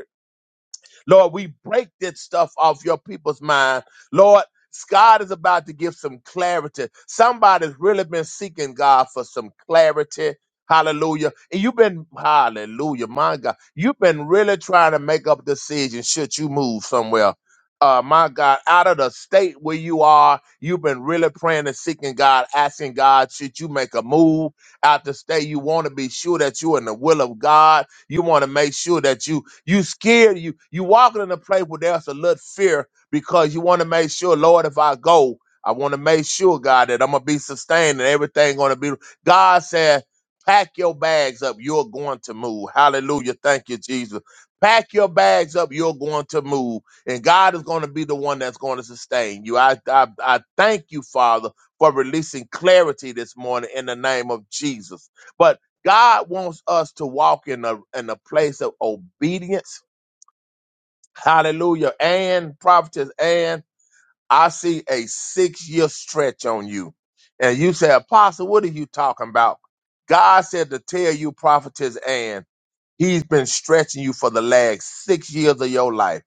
Lord, we break this stuff off your people's mind. Lord, God is about to give some clarity. Somebody's really been seeking God for some clarity. Hallelujah. And you've been, hallelujah, my God. You've been really trying to make up decisions should you move somewhere. Uh, my God, out of the state where you are, you've been really praying and seeking God, asking God, should you make a move out the state? You want to be sure that you're in the will of God. You want to make sure that you you scared. You you walking in a place where there's a little fear because you want to make sure, Lord, if I go, I want to make sure, God, that I'm gonna be sustained and everything gonna be. God said, pack your bags up. You're going to move. Hallelujah. Thank you, Jesus. Pack your bags up. You're going to move, and God is going to be the one that's going to sustain you. I I, I thank you, Father, for releasing clarity this morning in the name of Jesus. But God wants us to walk in a in a place of obedience. Hallelujah. And prophetess and I see a six year stretch on you. And you say, Apostle, what are you talking about? God said to tell you, prophetess and He's been stretching you for the last six years of your life.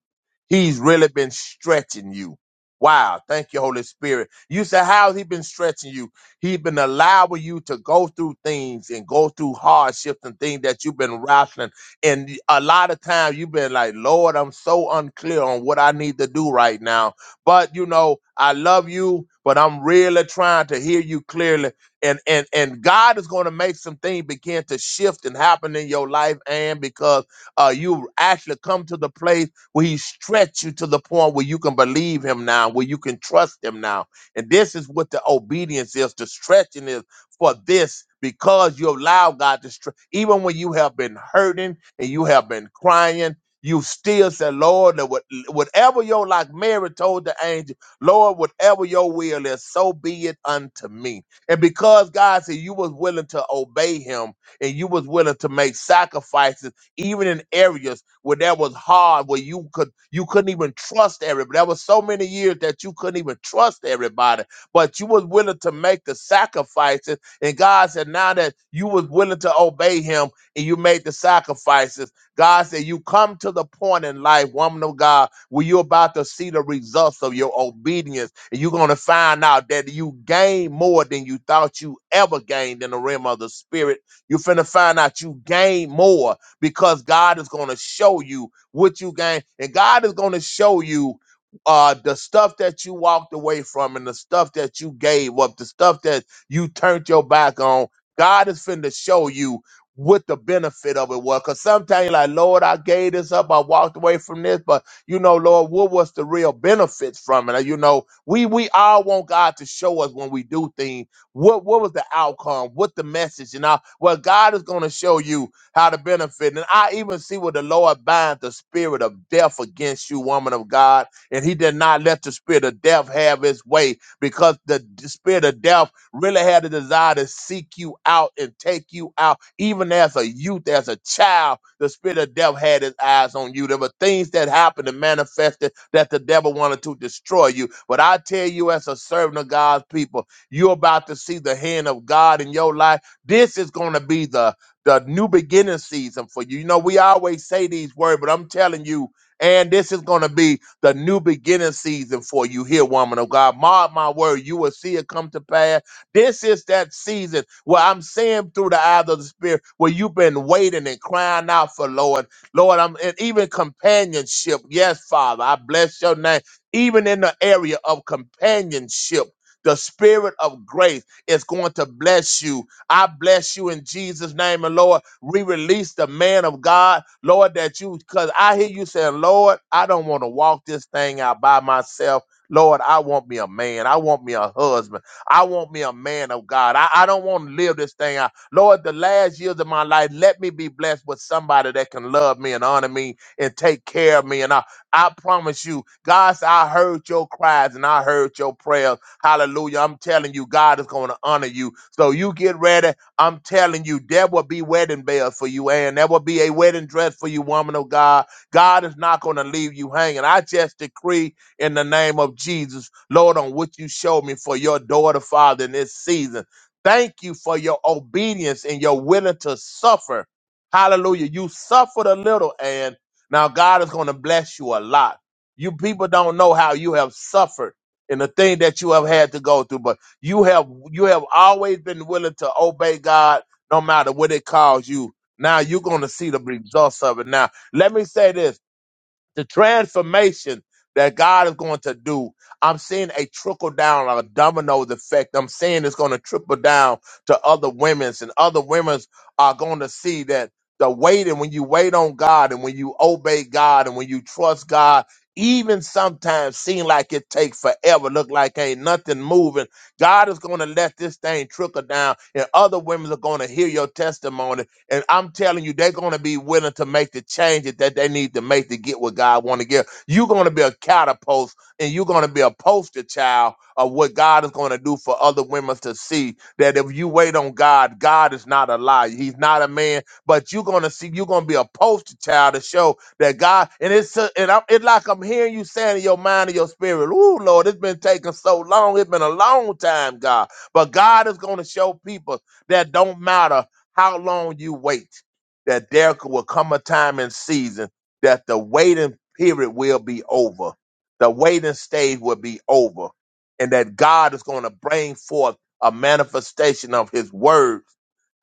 He's really been stretching you. Wow. Thank you, Holy Spirit. You say, how's he been stretching you? He's been allowing you to go through things and go through hardships and things that you've been wrestling. And a lot of times you've been like, Lord, I'm so unclear on what I need to do right now. But you know, I love you, but I'm really trying to hear you clearly. And and and God is going to make some things begin to shift and happen in your life, and because uh, you actually come to the place where he stretched you to the point where you can believe him now, where you can trust him now. And this is what the obedience is, the stretching is for this because you allow God to stretch. Even when you have been hurting and you have been crying, you still say, Lord, that what- whatever your, like Mary told the angel, Lord, whatever your will is, so be it unto me. And because God said you was willing to obey him and you was willing to make sacrifices, even in areas where that was hard, where you could you couldn't even trust everybody. There was so many years that you couldn't even trust everybody, but you was willing to make the sacrifices. And God said, now that you was willing to obey Him and you made the sacrifices, God said, you come to the point in life, woman of God, where you're about to see the results of your obedience, and you're going to find out that you gain more than you thought you ever gained in the realm of the spirit. You're finna find out you gain more because God is going to show you what you gain, and God is going to show you uh the stuff that you walked away from and the stuff that you gave up, the stuff that you turned your back on. God is finna show you what the benefit of it was. Cause sometimes you're like, Lord, I gave this up, I walked away from this, but you know, Lord, what was the real benefits from it? You know, we we all want God to show us when we do things. What what was the outcome? What the message? And I well, God is gonna show you how to benefit. And I even see where the Lord bind the spirit of death against you, woman of God. And he did not let the spirit of death have its way because the d- spirit of death really had a desire to seek you out and take you out. Even as a youth, as a child, the spirit of death had his eyes on you. There were things that happened and manifested that the devil wanted to destroy you. But I tell you, as a servant of God's people, you're about to see the hand of God in your life. This is going to be the the new beginning season for you. You know, we always say these words, but I'm telling you, and this is going to be the new beginning season for you here, woman of God. Mark my word, you will see it come to pass. This is that season where I'm seeing through the eyes of the Spirit where you've been waiting and crying out for Lord. Lord, I'm and even companionship. Yes, Father, I bless your name. Even in the area of companionship, the spirit of grace is going to bless you I bless you in Jesus' name. And Lord, we release the man of God, Lord, that you, because I hear you saying, Lord, I don't want to walk this thing out by myself. Lord, I want me a man. I want me a husband. I want me a man of God. I, I don't want to live this thing out. Lord, the last years of my life, let me be blessed with somebody that can love me and honor me and take care of me. And I, I promise you, God said, I heard your cries and I heard your prayers. Hallelujah. I'm telling you, God is going to honor you. So you get ready. I'm telling you, there will be wedding bells for you, and there will be a wedding dress for you, woman of God. God is not going to leave you hanging. I just decree in the name of Jesus, Lord, on what you showed me for your daughter, Father, in this season. Thank you for your obedience and your willing to suffer. Hallelujah. You suffered a little, and now God is going to bless you a lot. You people don't know how you have suffered and the thing that you have had to go through, but you have you have always been willing to obey God no matter what it calls you. Now you're gonna see the results of it. Now, let me say this the transformation that God is going to do, I'm seeing a trickle down, a domino effect. I'm seeing it's going to trickle down to other women's, and other women's are going to see that the waiting, when you wait on God and when you obey God and when you trust God, even sometimes seem like it takes forever, look like ain't nothing moving. God is going to let this thing trickle down, and other women are going to hear your testimony and I'm telling you, they're going to be willing to make the changes that they need to make to get what God want to give. You're going to be a catapult and you're going to be a poster child of what God is going to do for other women to see that if you wait on God, God is not a liar. He's not a man, but you're going to see, you're going to be a poster child to show that God, and it's, a, and I'm, it's like I'm hearing you saying in your mind and your spirit, Ooh, Lord, it's been taking so long. It's been a long time, God. But God is going to show people that don't matter how long you wait, that there will come a time and season that the waiting period will be over. The waiting stage will be over. And that God is going to bring forth a manifestation of his word.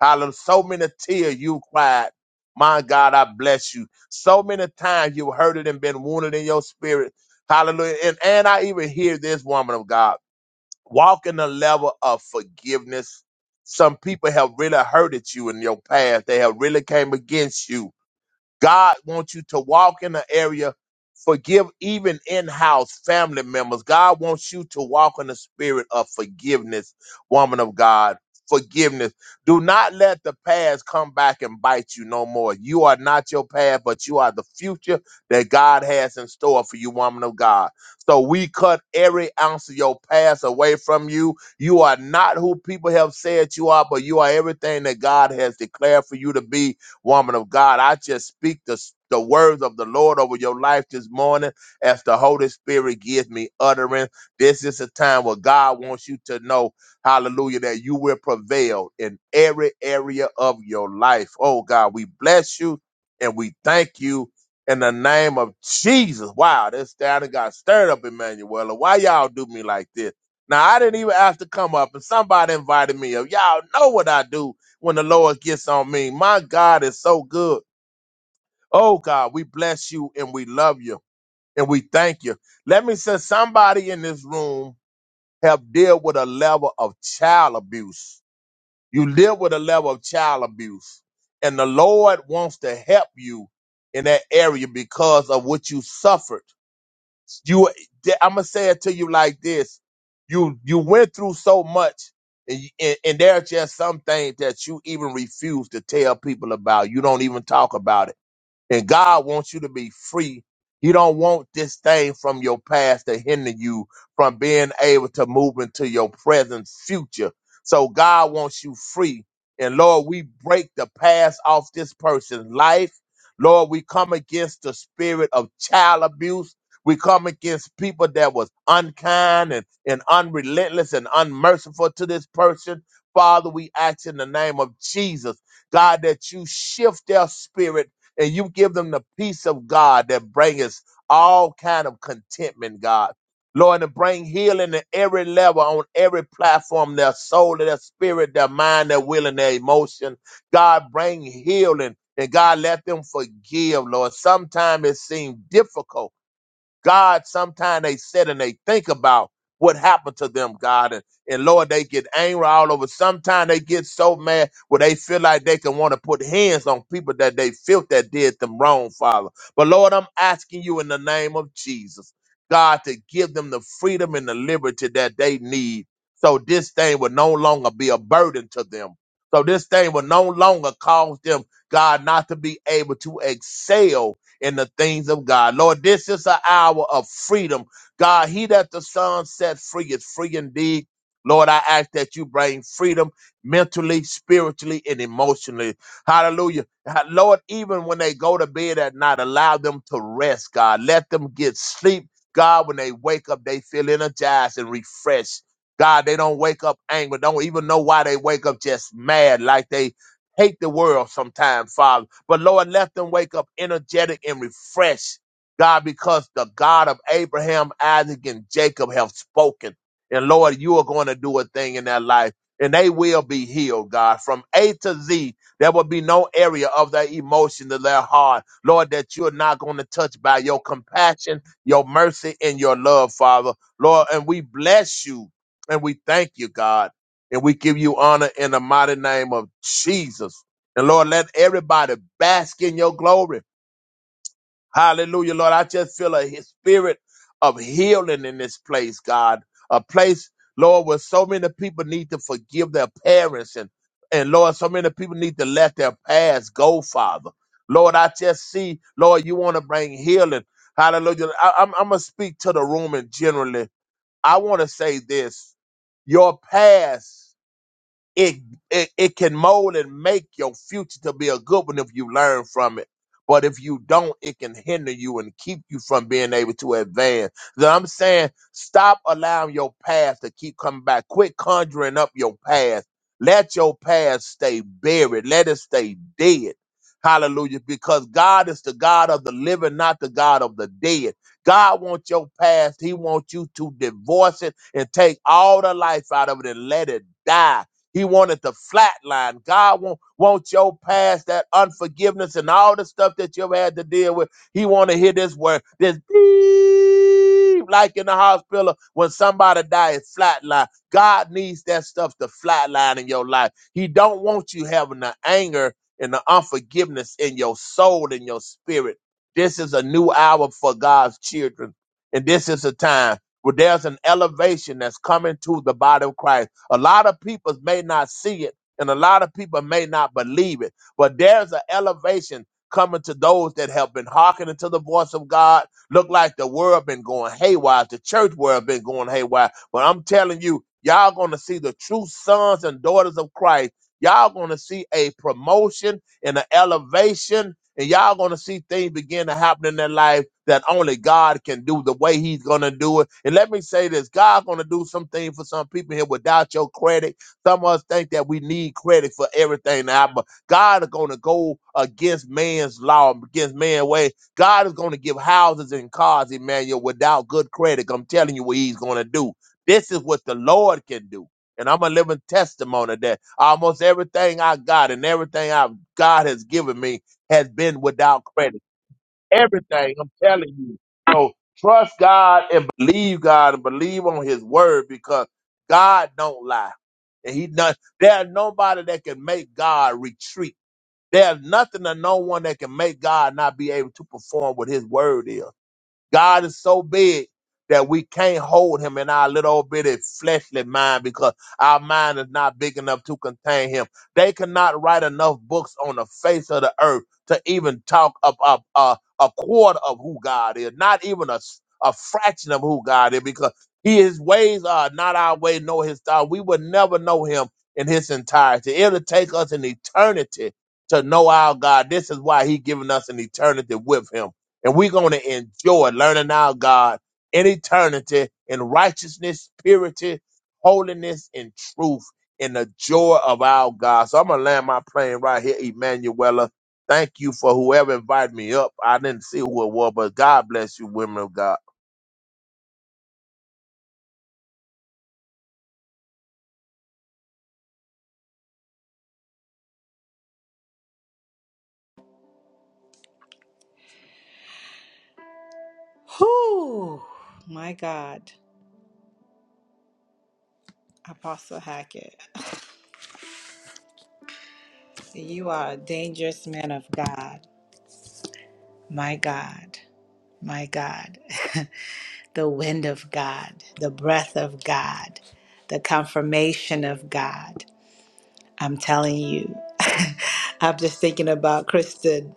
Hallelujah. So many tears you cried. My God, I bless you. So many times you heard it and been wounded in your spirit. Hallelujah. And, and I even hear this woman of God walk in the level of forgiveness. Some people have really hurted you in your past. They have really came against you God wants you to walk in the area, forgive even in house family members. God wants you to walk in the spirit of forgiveness, woman of God. Forgiveness. Do not let the past come back and bite you no more. You are not your past, but you are the future that God has in store for you, woman of God. So we cut every ounce of your past away from you. You are not who people have said you are, but you are everything that God has declared for you to be woman of God. I just speak the, the words of the Lord over your life this morning as the Holy Spirit gives me utterance. This is a time where God wants you to know, hallelujah, that you will prevail in every area of your life. Oh God, we bless you and we thank you in the name of Jesus. Wow, this down and got stirred up, Emmanuel. Why y'all do me like this? Now I didn't even have to come up, and somebody invited me up. Y'all know what I do when the Lord gets on me. My God is so good. Oh God, we bless you and we love you and we thank you. Let me say somebody in this room have dealt with a level of child abuse. You live with a level of child abuse and the Lord wants to help you in that area because of what you suffered you i'm gonna say it to you like this you you went through so much and, you- and and there are just some things that you even refuse to tell people about you don't even talk about it and God wants you to be free. He don't want this thing from your past to hinder you from being able to move into your present future. So God wants you free. And Lord, we break the past off this person's life. Lord, we come against the spirit of child abuse. We come against people that was unkind and, and unrelentless and unmerciful to this person. Father, we ask in the name of Jesus, God, that you shift their spirit and you give them the peace of God that brings all kind of contentment, God. Lord, and bring healing at every level on every platform, their soul, their spirit, their mind, their will, and their emotion. God, bring healing. And God, let them forgive, Lord. Sometimes it seems difficult God, sometimes they sit and they think about what happened to them, God. And, and Lord, they get angry all over. Sometimes they get so mad where they feel like they can want to put hands on people that they felt that did them wrong, Father. But Lord, I'm asking you in the name of Jesus, God, to give them the freedom and the liberty that they need so this thing will no longer be a burden to them. So this thing will no longer cause them, God, not to be able to excel in the things of God. Lord, this is an hour of freedom. God, he that the Son set free is free indeed. Lord, I ask that you bring freedom mentally, spiritually, and emotionally. Hallelujah. Ha- Lord, even when they go to bed at night, allow them to rest, God. Let them get sleep. God, when they wake up, they feel energized and refreshed. God, they don't wake up angry. Don't even know why they wake up just mad, like they hate the world sometimes, Father. But Lord, let them wake up energetic and refreshed, God, because the God of Abraham, Isaac, and Jacob have spoken. And Lord, you are going to do a thing in their life. And they will be healed, God. From A to Z, there will be no area of their emotion of their heart, Lord, that you're not going to touch by your compassion, your mercy, and your love, Father. Lord, and we bless you and we thank you, God. And we give you honor in the mighty name of Jesus. And Lord, let everybody bask in your glory. Hallelujah, Lord. I just feel a he- spirit of healing in this place, God. A place, Lord, where so many people need to forgive their parents. And, and Lord, so many people need to let their past go, Father. Lord, I just see, Lord, you want to bring healing. Hallelujah. I, I'm, I'm going to speak to the room and generally. I want to say this your past it, it it can mold and make your future to be a good one if you learn from it. But if you don't, it can hinder you and keep you from being able to advance. So I'm saying stop allowing your past to keep coming back. Quit conjuring up your past. Let your past stay buried. Let it stay dead. Hallelujah. Because God is the God of the living, not the God of the dead. God wants your past. He wants you to divorce it and take all the life out of it and let it die he wanted the flat line. God won't want your past, that unforgiveness, and all the stuff that you've had to deal with. He want to hear this word, this beep, like in the hospital when somebody dies, flatline. God needs that stuff to flatline in your life. He don't want you having the anger and the unforgiveness in your soul and your spirit. This is a new hour for God's children, and this is a time where there's an elevation that's coming to the body of Christ a lot of people may not see it, and a lot of people may not believe it, but there's an elevation coming to those that have been hearkening to the voice of God. Look like the world been going haywire, the church world been going haywire. But I'm telling you, y'all gonna see the true sons and daughters of Christ. Y'all gonna see a promotion and an elevation and y'all gonna see things begin to happen in their life that only God can do the way He's gonna do it. And let me say this: God gonna do some something for some people here without your credit. Some of us think that we need credit for everything now, but God is gonna go against man's law, against man's way. God is gonna give houses and cars, Emmanuel, without good credit. I'm telling you what He's gonna do. This is what the Lord can do. And I'm a living testimony that almost everything I got and everything I God has given me has been without credit. Everything, I'm telling you. So trust God and believe God and believe on his word because God don't lie. And he not there's nobody that can make God retreat. There's nothing or no one that can make God not be able to perform what his word is. God is so big that we can't hold him in our little bitty fleshly mind because our mind is not big enough to contain him. They cannot write enough books on the face of the earth to even talk up up uh, a quarter of who God is, not even a, s- a fraction of who God is because he, his ways are not our way, nor his thought. We would never know him in his entirety. It'll take us an eternity to know our God. This is why he given us an eternity with him and we're going to enjoy learning our God in eternity in righteousness, purity, holiness, and truth in the joy of our God. So I'm going to land my plane right here, Emanuela. Thank you for whoever invited me up. I didn't see who it was, but God bless you, women of God.
Whew. My God, Apostle Hackett, you are a dangerous man of God. My God. My God. the wind of God, the breath of God, the confirmation of God. I'm telling you. I'm just thinking about Kristen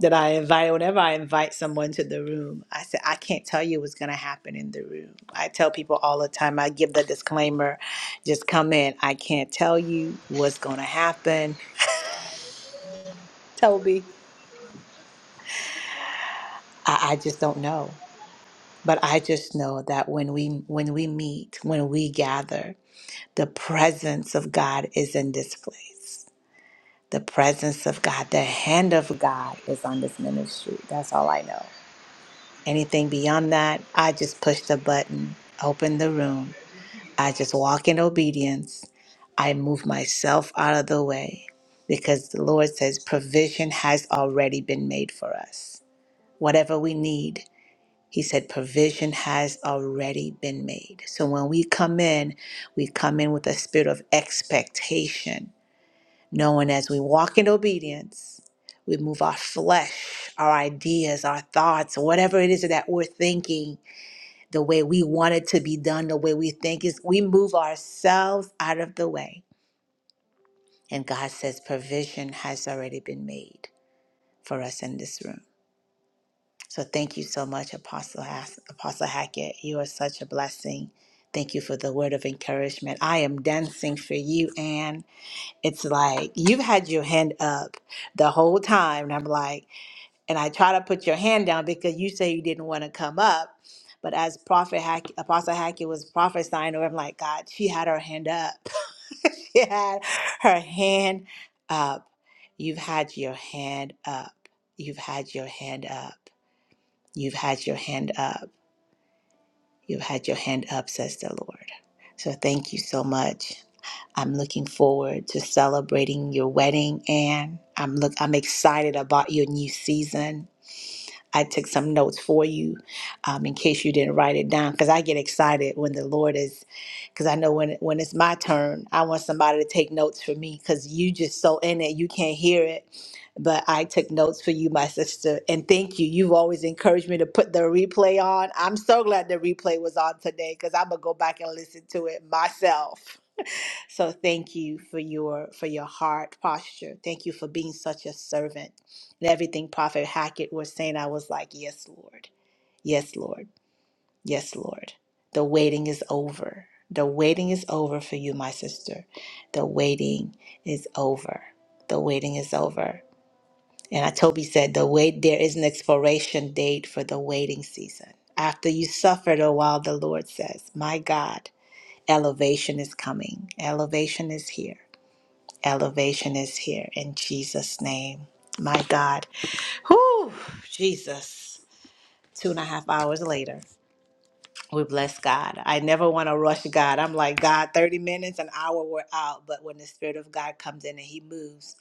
that I invite, whenever I invite someone to the room, I say, I can't tell you what's going to happen in the room. I tell people all the time, I give the disclaimer just come in. I can't tell you what's going to happen. Toby. I, I just don't know. But I just know that when we when we meet, when we gather, The presence of God is in this place. The presence of God, the hand of God is on this ministry. That's all I know. Anything beyond that, I just push the button, open the room. I just walk in obedience. I move myself out of the way because the Lord says provision has already been made for us. Whatever we need, He said provision has already been made. So when we come in, we come in with a spirit of expectation knowing as we walk in obedience, we move our flesh, our ideas, our thoughts, whatever it is that we're thinking, the way we want it to be done, the way we think is, we move ourselves out of the way. And God says provision has already been made for us in this room. So thank you so much, Apostle, Has- Apostle Hackett. You are such a blessing. Thank you for the word of encouragement. I am dancing for you, Anne. It's like you've had your hand up the whole time. And I'm like, and I try to put your hand down because you say you didn't want to come up. But as Prophet Hack, Apostle Hackett was prophesying, over, I'm like, God, she had her hand up. she had her hand up. You've had your hand up. You've had your hand up. You've had your hand up. You've had your hand up, says the Lord. So thank you so much. I'm looking forward to celebrating your wedding, Anne. I'm look. I'm excited about your new season. I took some notes for you, um, in case you didn't write it down, because I get excited when the Lord is, because I know when when it's my turn, I want somebody to take notes for me, because you just so in it, you can't hear it. But I took notes for you, my sister, and thank you. You've always encouraged me to put the replay on. I'm so glad the replay was on today, because I'm gonna go back and listen to it myself. So thank you for your for your heart posture. Thank you for being such a servant. And everything Prophet Hackett was saying, I was like, Yes, Lord. Yes, Lord. Yes, Lord. The waiting is over. The waiting is over for you, my sister. The waiting is over. The waiting is over. And I Toby said, the wait there is an expiration date for the waiting season. After you suffered a while, the Lord says, My God, elevation is coming. Elevation is here. Elevation is here in Jesus' name. My God. Whew, Jesus. Two and a half hours later. We bless God. I never want to rush God. I'm like, God, 30 minutes, an hour, we're out. But when the Spirit of God comes in and He moves,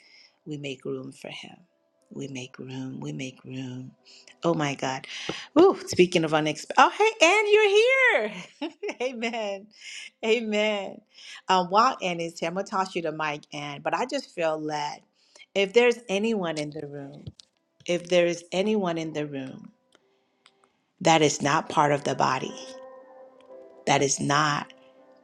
we make room for Him. We make room. We make room. Oh my God. Ooh, speaking of unexpected. Oh, hey, Ann, you're here. Amen. Amen. Um, while Ann is here, I'm going to toss you the mic, Ann. But I just feel led. If there's anyone in the room, if there is anyone in the room that is not part of the body, that is not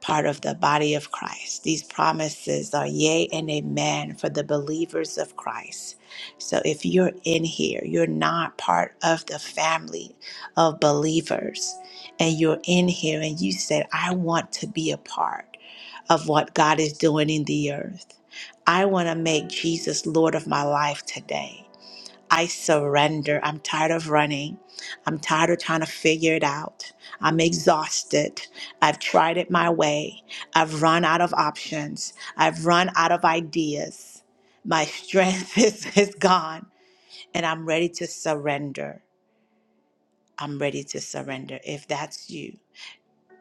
part of the body of Christ. These promises are yea and amen for the believers of Christ. So if you're in here, you're not part of the family of believers, and you're in here and you said, I want to be a part of what God is doing in the earth. I want to make Jesus Lord of my life today. I surrender. I'm tired of running. I'm tired of trying to figure it out. I'm exhausted. I've tried it my way. I've run out of options. I've run out of ideas. My strength is, is gone, and I'm ready to surrender. I'm ready to surrender if that's you.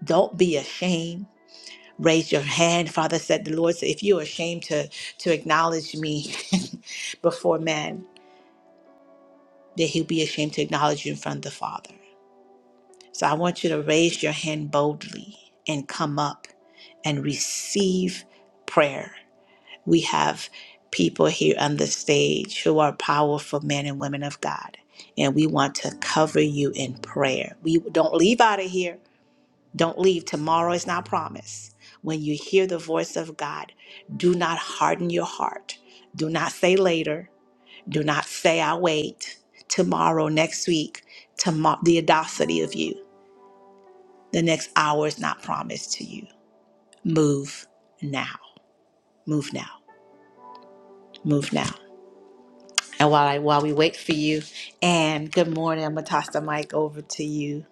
Don't be ashamed. Raise your hand. Father said, The Lord said, if you're ashamed to, to acknowledge me before men, then he'll be ashamed to acknowledge you in front of the Father. So I want you to raise your hand boldly and come up and receive prayer. We have people here on the stage who are powerful men and women of God, and we want to cover you in prayer. We don't leave out of here. Don't leave. Tomorrow is not promised. When you hear the voice of God, do not harden your heart. Do not say later. Do not say, i wait. Tomorrow, next week, tomorrow, the audacity of you. The next hour is not promised to you. Move now. Move now. Move now. And while I while we wait for you, and good morning, I'm gonna toss the mic over to you.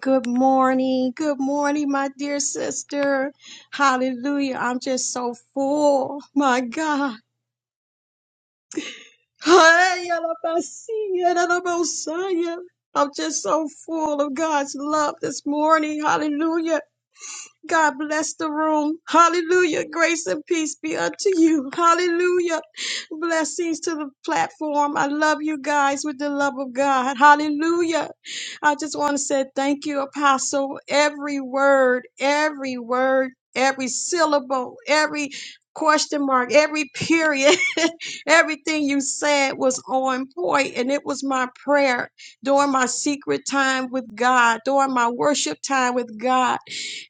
Good morning. Good morning, my dear sister. Hallelujah. I'm just so full. My God. Ay, alabasía, alabosaya. I'm just so full of God's love this morning. Hallelujah. God bless the room. Hallelujah. Grace and peace be unto you. Hallelujah. Blessings to the platform. I love you guys with the love of God. Hallelujah. I just want to say thank you, Apostle. Every word, every word, every syllable, every question mark, every period, everything you said was on point, And it was my prayer during my secret time with God, during my worship time with God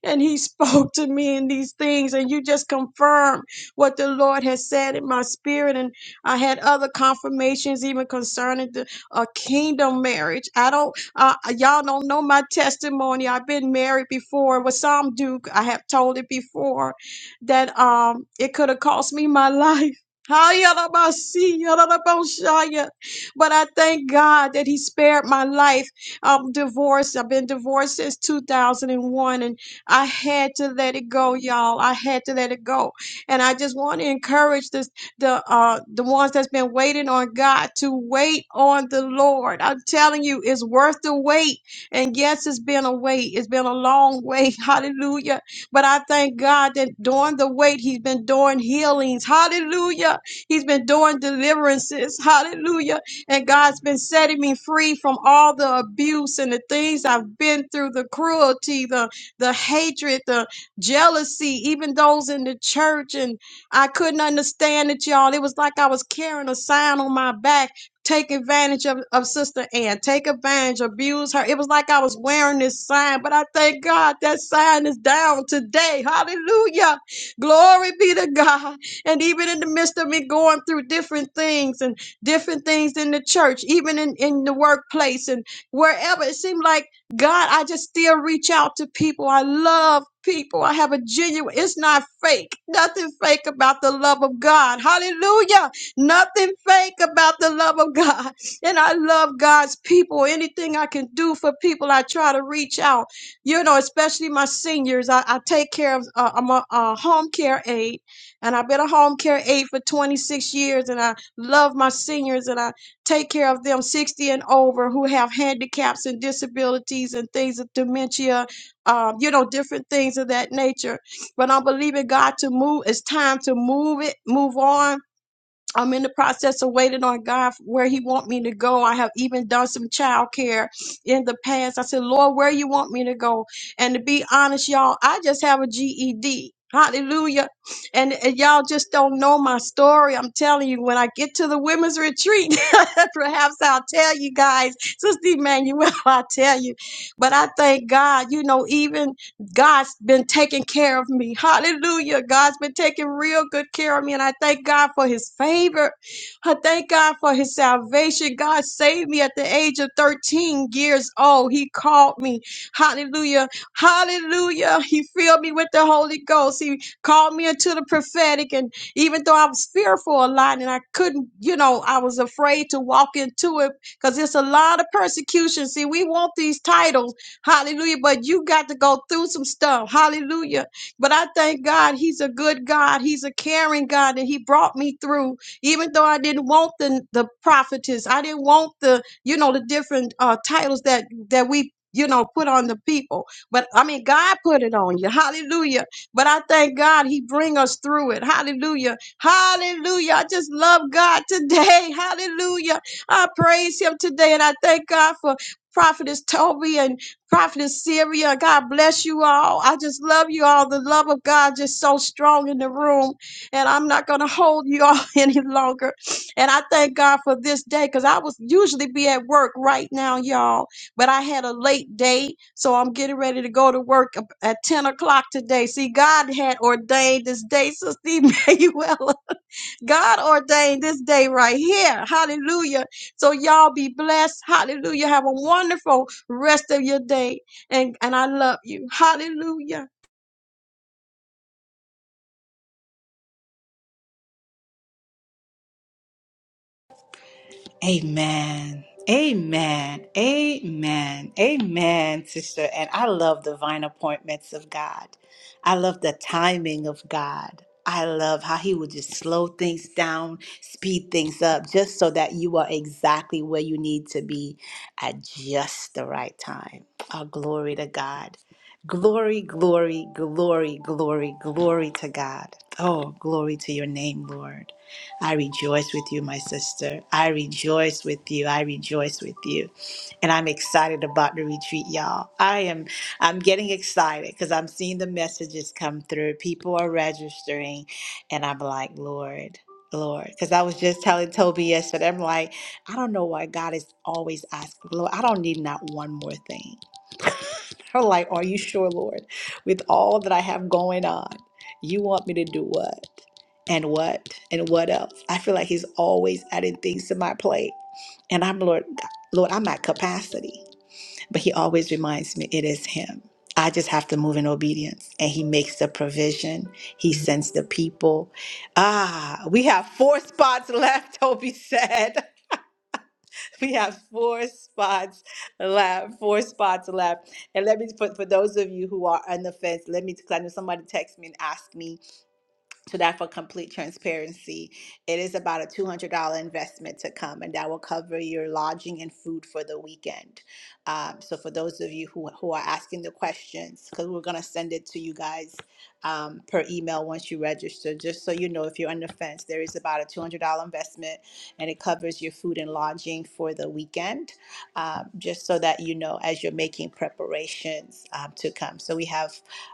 and he spoke to me in these things and you just confirmed what the lord has said in my spirit and i had other confirmations even concerning the uh, kingdom marriage i don't uh, y'all don't know my testimony i've been married before with some duke i have told it before that um it could have cost me my life but I thank God that He spared my life. I'm divorced. I've been divorced since 2001, and I had to let it go, y'all. I had to let it go. And I just want to encourage this, the uh the ones that's been waiting on God to wait on the Lord. I'm telling you, it's worth the wait. And yes, it's been a wait. It's been a long wait. Hallelujah. But I thank God that during the wait, He's been doing healings. Hallelujah. He's been doing deliverances. Hallelujah. And God's been setting me free from all the abuse and the things I've been through, the cruelty, the the hatred, the jealousy, even those in the church. And I couldn't understand it, y'all. It was like I was carrying a sign on my back. Take advantage of, of Sister Ann. Take advantage, abuse her. It was like I was wearing this sign, but I thank God that sign is down today. Hallelujah. Glory be to God. And even in the midst of me going through different things and different things in the church, even in, in the workplace and wherever, it seemed like God, I just still reach out to people. I love people. I have a genuine, it's not fake. Nothing fake about the love of God. Hallelujah. Nothing fake about the love of God. And I love God's people. Anything I can do for people, I try to reach out. You know, especially my seniors. I, I take care of, uh, I'm a, a home care aide, and I've been a home care aide for 26 years, and I love my seniors, and I Take care of them 60 and over who have handicaps and disabilities and things of dementia, um, you know, different things of that nature. But I'm believing God to move. It's time to move it, move on I'm in the process of waiting on God for where He want me to go. I have even done some child care in the past. I said, Lord, where you want me to go? And to be honest, y'all, I just have a GED. Hallelujah. And, and y'all just don't know my story. I'm telling you, when I get to the women's retreat, perhaps I'll tell you guys, Sister Emmanuel, I'll tell you. But I thank God, you know, even God's been taking care of me. Hallelujah. God's been taking real good care of me. And I thank God for his favor. I thank God for his salvation. God saved me at the age of 13 years old. He called me. Hallelujah. Hallelujah. He filled me with the Holy Ghost. He called me into the prophetic. And even though I was fearful a lot and I couldn't, you know, I was afraid to walk into it because it's a lot of persecution. See, we want these titles Hallelujah. But you got to go through some stuff. Hallelujah. But I thank God He's a good God. He's a caring God. And He brought me through. Even though I didn't want the, the prophetess, I didn't want the, you know, the different uh, titles that that we you know, put on the people. But I mean, God put it on you. Hallelujah. But I thank God he bring us through it. Hallelujah. Hallelujah. I just love God today. Hallelujah. I praise him today. And I thank God for prophetess Toby and. Prophetess Syria, God bless you all. I just love you all. The love of God just so strong in the room. And I'm not going to hold you all any longer. And I thank God for this day because I was usually be at work right now, y'all. But I had a late day. So I'm getting ready to go to work ab- at 10 o'clock today. See, God had ordained this day, Sister Mayweather. God ordained this day right here. Hallelujah. So y'all be blessed. Hallelujah. Have a wonderful rest of your day. And, and I love you. Hallelujah.
Amen. Amen. Amen. Amen, sister. And I love divine appointments of God. I love the timing of God. I love how he would just slow things down, speed things up, just so that you are exactly where you need to be at just the right time. Oh, glory to God. Glory, glory, glory, glory, glory to God. Oh, glory to your name, Lord. I rejoice with you, my sister. I rejoice with you. I rejoice with you. And I'm excited about the retreat, y'all. I am I'm getting excited because I'm seeing the messages come through. People are registering and I'm like, Lord, Lord. Because I was just telling Toby yesterday, I'm like, I don't know why God is always asking, Lord, I don't need not one more thing. Her like, are you sure, Lord, with all that I have going on, you want me to do what? And what? And what else? I feel like he's always adding things to my plate. And I'm Lord, Lord, I'm at capacity. But he always reminds me it is him. I just have to move in obedience. And he makes the provision. He sends the people. Ah, we have four spots left, Toby said. we have four spots left. Four spots left. And let me for, for those of you who are on the fence, let me because I know somebody texted me and asked me so that for complete transparency. It is about a $200 investment to come, and that will cover your lodging and food for the weekend. Um, so, for those of you who, who are asking the questions, because we're going to send it to you guys um, per email once you register, just so you know if you're on the fence, there is about a $200 investment and it covers your food and lodging for the weekend, um, just so that you know as you're making preparations um, to come. So, we have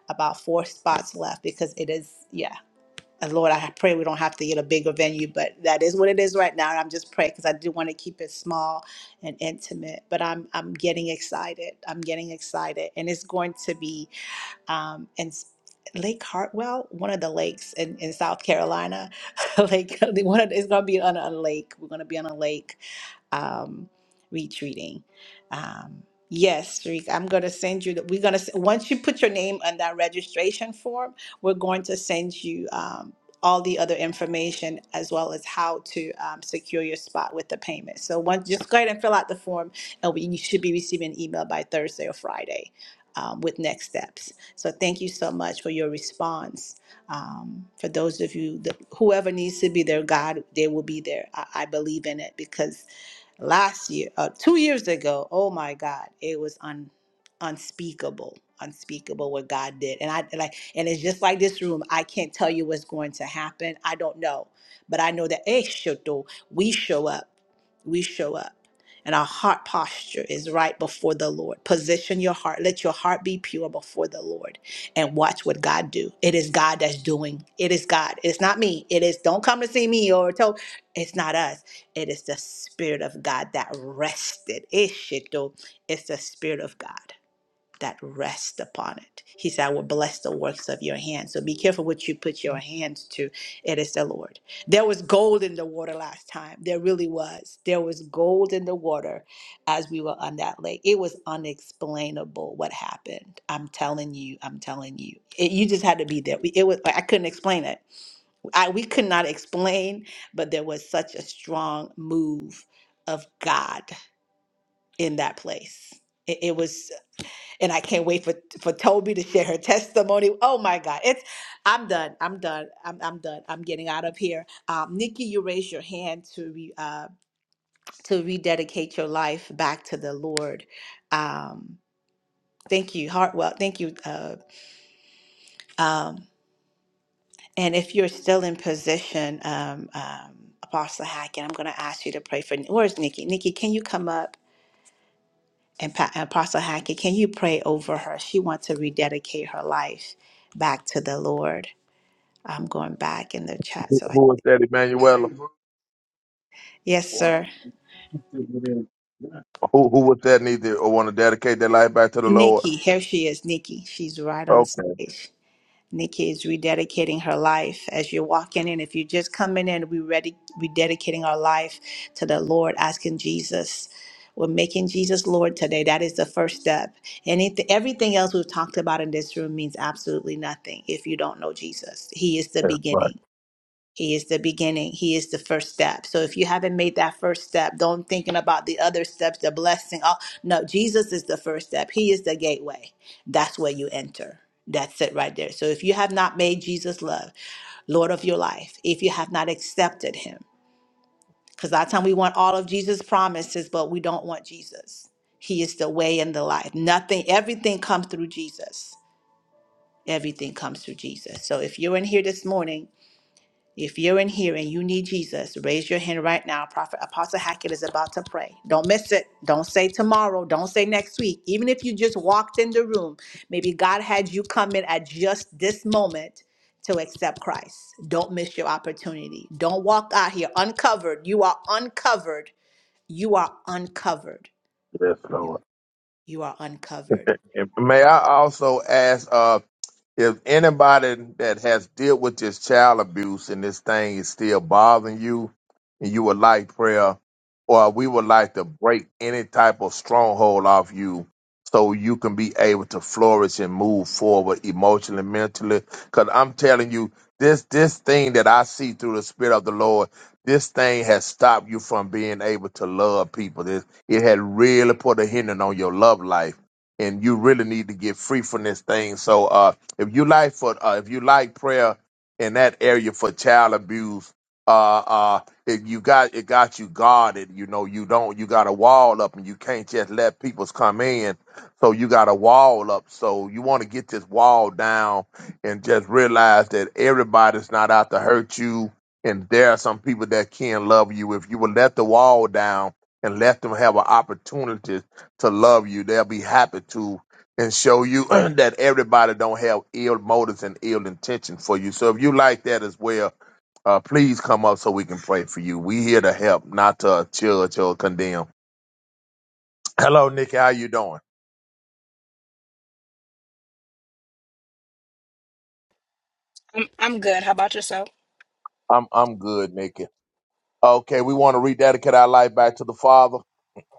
about four spots left because it is, yeah. And Lord, I pray we don't have to get a bigger venue, but that is what it is right now. And I'm just praying because I do want to keep it small and intimate. But I'm I'm getting excited. I'm getting excited, and it's going to be um, and Lake Hartwell, one of the lakes in, in South Carolina. Lake, one of, it's going to be on a lake. We're going to be on a lake um, retreating. Um, yes, Tariq, I'm going to send you. The, we're going to once you put your name on that registration form, we're going to send you um, all the other information as well as how to um, secure your spot with the payment. So once, just go ahead and fill out the form, and we, you should be receiving an email by Thursday or Friday um, with next steps. So thank you so much for your response. Um, for those of you, that, whoever needs to be there, God, they will be there. I, I believe in it because last year, uh, two years ago, oh my God, it was un, unspeakable, unspeakable what God did. And I and like, and it's just like this room. I can't tell you what's going to happen. I don't know, but I know that eh, shoto, we show up, we show up and our heart posture is right before the Lord. Position your heart. Let your heart be pure before the Lord and watch what God do. It is God that's doing. It is God. It's not me. It is don't come to see me or tell it's not us. It is the spirit of God that rested. Ishito. It's the spirit of God that rest upon it. He said, I will bless the works of your hands. So be careful what you put your hands to. It is the Lord. There was gold in the water last time. There really was. There was gold in the water as we were on that lake. It was unexplainable what happened. I'm telling you, I'm telling you. It, you just had to be there. We- It was I couldn't explain it. I, we could not explain, but there was such a strong move of God in that place. It, it was and I can't wait for for Toby to share her testimony. Oh my God, it's I'm done. I'm done. I'm I'm done. I'm getting out of here. Um, Nikki, you raised your hand to re, uh, to rededicate your life back to the Lord. Um, thank you, Hartwell. Thank you. Uh, um, and if you're still in position, um, um, Apostle Hackett, I'm going to ask you to pray for. Where's Nikki? Nikki, can you come up? And Pa- Apostle Hackett, can you pray over her? She wants to rededicate her life back to the Lord. I'm going back in the chat.
Who
So, I,
who was that, Emanuela? Who
yes, sir.
who was that need to or want to dedicate their life back to the Lord?
Nikki, here she is, Nikki. She's right on
Okay,
stage. Nikki is rededicating her life as you're walking in. If you're just coming in, we're ready, rededicating our life to the Lord, asking Jesus. We're making Jesus Lord today. That is the first step. Anything, everything else we've talked about in this room means absolutely nothing if you don't know Jesus. He is the
that's right.
beginning. He is the beginning. He is the first step. So if you haven't made that first step, don't thinking about the other steps, the blessing. Oh, no, Jesus is the first step. He is the gateway. That's where you enter. That's it right there. So if you have not made Jesus love, Lord of your life, if you have not accepted him, because a lot of time we want all of Jesus' promises, but we don't want Jesus. He is the way and the life. Nothing, everything comes through Jesus. Everything comes through Jesus. So if you're in here this morning if you're in here and you need Jesus, raise your hand right now. Prophet Apostle Hackett is about to pray. Don't miss it. Don't say tomorrow. Don't say next week. Even if you just walked in the room, maybe God had you come in at just this moment to accept Christ. Don't miss your opportunity. Don't walk out here uncovered. You are uncovered. You are uncovered.
Yes,
You
Lord.
you are uncovered.
And may I also ask? Uh, if anybody that has dealt with this child abuse and this thing is still bothering you and you would like prayer or we would like to break any type of stronghold off you so you can be able to flourish and move forward emotionally mentally because i'm telling you this this thing that i see through the spirit of the lord this thing has stopped you from being able to love people it, it had really put a hindrance on your love life and you really need to get free from this thing so uh if you like for uh, if you like prayer in that area for child abuse uh uh if you got it got you guarded you know you don't you got a wall up and you can't just let people come in so you got a wall up so you want to get this wall down and just realize that everybody's not out to hurt you and there are some people that can love you if you would let the wall down and let them have an opportunity to love you they'll be happy to and show you that everybody don't have ill motives and ill intention for you. So if you like that as well, uh, please come up so we can pray for you. We here to help, not to judge or condemn. Hello, Nikki. How you doing?
I'm I'm good. How about yourself?
I'm I'm good, Nikki. Okay, we want to rededicate our life back to the Father.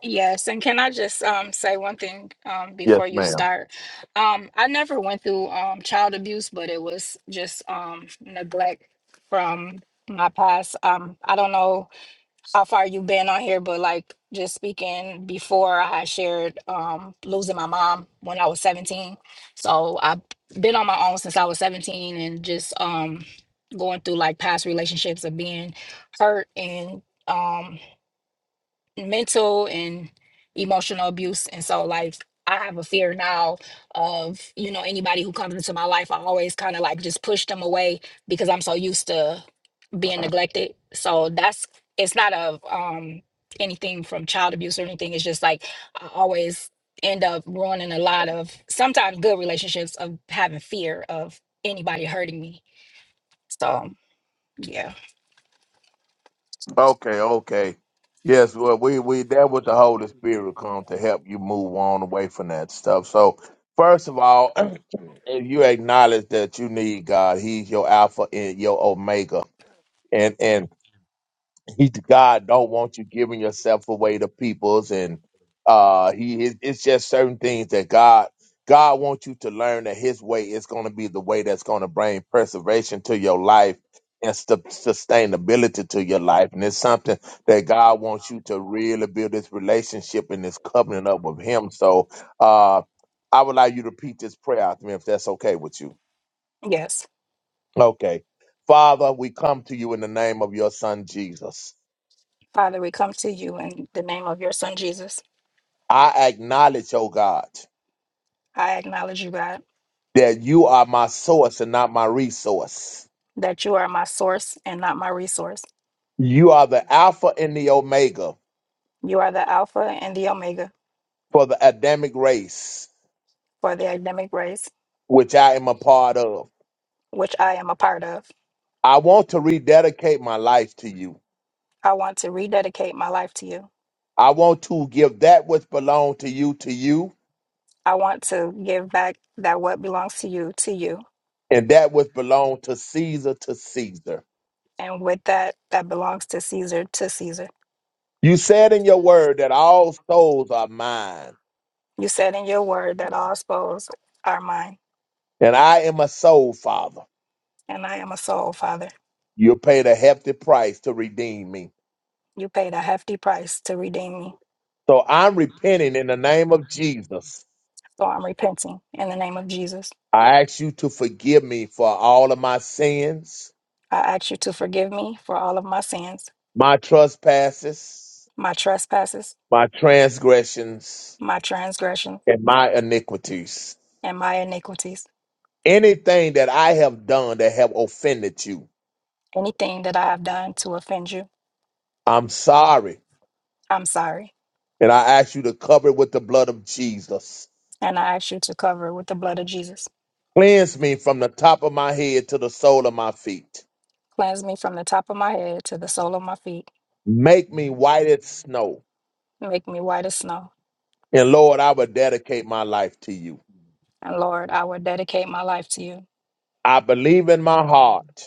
Yes, and can I just um say one thing um
Yes,
before you
ma'am.
start? Um I never went through um child abuse, but it was just um neglect from my past. Um I don't know how far you've been on here, but like just speaking before I had shared um losing my mom when I was 17. So I've been on my own since I was 17 and just um going through like past relationships of being hurt and um mental and emotional abuse and so like i have a fear now of you know anybody who comes into my life i always kind of like just push them away because i'm so used to being neglected so that's it's not a um anything from child abuse or anything it's just like i always end up ruining a lot of sometimes good relationships of having fear of anybody hurting me so yeah
Okay, okay. Yes, well, we we that what the Holy Spirit will come to help you move on away from that stuff. So, first of all, if you acknowledge that you need God, He's your Alpha and your Omega, and and he God don't want you giving yourself away to peoples and uh he it- it's just certain things that God God wants you to learn that his way is going to be the way that's going to bring preservation to your life and stu- sustainability to your life and it's something that God wants you to really build this relationship and this covenant up with him so uh I would like you to repeat this prayer after me if that's okay with you
yes
okay Father we come to you in the name of your son Jesus
father we come to you in the name of your son jesus
I acknowledge, oh God,
I acknowledge you, God,
that you are my source and not my resource.
that you are my source and not my resource.
You are the Alpha and the Omega
You are the Alpha and the Omega
for the Adamic race,
for the academic race,
which I am a part of.
which I am a part of.
I want to rededicate my life to you.
I want to rededicate my life to you.
I want to give that which belonged to you to you
I want to give back that what belongs to you to you,
and that which belonged to Caesar to Caesar.
and with that that belongs to Caesar to Caesar.
You said in your word that all souls are mine,
You said in your word that all spoils are mine,
and I am a soul, Father.
and I am a soul, Father.
You paid a hefty price to redeem me.
You paid a hefty price to redeem me,
So I'm repenting in the name of Jesus.
so I'm repenting in the name of Jesus.
I ask you to forgive me for all of my sins,
I ask you to forgive me for all of my sins
my trespasses,
my trespasses,
my transgressions,
my transgression,
and my iniquities.
and my iniquities.
Anything that I have done that have offended you,
Anything that I have done to offend you,
I'm sorry.
I'm sorry.
And I ask you to cover it with the blood of Jesus.
And I ask you to cover it with the blood of Jesus.
Cleanse me from the top of my head to the sole of my feet.
Cleanse me from the top of my head to the sole of my feet.
Make me white as snow.
Make me white as snow.
And Lord, I will dedicate my life to you.
And Lord, I will dedicate my life to you.
I believe in my heart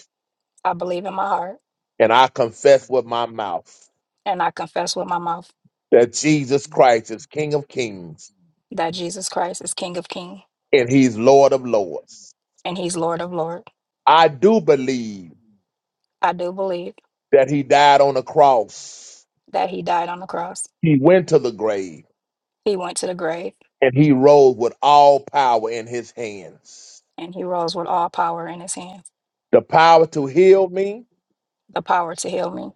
I believe in my heart
and I confess with my mouth
and I confess with my mouth
that Jesus Christ is King of Kings
that Jesus Christ is King of Kings
and He's Lord of Lords.
and He's Lord of Lords.
I do believe
I do believe
that He died on the cross,
that He died on the cross.
He went to the grave,
He went to the grave
and He rose with all power in His hands
and He rose with all power in His hands,
the power to heal me,
the power to heal me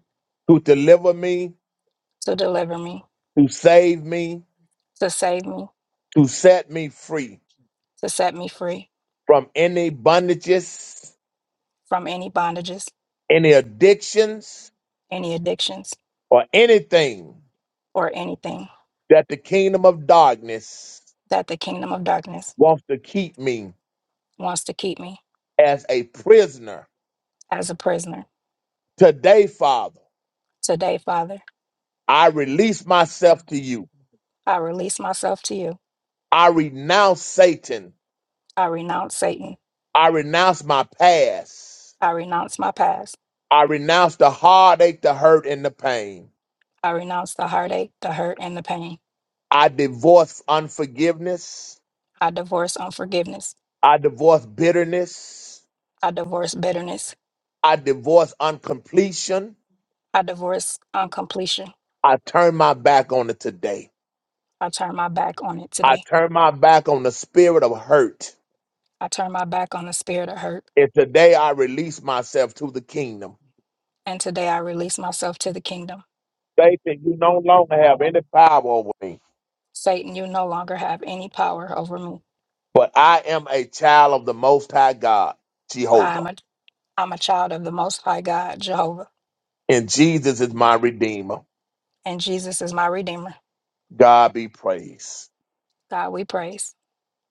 to deliver me,
to deliver me,
to save me,
to save me,
to set me free
to set me free
from any bondages,
from any bondages,
any addictions,
any addictions,
or anything
or anything
that the kingdom of darkness
that the kingdom of darkness
wants to keep me
wants to keep me
as a prisoner.
as a prisoner.
Today, Father,
Today, Father,
I release myself to you.
I release myself to you.
I renounce Satan.
I renounce Satan.
I renounce my past.
I renounce my past.
I renounce the heartache, the hurt, and the pain.
I renounce the heartache, the hurt, and the pain.
I divorce unforgiveness.
I divorce unforgiveness.
I divorce bitterness.
I divorce bitterness.
I divorce uncompletion.
I divorce uncompletion.
I turn my back on it today.
I turn my back on it
I
today.
turn my back on the spirit of hurt.
I turn my back on the spirit of hurt.
And today I release myself to the kingdom.
And today I release myself to the kingdom.
Satan, you no longer have any power over me,
Satan, you no longer have any power over me,
but I am a child of the Most High God,
but I'm
Jehovah,
a, I'm a child of the Most High God, Jehovah,
and Jesus is my Redeemer.
and Jesus is my Redeemer.
God be praised
God, we praise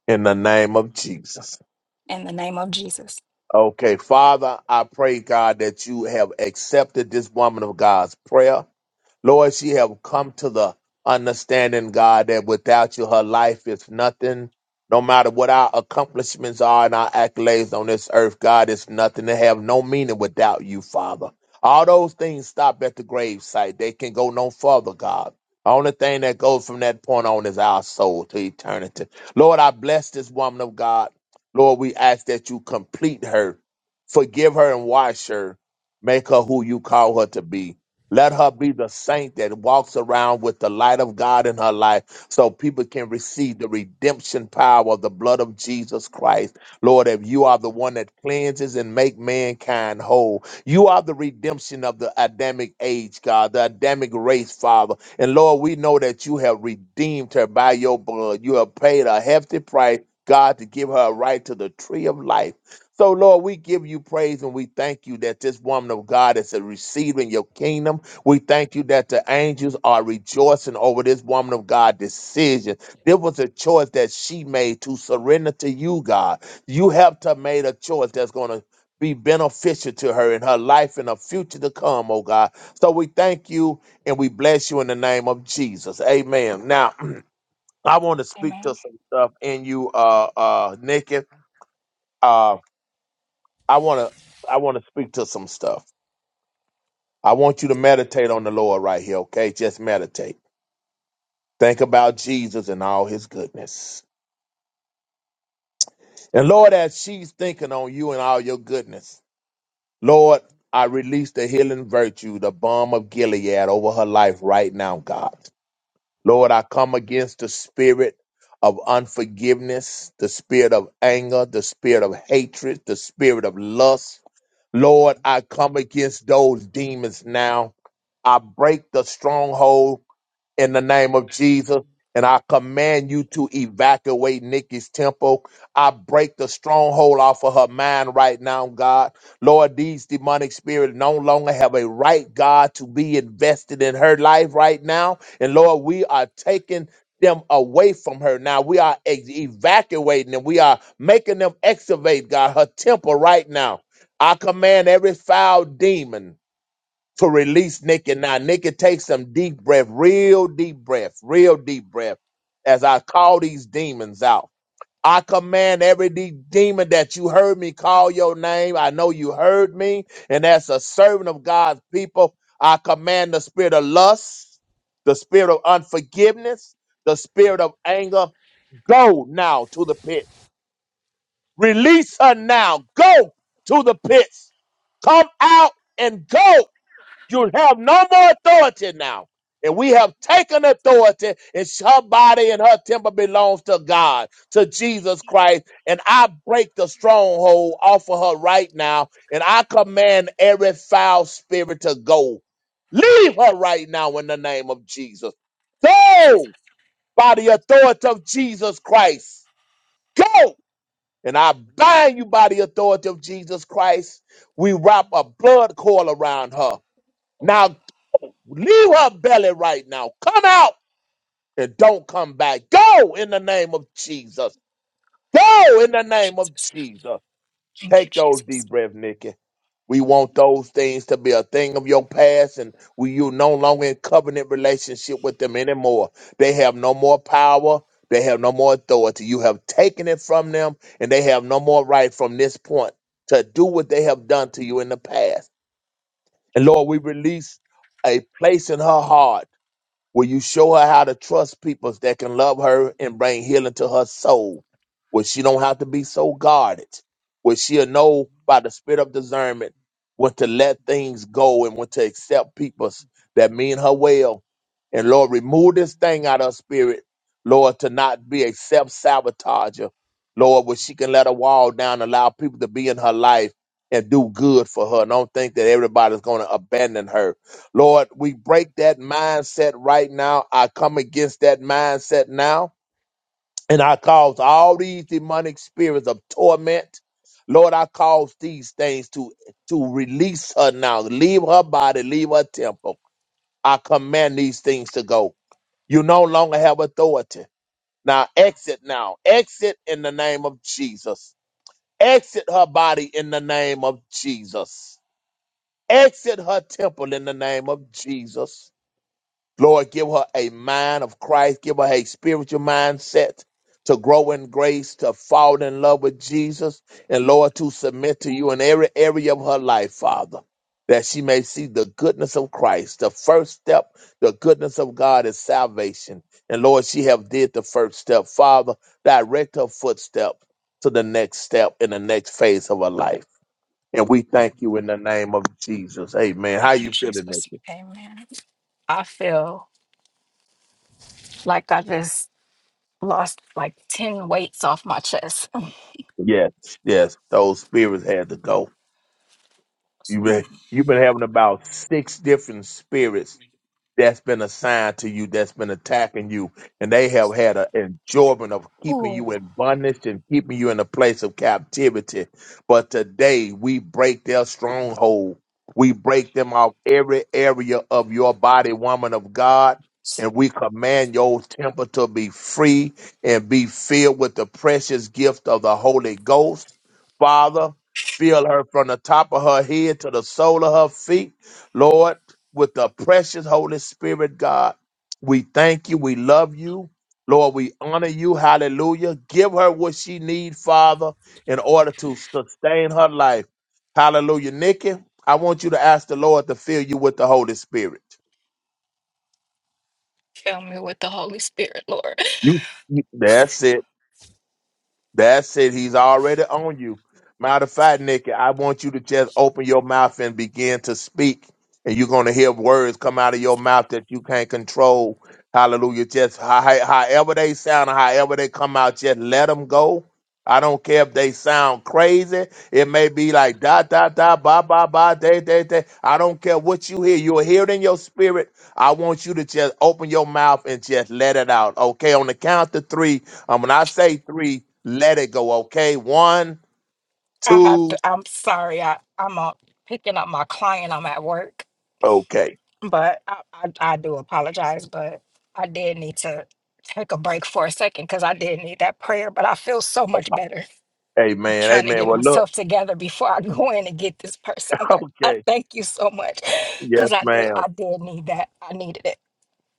in the name of Jesus.
in the name of Jesus.
Okay, Father, I pray, God, that you have accepted this woman of God's prayer. Lord, she have come to the understanding, God, that without you, her life is nothing. No matter what our accomplishments are and our accolades on this earth, God, it's nothing. They have no meaning without you, Father. All those things stop at the gravesite. They can go no further, God. The only thing that goes from that point on is our soul to eternity. Lord, I bless this woman of God. Lord, we ask that you complete her, forgive her, and wash her, make her who you call her to be. Let her be the saint that walks around with the light of God in her life so people can receive the redemption power of the blood of Jesus Christ. Lord, if you are the one that cleanses and make mankind whole, you are the redemption of the Adamic age, God, the Adamic race, Father. And Lord, we know that you have redeemed her by your blood. You have paid a hefty price, God, to give her a right to the tree of life. So, Lord, we give you praise and we thank you that this woman of God is receiving your kingdom we thank you that the angels are rejoicing over this woman of God decision. There was a choice that she made to surrender to you, God. You helped her made a choice that's going to be beneficial to her in her life and her future to come, oh God. So we thank you and we bless you in the name of Jesus. Amen. Now, I want to speak to
Amen.
some stuff in you, uh uh Nikki. Uh I wanna I wanna speak to some stuff. I want you to meditate on the Lord right here, okay? Just meditate. Think about Jesus and all his goodness. And Lord, as she's thinking on you and all your goodness, Lord, I release the healing virtue, the balm of Gilead over her life right now, God. Lord, I come against the spirit of unforgiveness, the spirit of anger, the spirit of hatred, the spirit of lust. Lord, I come against those demons now. I break the stronghold in the name of Jesus. And I command you to evacuate Nikki's temple. I break the stronghold off of her mind right now, God. Lord, these demonic spirits no longer have a right, God, to be invested in her life right now. And Lord, we are taking them away from her now. We are ex- evacuating them. We are making them excavate, God, her temple right now. I command every foul demon to release Nikki now. Nikki, take some deep breath, real deep breath, real deep breath, as I call these demons out. I command every de- demon that you heard me call your name. I know you heard me. And as a servant of God's people, I command the spirit of lust, the spirit of unforgiveness, the spirit of anger. Go now to the pit. Release her now. Go to the pits. Come out and go you have no more authority now. And we have taken authority, and her body and her temple belongs to God, to Jesus Christ. And I break the stronghold off of her right now, and I command every foul spirit to go. Leave her right now in the name of Jesus. Go by the authority of Jesus Christ. Go! And I bind you by the authority of Jesus Christ. We wrap a blood coil around her. Now Leave her belly right now. Come out and don't come back. Go in the name of Jesus. Go in the name of
Jesus,
Jesus. Take those
Jesus.
deep breaths, Nikki. We want those things to be a thing of your past, and we you no longer in covenant relationship with them anymore. They have no more power. They have no more authority. You have taken it from them, and they have no more right from this point to do what they have done to you in the past. And Lord, we release a place in her heart Will you show her how to trust people that can love her and bring healing to her soul? Where she don't have to be so guarded. Where she'll know by the spirit of discernment when to let things go and when to accept people that mean her well. And Lord, remove this thing out of her spirit, Lord, to not be a self-sabotager. Lord, where she can let her wall down, allow people to be in her life and do good for her. And don't think that everybody's going to abandon her Lord, we break that mindset right now. I come against that mindset now. And I cause all these demonic spirits of torment. Lord, I cause these things to, to release her now. Leave her body, leave her temple. I command these things to go. You no longer have authority. Now exit now. Exit in the name of Jesus. Exit her body in the name of Jesus. Exit her temple in the name of Jesus. Lord, give her a mind of Christ. Give her a spiritual mindset to grow in grace, to fall in love with Jesus, and Lord, to submit to you in every area of her life, Father, that she may see the goodness of Christ. The first step, the goodness of God is salvation. And Lord, she have did the first step. Father, direct her footstep to the next step in the next phase of her life. And we thank you in the name of Jesus. Amen. How
Thank you,
you feeling, Nick?
Jesus. Amen. I feel like I just lost like 10 weights off my chest.
Yes, yes, those spirits had to go. You've
Mm.
been you've been having about six different spirits that's been assigned to you, that's been attacking you, and they have had an enjoyment of keeping you
Ooh,
in bondage and keeping you in a place of captivity. But today we break their stronghold. We break them off every area of your body, woman of God. And we command your temple to be free and be filled with the precious gift of the Holy Ghost. Father, fill her from the top of her head to the sole of her feet. Lord, with the precious Holy Spirit, God. We thank you. We love you. Lord, we honor you. Hallelujah. Give her what she needs, Father, in order to sustain her life. Hallelujah. Nikki, I want you to ask the Lord to fill you with the Holy Spirit.
fill me with the Holy Spirit, Lord.
You, you- that's it. That's it. He's already on you. Matter of fact, Nikki, I want you to just open your mouth and begin to speak. And you're going to hear words come out of your mouth that you can't control. Hallelujah. Just how- how- however they sound, or however they come out, just let them go. I don't care if they sound crazy. It may be like da, da, da, ba, ba, ba, they, they, they. I don't care what you hear. You'll hear it in your spirit. I want you to just open your mouth and just let it out. Okay, on the count of three. Um, when I say three, let it go. Okay. One,
I have
two,
to, I'm sorry, I, I'm uh, picking up my client. I'm at work.
okay.
but I, I, I do apologize, but I did need to take a break for a second because I did need that prayer. But I feel so much better
Amen.
trying to
Amen.
get
Well, look.
myself together before I go in and get this person. But I
Okay.
thank you so much
Yes,
because I did
ma'am.
I did need that. I needed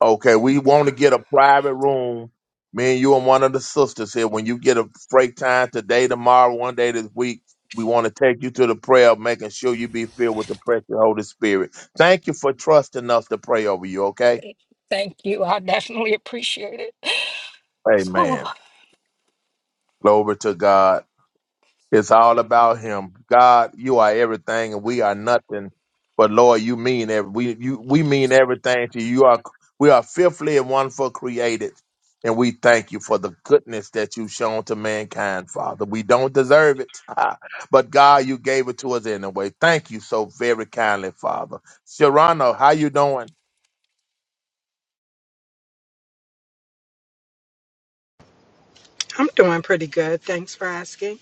Okay. We want to get a private room. Me and you and one of the sisters here. When you get a break time today, tomorrow, one day this week, we want to take you to the prayer of making sure you be filled with the precious Holy Spirit. Thank you for trusting us to pray over you. Okay.
it. Thank you. I definitely appreciate it.
Amen. Glory to God. It's all about Him. God, you are everything, and we are nothing. But Lord, you mean every we you we mean everything to you. You are we are fearfully and wonderful created, and we thank you for the goodness that you've shown to mankind, Father. We don't deserve it, but God, you gave it to us anyway. Thank you so very kindly, Father. Sharano, how you doing?
I'm doing pretty good. Thanks for asking.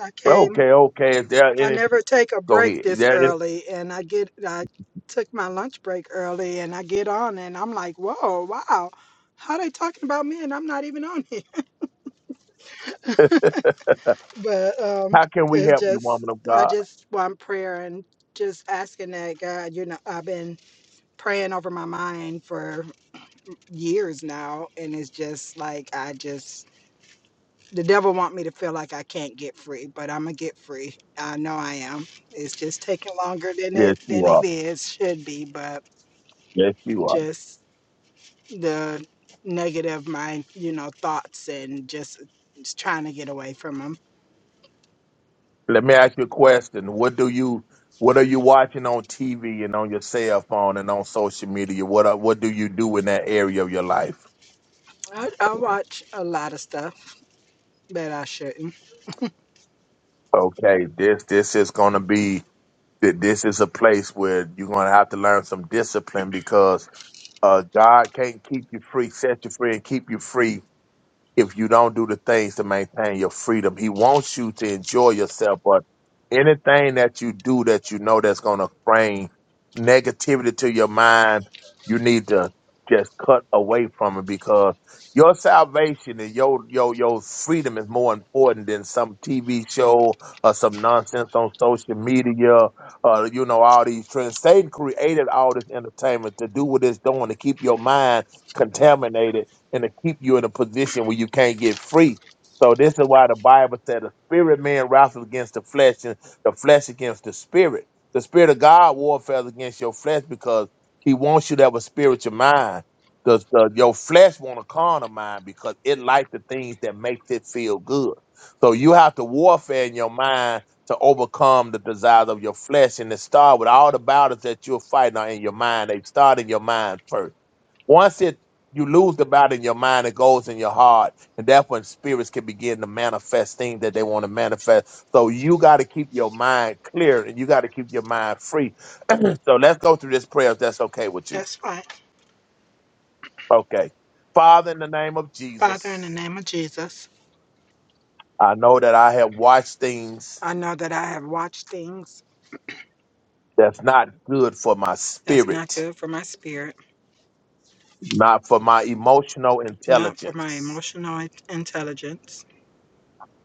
I came.
Okay, okay. Is there
I
any?
never take a
Go
break
ahead. Is
this
there any-
early, and I get. I took my lunch break early, and I get on, and I'm like, "Whoa, wow! How they talking about me, and I'm not even on here." But um,
how can we
it's
help you,
just.
woman of
I
God?
just want prayer and just asking that God. You know, I've been praying over my mind for years now, and it's just like I just The devil want me to feel like I can't get free, but I'm gonna get free. I know I am. It's just taking longer than
Yes,
it
you
than it
are.
is should be, but
Yes, you are.
just the negative mind, you know, thoughts and just, just trying to get away from them.
Let me ask you a question. What do you what are you watching on TV and on your cell phone and on social media? What are, what do you do in that area of your life?
I, I watch a lot of stuff that I shouldn't.
Okay, this this is going to be th- this is a place where you're going to have to learn some discipline because uh, God can't keep you free, set you free, and keep you free if you don't do the things to maintain your freedom. He wants you to enjoy yourself, but anything that you do that you know that's going to bring negativity to your mind, you need to just cut away from it because your salvation and your your your freedom is more important than some TV show or some nonsense on social media. Uh, you know all these trends. Satan created all this entertainment to do what it's doing to keep your mind contaminated and to keep you in a position where you can't get free. So this is why the Bible said the spirit man wrestles against the flesh and the flesh against the spirit. The spirit of God warfares against your flesh because he wants you to have a spiritual mind. Because your flesh want a carnal mind because it likes the things that makes it feel good. So you have to warfare in your mind to overcome the desires of your flesh. And it start with all the battles that you're fighting are in your mind. They start in your mind first. Once it you lose the battle in your mind, it goes in your heart, and that's when spirits can begin to manifest things that they want to manifest. So you got to keep your mind clear, and you got to keep your mind free. so let's go through this prayer if that's okay with you.
That's fine.
Okay, Father, in the name of
Father, in the
Jesus,
name of Jesus,
I know that I have watched things
I know that I have watched things
that's not good for my
that's not
spirit,
good for my spirit,
not for my emotional
not for my
intelligence,
emotional intelligence,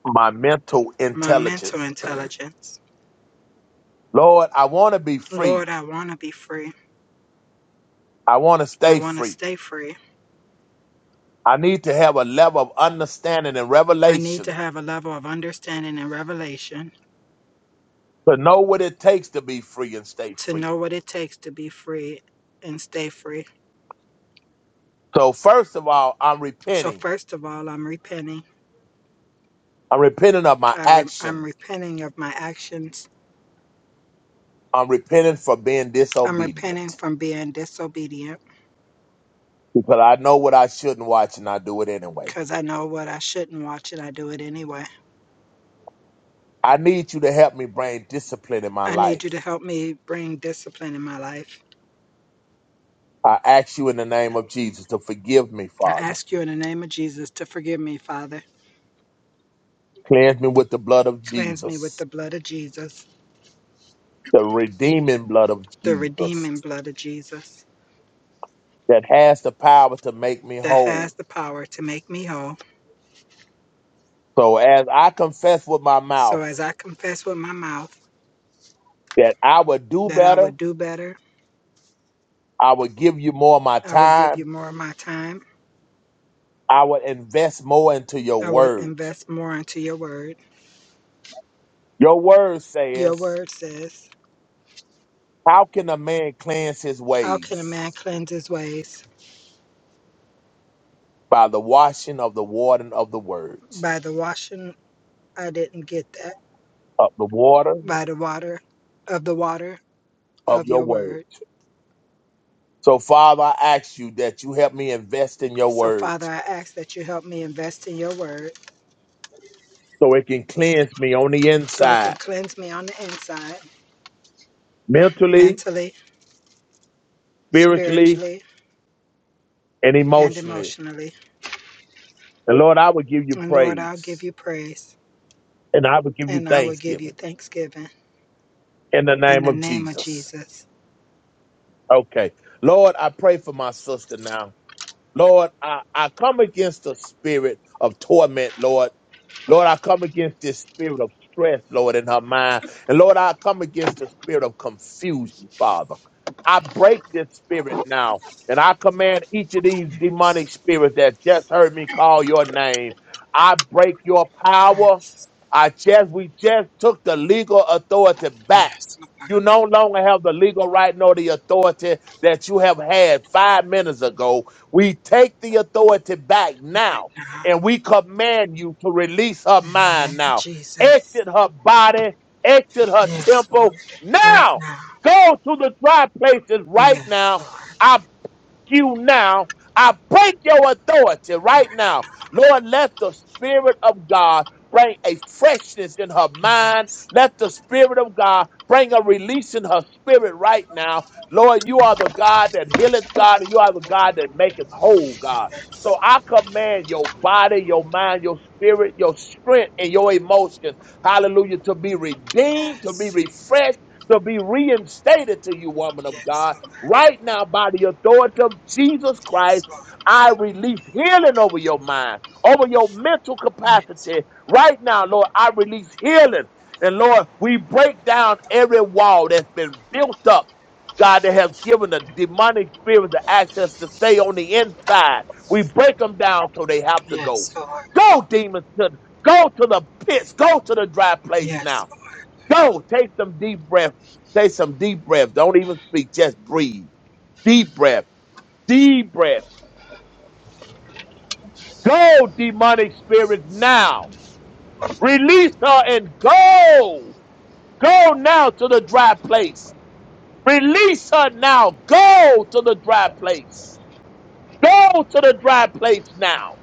my mental
my mental
intelligence.
intelligence
Lord, I want to be
Lord,
free.
I want to be free.
I want to
I
stay
want to
free.
stay free.
I need to have a level of understanding and
I need to
revelation
have a level of understanding and revelation
to know what it takes to be free and stay
to
free.
know what it takes to be free and stay free.
So, first of all, I'm
So,
repenting.
first of all, I'm repenting.
I'm repenting of my
I re- I'm
actions.
repenting of my actions.
I'm repenting for being
I'm repenting
disobedient
from being disobedient
because I know what I shouldn't watch and I do it anyway.
because I know what I shouldn't watch and I do it anyway.
I need you to help me bring discipline in my
I need
life.
you to help me bring discipline in my life.
I ask you in the name of Jesus to forgive me,
I
Father.
ask you in the name of Jesus to forgive me, Father.
Cleanse me with the blood of
Cleanse me with
Jesus,
the blood of Jesus,
the redeeming blood of
the
Jesus
redeeming blood of Jesus.
that has the power to make me
that
whole.
has the power to make me whole.
So as I confess with my
So
mouth
as I confess with my mouth
that I would do
that I
better,
would do better,
I would give you more of my
I will give you
time,
more of my time.
I would invest more into your
I will
word.
invest more into your word.
Your word
Your
says,
word says,
How can a man cleanse his
How can a man
ways?
cleanse his ways?
By the washing of the water and of the word,
By the washing, I didn't get that.
of the water
By the water, of the water
of
of
your
your
word.
word.
So, Father, I ask you that you help me invest in your
So,
word
Father, I ask that you help me invest in your word
so it can cleanse me on the
so it can
inside,
cleanse me on the inside,
mentally,
mentally,
spiritually,
spiritually,
and
and
emotionally.
emotionally.
And Lord, I will give you
And Lord, I'll give
praise.
you praise.
and I will give you
and I will give you
thanksgiving
thanksgiving
in the
in
name
the
of
name of
Jesus.
Jesus
Okay. Lord, I pray for my sister now. Lord, I, I come against the spirit of torment, Lord. Lord, I come against this spirit of stress, Lord, in her mind. And Lord, I come against the spirit of confusion, Father. I break this spirit now. And I command each of these
Yes.
demonic spirits that just heard me call your name. I break your power.
Christ.
I just we just took the legal authority back.
Yes, Lord
You no longer have the legal right nor the authority that you have had five minutes ago. We take the authority back now
right now.
and we command you to release her
In the
mind
name of
now.
Jesus.
Exit her body, exit her
Yes, Lord.
temple
Right
now.
now.
Go to the dry places right
Yes,
now.
Lord.
I you now. I break your authority right
Right.
now. Lord, let the Spirit of God bring a freshness in her mind.
Yes.
Let the Spirit of God bring a release in her spirit right now. Lord, you are the God that healeth God, and you are the God that maketh whole, God. So
Yes.
I command your body, your mind, your spirit, your strength, and your emotions, hallelujah, to be redeemed, to be
Yes.
refreshed, to be reinstated to you, woman of
Yes,
God.
Lord.
Right now, by the authority of Jesus
Yes,
Christ,
Lord.
I release healing over your mind, over your mental
Yes,
capacity. Right now, Lord, I release healing. And Lord, we break down every wall that's been built up, God, that has given the demonic spirit the access to stay on the inside. We break them down so they have to go.
yes, Lord.
Go, demons, to, go to the pits. Go to the dry place
Yes,
now.
Lord.
Go, take some deep breath. Take some deep breath. Don't even speak. Just breathe. Deep breath, deep breath. Go, demonic spirits, now. Release her and go. Go now to the dry place. Release her now. Go to the dry place. Go to the dry place now.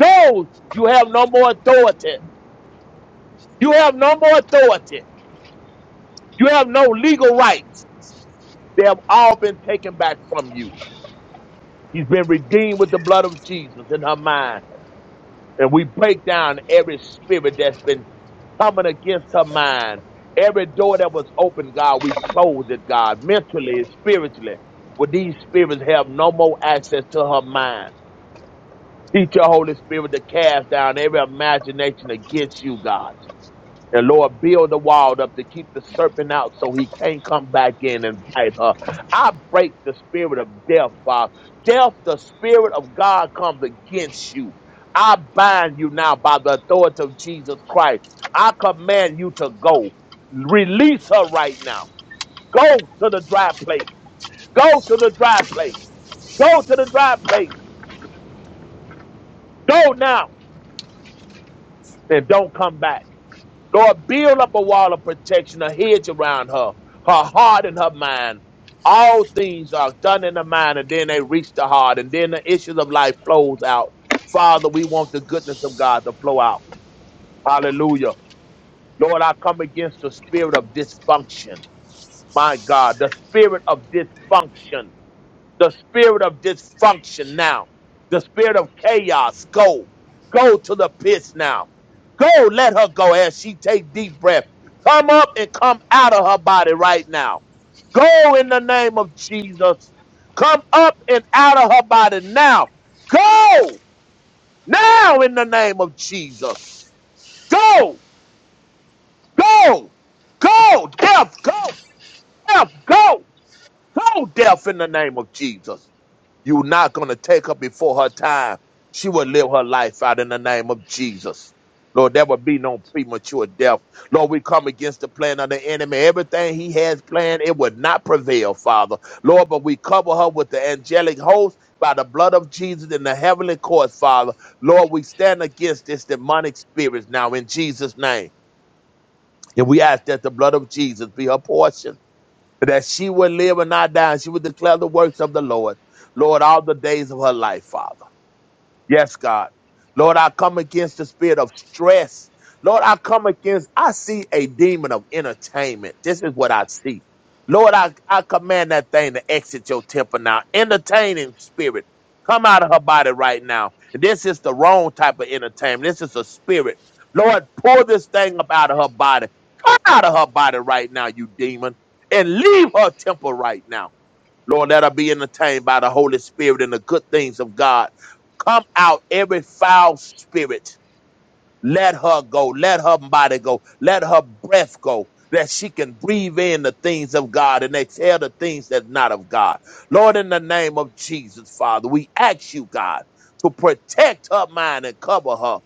Go. You have no more authority. You have no more authority. You have no legal rights. They have all been taken back from you. He's been redeemed with the blood of Jesus in her mind. And we break down every spirit that's been coming against her mind. Every door that was open, God, we close it, God, mentally and spiritually. Where these spirits have no more access to her mind. Teach your Holy Spirit to cast down every imagination against you, God. And Lord, build a wall up to keep the serpent out so he can't come back in and bite her. I break the spirit of death, Father. Death, the spirit of God comes against you. I bind you now by the authority of Jesus Christ. I command you to go. Release her right now. Go to the dry place. Go to the dry place. Go to the dry place. Go now and don't come back. Lord, build up a wall of protection, a hedge around her, her heart and her mind. All things are done in the mind, and then they reach the heart, and then the issues of life flows out. Father, we want the goodness of God to flow out. Hallelujah. Lord, I come against the spirit of dysfunction. My God, the spirit of dysfunction the spirit of dysfunction now, the spirit of chaos. Go, go to the pits now. Go, let her go as she take deep breath. Come up and come out of her body right now. Go in the name of Jesus. Come up and out of her body now. Go now in the name of Jesus. Go, go, go, death, go, death, go, go, death in the name of Jesus. You're not going to take her before her time. She will live her life out in the name of Jesus. Lord, there will be no premature death. Lord, we come against the plan of the enemy. Everything he has planned, it would not prevail, Father. Lord, but we cover her with the angelic host by the blood of Jesus in the heavenly courts, Father. Lord, we stand against this demonic spirit now in Jesus' name. And we ask that the blood of Jesus be her portion that she would live and not die, and she would declare the works of the Lord, Lord, all the days of her life, Father. Yes, God. Lord, I come against the spirit of stress. Lord, I come against, I see a demon of entertainment. This is what I see. Lord, I, I command that thing to exit your temple now. Entertaining spirit, come out of her body right now. This is the wrong type of entertainment. This is a spirit. Lord, pull this thing up out of her body. Come out of her body right now, you demon, and leave her temple right now. Lord, let her be entertained by the Holy Spirit and the good things of God. Come out every foul spirit. Let her go. Let her body go. Let her breath go. That she can breathe in the things of God and exhale the things that not of God. Lord, in the name of Jesus, Father, we ask you, God, to protect her mind and cover her.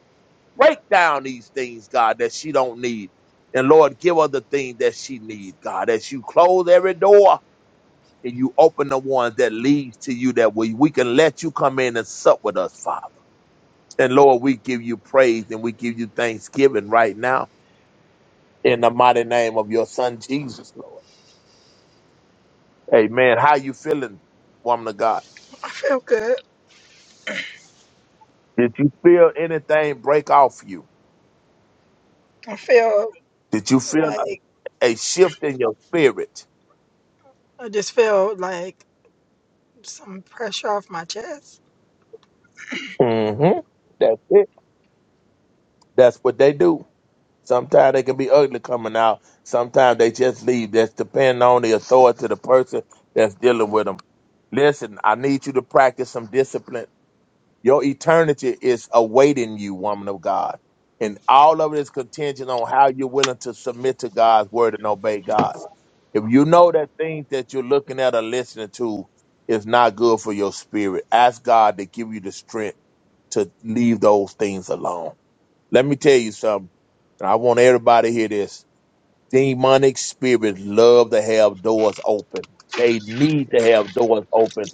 Break down these things, God, that she don't need. And Lord, give her the thing that she need, God, as you close every door and you open the ones that leads to you that we, we can let you come in and sup with us, Father. And Lord, we give you praise and we give you thanksgiving right now in the mighty name of your son Jesus, Lord. Amen. How you feeling, woman of God?
I feel good.
Did you feel anything break off you?
I feel
Did you feel
like
a, a shift in your spirit?
I just feel like some pressure off my chest.
hmm That's it. That's what they do. Sometimes they can be ugly coming out. Sometimes they just leave. That's depending on the authority of the person that's dealing with them. Listen, I need you to practice some discipline. Your eternity is awaiting you, woman of God. And all of it is contingent on how you're willing to submit to God's word and obey God. If you know that things that you're looking at or listening to is not good for your spirit, ask God to give you the strength to leave those things alone. Let me tell you something. and I want everybody to hear this. Demonic spirits love to have doors open. They need to have doors open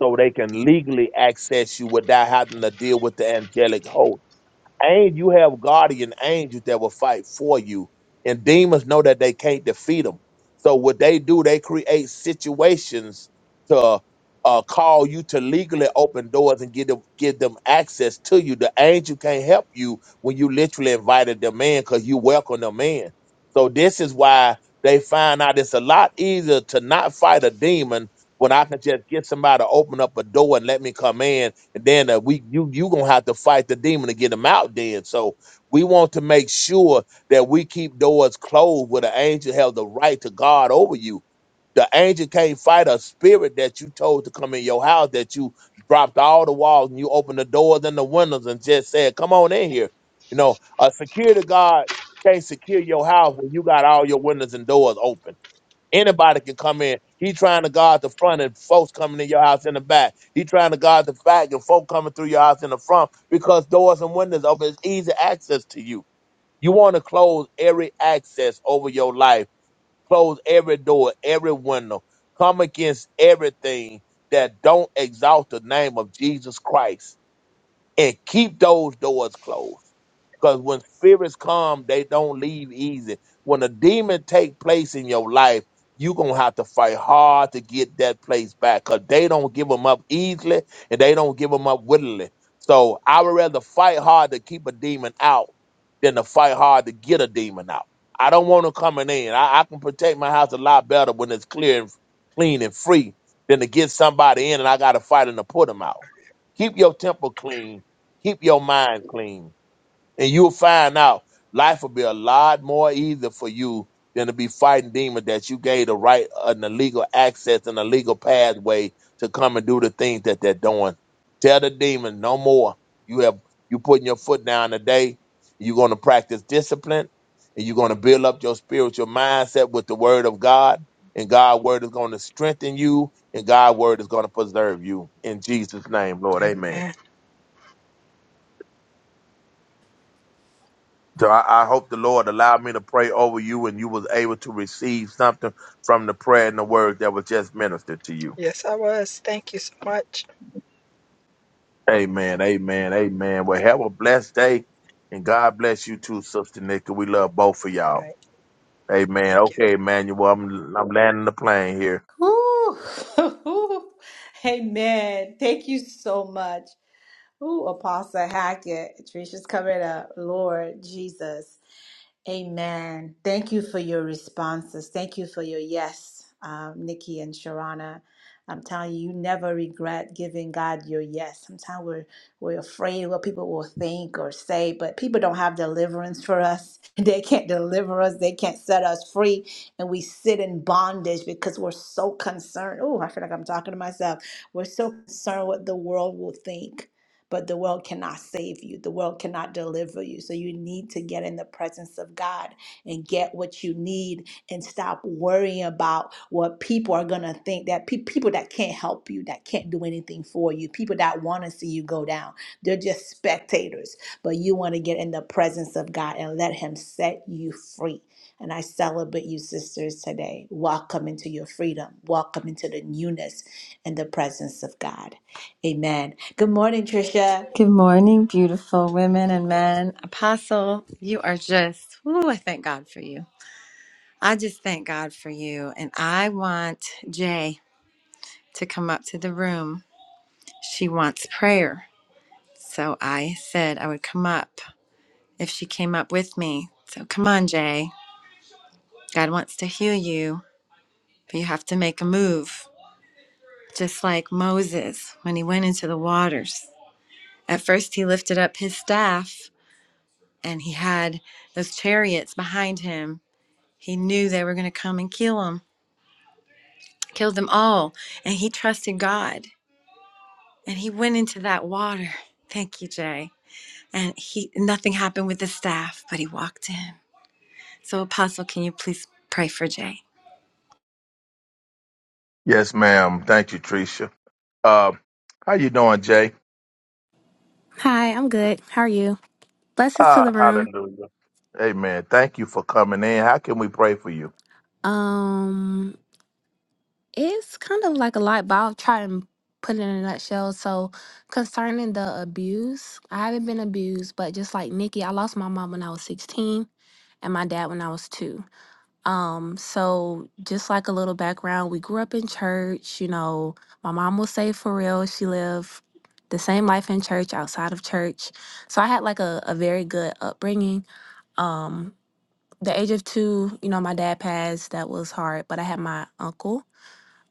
so they can legally access you without having to deal with the angelic host. And you have guardian angels that will fight for you. And demons know that they can't defeat them. So what they do, they create situations to uh, call you to legally open doors and give them give them access to you. The angel can't help you when you literally invited them in because you welcome them in. So this is why they find out it's a lot easier to not fight a demon when I can just get somebody to open up a door and let me come in and then uh, we you you gonna have to fight the demon to get him out then so we want to make sure that we keep doors closed where the angel has the right to guard over you the angel can't fight a spirit that you told to come in your house that you dropped all the walls and you opened the doors and the windows and just said come on in here you know a security guard can't secure your house when you got all your windows and doors open Anybody can come in. He trying to guard the front and folks coming in your house in the back. He trying to guard the back and folk coming through your house in the front because doors and windows open. It's easy access to you. You want to close every access over your life. Close every door, every window. Come against everything that don't exalt the name of Jesus Christ and keep those doors closed. Because when spirits come, they don't leave easy. When a demon take place in your life, you going to have to fight hard to get that place back because they don't give them up easily and they don't give them up willingly. So I would rather fight hard to keep a demon out than to fight hard to get a demon out. I don't want them coming in. I, I can protect my house a lot better when it's clear and clean and free than to get somebody in and I got to fight 'em to put them out. Keep your temple clean Keep your mind clean, and you'll find out life will be a lot more easier for you than to be fighting demons that you gave the right and the legal access and the legal pathway to come and do the things that they're doing. Tell the demon no more. You have you putting your foot down today. You're going to practice discipline, and you're going to build up your spiritual mindset with the Word of God. And God's word is going to strengthen you, and God's word is going to preserve you. In Jesus' name, Lord. Amen.
Amen.
So I, I hope the Lord allowed me to pray over you and you was able to receive something from the prayer and the word that was just ministered to you.
Yes, I was. Thank you so much.
Amen. Amen. Amen. Well, have a blessed day and God bless you too, Sister Nikki. We love both of
All
y'all.
right.
Amen.
Thank you.
Okay, Emmanuel, I'm I'm landing the plane here.
Ooh. Amen. Thank you so much. Ooh, Apostle Hackett. Trisha's coming up. Lord Jesus. Amen. Thank you for your responses. Thank you for your yes, um, Nikki and Sharana. I'm telling you, you never regret giving God your yes. Sometimes we're we're afraid what people will think or say, but people don't have deliverance for us. They can't deliver us. They can't set us free, and we sit in bondage because we're so concerned. Oh, I feel like I'm talking to myself. We're so concerned what the world will think but the world cannot save you. The world cannot deliver you. So you need to get in the presence of God and get what you need and stop worrying about what people are going to think that pe- people that can't help you, that can't do anything for you, people that want to see you go down. They're just spectators. But you want to get in the presence of God and let Him set you free. And I celebrate you, sisters, today. Welcome into your freedom. Welcome into the newness and the presence of God. Amen. Good morning, Tricia.
Good morning, beautiful women and men. Apostle, you are just, ooh, I thank God for you. I just thank God for you. And I want Jay to come up to the room. She wants prayer. So I said I would come up if she came up with me. So come on, Jay. God wants to heal you, but you have to make a move. Just like Moses when he went into the waters. At first, he lifted up his staff and he had those chariots behind him He knew they were going to come and kill him, kill them all. And he trusted God. And he went into that water. Thank you, Jay. And he nothing happened with the staff, but he walked in. So Apostle, can you please pray for Jay?
Yes, ma'am. Thank you, Tricia. Uh, how you doing, Jay?
Hi, I'm good. How are you? Blessings to
Ah,
the room.
hallelujah. Amen. Thank you for coming in. How can we pray for you?
Um, it's kind of like a lot, but I'll try and put it in a nutshell. So, concerning the abuse, I haven't been abused, but just like Nikki, I lost my mom when I was 16 and my dad when I was two. Um, so just like a little background, we grew up in church. You know, my mom was saved for real. She lived the same life in church, outside of church. So I had like a, a very good upbringing. Um, the age of two, you know, my dad passed. That was hard, but I had my uncle.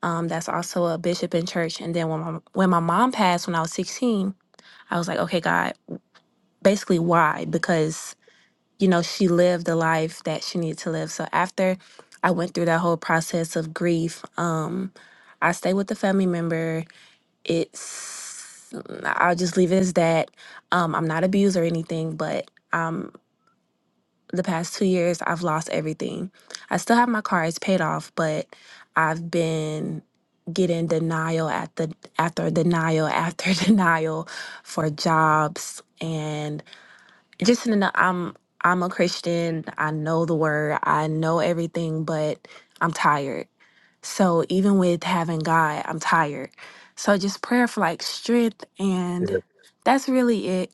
Um, that's also a bishop in church. And then when my when my mom passed when I was sixteen, I was like, okay, God, basically why? Because you know she lived the life that she needed to live. So after I went through that whole process of grief, um, I stayed with the family member. It's I'll just leave it as that. Um, I'm not abused or anything, but the past two years, I've lost everything. I still have my car; it's paid off, but I've been getting denial at the after denial after denial for jobs and just in the, I'm I'm a Christian. I know the word. I know everything, but I'm tired. So even with having God, I'm tired. So just prayer for like strength,
Yes.
and that's really it.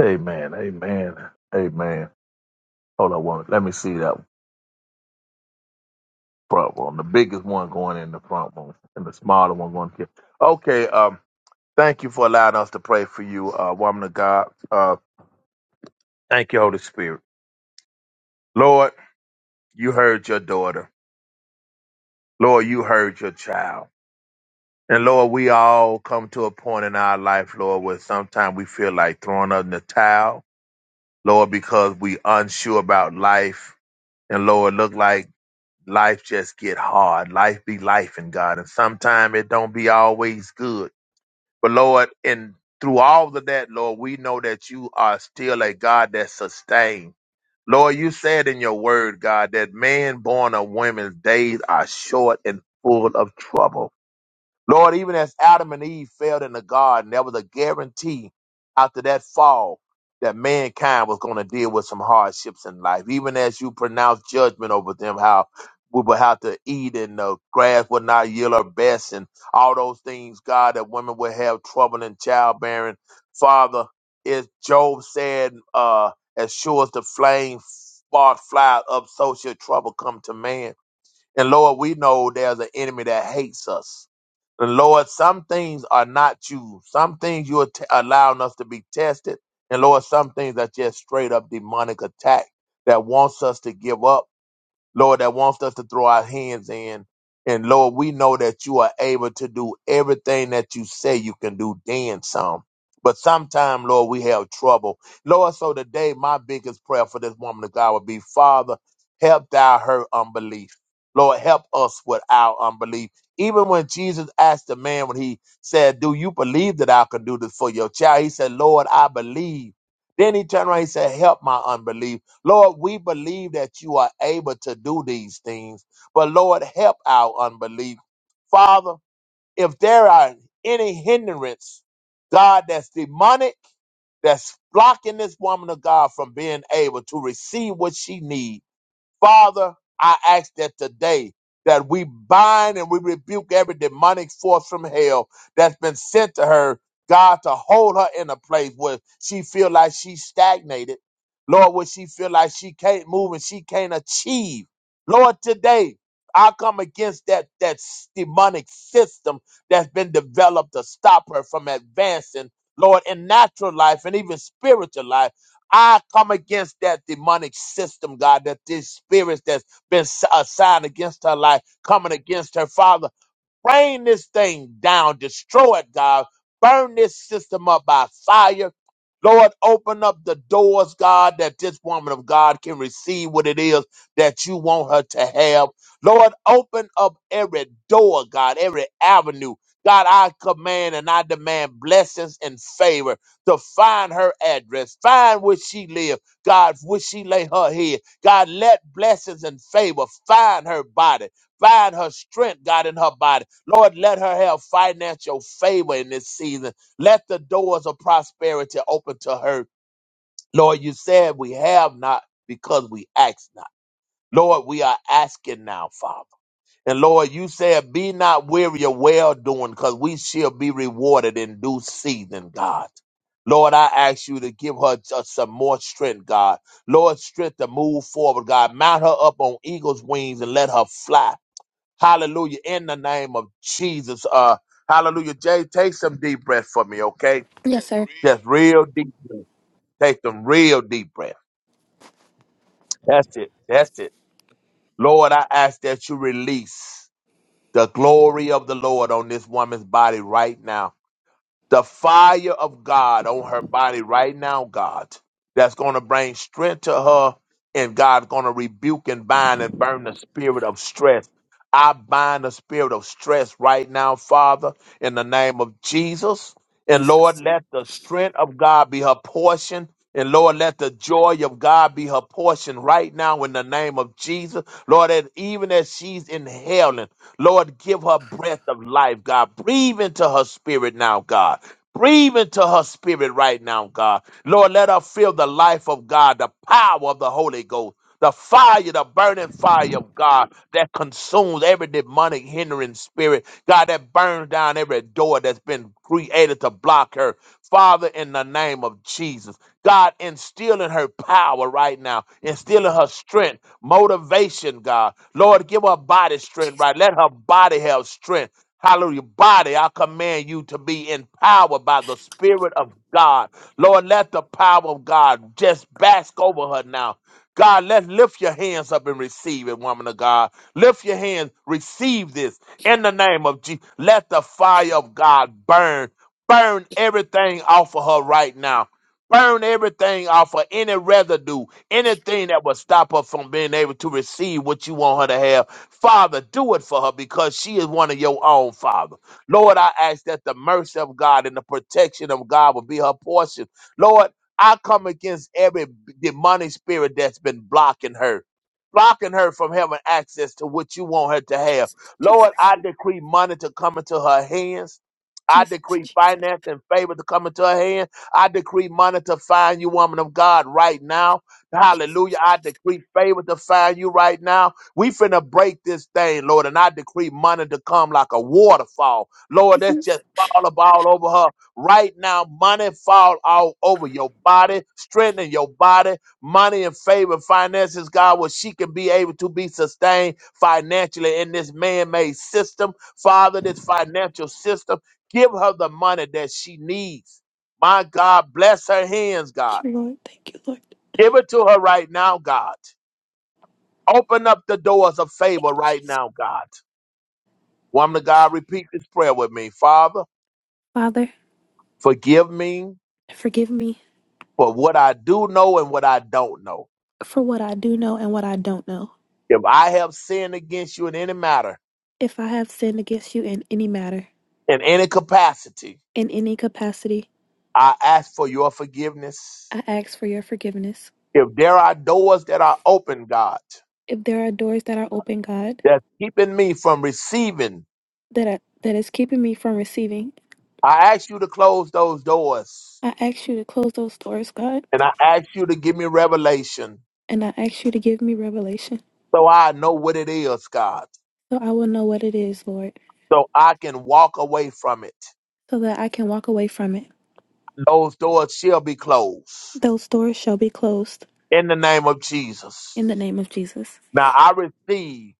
Amen. Amen. Amen. Hold on one. Let me see that. front room. The biggest one going in the front room, and the smaller one going here. Okay. Um. Thank you for allowing us to pray for you, uh, woman of God. Uh. Thank you, Holy Spirit. Lord, you heard your daughter. Lord, you heard your child. And Lord, we all come to a point in our life, Lord, where sometimes we feel like throwing up in the towel, Lord, because we unsure about life. And Lord, look like life just get hard. Life be life in God. And sometimes it don't be always good. But Lord, and through all of that, Lord, we know that you are still a God that sustains. Lord, you said in your word, God, that man born of women's days are short and full of trouble. Lord, even as Adam and Eve failed in the garden, there was a guarantee after that fall that mankind was going to deal with some hardships in life. Even as you pronounced judgment over them, how we would have to eat and the grass would not yield her best and all those things, God, that women would have trouble in childbearing. Father, as Job said, uh, as sure as the flame spark fly up, so shall trouble come to man. And Lord, we know there's an enemy that hates us. And Lord, some things are not you. Some things you are t- allowing us to be tested. And Lord, some things are just straight up demonic attack that wants us to give up Lord, that wants us to throw our hands in. And Lord, we know that you are able to do everything that you say you can do, then some. But sometime, Lord, we have trouble. Lord, so today, my biggest prayer for this woman of God would be, Father, help thou her unbelief. Lord, help us with our unbelief. Even when Jesus asked the man, when he said, Do you believe that I can do this for your child? He said, Lord, I believe. Then he turned around, he said, Help my unbelief. Lord, we believe that you are able to do these things, but Lord, help our unbelief. Father, if there are any hindrance, God, that's demonic, that's blocking this woman of God from being able to receive what she needs. Father, I ask that today that we bind and we rebuke every demonic force from hell that's been sent to her, God, to hold her in a place where she feel like she's stagnated. Lord, where she feel like she can't move and she can't achieve. Lord, today I come against that that s- demonic system that's been developed to stop her from advancing, Lord, in natural life and even spiritual life. I come against that demonic system, God, that these spirits that's been s- uh, assigned against her life, coming against her father. Rain this thing down. Destroy it, God. Burn this system up by fire. Lord, open up the doors, God, that this woman of God can receive what it is that you want her to have. Lord, open up every door, God, every avenue. God, I command and I demand blessings and favor to find her address, find where she lives, God, where she lay her head. God, let blessings and favor find her body, find her strength, God, in her body. Lord, let her have financial favor in this season. Let the doors of prosperity open to her. Lord, you said we have not because we ask not. Lord, we are asking now, Father. And Lord, you said, be not weary of well doing, because we shall be rewarded in due season, God. Lord, I ask you to give her just some more strength, God. Lord, strength to move forward, God. Mount her up on eagle's wings and let her fly. Hallelujah. In the name of Jesus. Uh, hallelujah. Jay, take some deep breaths for me, okay?
Yes, sir.
Just real deep breath. Take some real deep breath. That's it. That's it. Lord, I ask that you release the glory of the Lord on this woman's body right now. the fire of God on her body right now, God, that's going to bring strength to her, and God's going to rebuke and bind and burn the spirit of stress. I bind the spirit of stress right now, Father, in the name of Jesus. And Lord, let the strength of God be her portion. And Lord, let the joy of God be her portion right now in the name of Jesus. Lord, that even as she's inhaling, Lord, give her breath of life, God. Breathe into her spirit now, God. Breathe into her spirit right now, God. Lord, let her feel the life of God, the power of the Holy Ghost, the fire, the burning fire of God that consumes every demonic hindering spirit, God, that burns down every door that's been created to block her. Father, in the name of Jesus. God, instill in her power right now, instill in her strength, motivation, God. Lord, give her body strength, right? Let her body have strength. Hallelujah. Body, I command you to be empowered by the Spirit of God. Lord, let the power of God just bask over her now. God, let lift your hands up and receive it, woman of God. Lift your hands, receive this in the name of Jesus. Let the fire of God burn, burn everything off of her right now burn everything off of any residue, anything that would stop her from being able to receive what you want her to have. Father, do it for her because she is one of your own, Father. Lord, I ask that the mercy of God and the protection of God will be her portion. Lord, I come against every demonic spirit that's been blocking her. Blocking her from having access to what you want her to have.
Jesus,
Lord,
Jesus,
I decree money to come into her hands. I decree
Jesus,
finance and favor to come into her hands. I decree money to find you, woman of God, right now. Hallelujah. I decree favor to find you right now. We finna break this thing, Lord, and I decree money to come like a waterfall. Lord,
Jesus.
that's just fall up all over her right now. Money fall all over your body, strengthen your body. Money and favor, finances, God, where she can be able to be sustained financially in this man-made system. Father, this financial system, give her the money that she needs my God, bless her hands, God.
Thank you, Lord. Thank you, Lord. Thank
Give it to her right now, God. Open up the doors of favor
you,
right
Jesus.
now, God. Woman of God, repeat this prayer with me. Father,
Father,
forgive me
forgive me
for what I do know and what I don't know.
for what I do know and what I don't know.
If I have sinned against you in any matter,
If I have sinned against you in any matter,
in any capacity,
in any capacity,
I ask for your forgiveness.
I ask for your forgiveness.
If there are doors that are open, God,
If there are doors that are open, God,
that's keeping me from receiving,
that I, that is keeping me from receiving,
I ask you to close those doors.
I ask you to close those doors, God,
And I ask you to give me revelation
and I ask you to give me revelation
so I know what it is, God,
so I will know what it is, Lord,
so I can walk away from it.
so that I can walk away from it.
Those doors shall be closed
Those doors shall be closed
in the name of Jesus.
in the name of Jesus.
Now I receive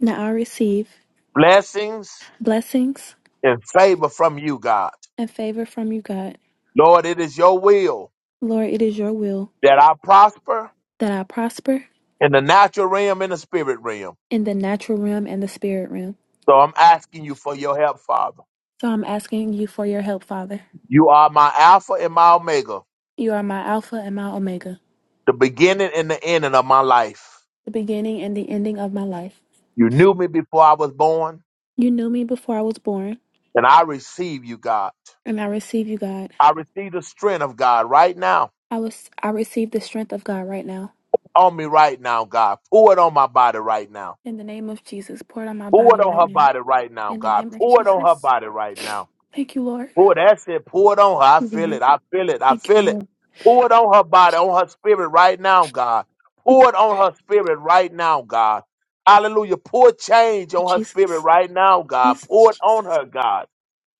Now I receive
blessings
blessings
and favor from you, God.
and favor from you, God.
Lord, it is your will
Lord, it is your will
that I prosper
that I prosper
in the natural realm and the spirit realm.
in the natural realm and the spirit realm.
So I'm asking you for your help, Father.
So I'm asking you for your help, Father.
You are my Alpha and my Omega,
You are my Alpha and my Omega,
the beginning and the ending of my life.
the beginning and the ending of my life.
You knew me before I was born,
You knew me before I was born,
and I receive you, God.
and I receive you, God.
I receive the strength of God right now
I was I receive the strength of God right now.
on me right now, God. Pour it on my body right now.
In the name of Jesus, pour it on my
Pour
body
it on
right
her
now.
body right now,
In the
God.
name of
Pour it on her
Jesus.
body right now.
Thank you, Lord.
Pour that's it. Pour it on her. I
Thank you,
feel
Lord.
it. I feel it. I
Thank you,
feel it.
Lord.
Pour it on her
Thank
body,
you, Jesus.
on her spirit right now, God.
Thank
Pour it on her spirit right now, God. Hallelujah. Pour change
you,
on her spirit
Jesus.
right now, God.
Jesus,
Pour it on
Jesus.
her, God.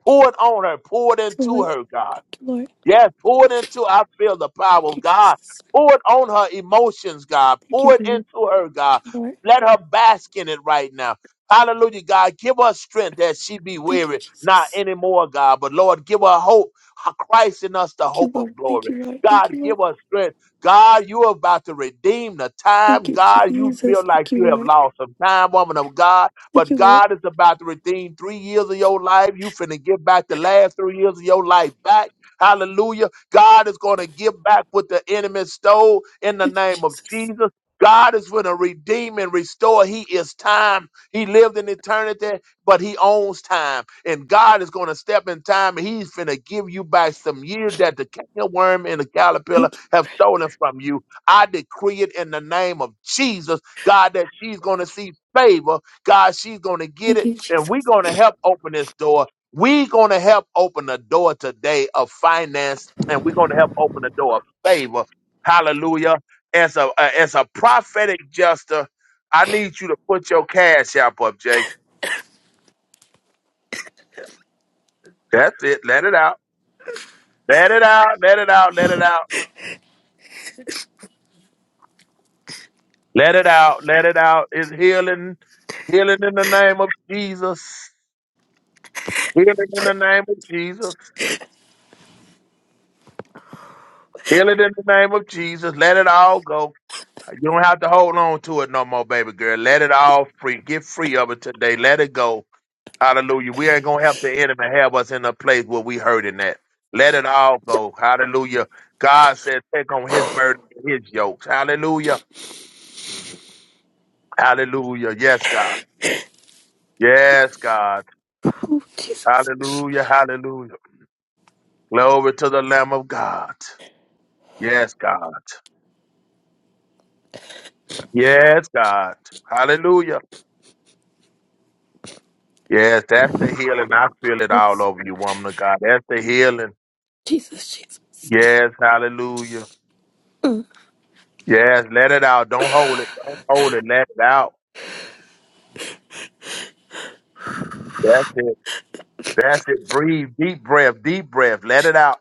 Pour it on her. Pour it into
Lord.
her, God.
Thank you, Lord.
Yes, pour it into I feel the power
Thank
of
you,
God.
Jesus.
Pour it on her emotions, God.
Thank
Pour
you,
it
Lord.
into her,
Thank
God.
you, Lord.
Let her bask in it right now. Hallelujah, God. Give her strength that she be
Thank you,
weary, not
Jesus.
anymore, God. But Lord, give her hope. Christ in us, the
Thank you,
hope
Lord.
of
Thank
glory.
you, Lord. Thank
God,
you, Lord.
give us strength. God, you are about to redeem the
Thank
time.
you,
God, you
Jesus.
feel like
Thank
you
you,
have
Lord.
lost some time, woman of God.
Thank
But
you, Lord.
God is about to redeem three years of your life. You finna give back the last three years of your life back. Hallelujah. God is going to give back what the enemy stole in the
Thank you,
name of
Jesus.
Jesus. God is going to redeem and restore. He is time. He lived in eternity, but he owns time. And God is going to step in time and he's going to give you back some years that the canker worm and the caterpillar
Thank you.
have stolen from you. I decree it in the name of Jesus, God, that she's going to see favor. God, she's going to get
Thank
it.
you,
And
Jesus.
we're going to help open this door we're going to help open the door today of finance, and we're going to help open the door of favor. Hallelujah. As a uh, as a prophetic jester, I need you to put your cash app up, Jay. That's it. Let it out. Let it out. Let it out. Let it out. Let it out. Let it out. It's healing. Healing in the name of Jesus. Healing in the name of Jesus. Healing in the name of Jesus. Let it all go. You don't have to hold on to it no more, baby girl. Let it all free. Get free of it today. Let it go. Hallelujah. We ain't gonna help the enemy have us in a place where we hurting at. Let it all go. Hallelujah. God said, take on his burden and his yokes. Hallelujah. Hallelujah. Yes, God. Yes, God.
Oh, Jesus.
Hallelujah. Hallelujah. Glory to the Lamb of God. Yes, God. Yes, God. Hallelujah. Yes, that's the healing. I feel it all
Yes.
over you, woman of God. That's the healing.
Jesus, Jesus.
Yes, hallelujah.
Mm.
Yes, let it out. Don't hold it. Don't hold it. Let it out. That's it. That's it. Breathe. Deep breath. Deep breath. Let it out.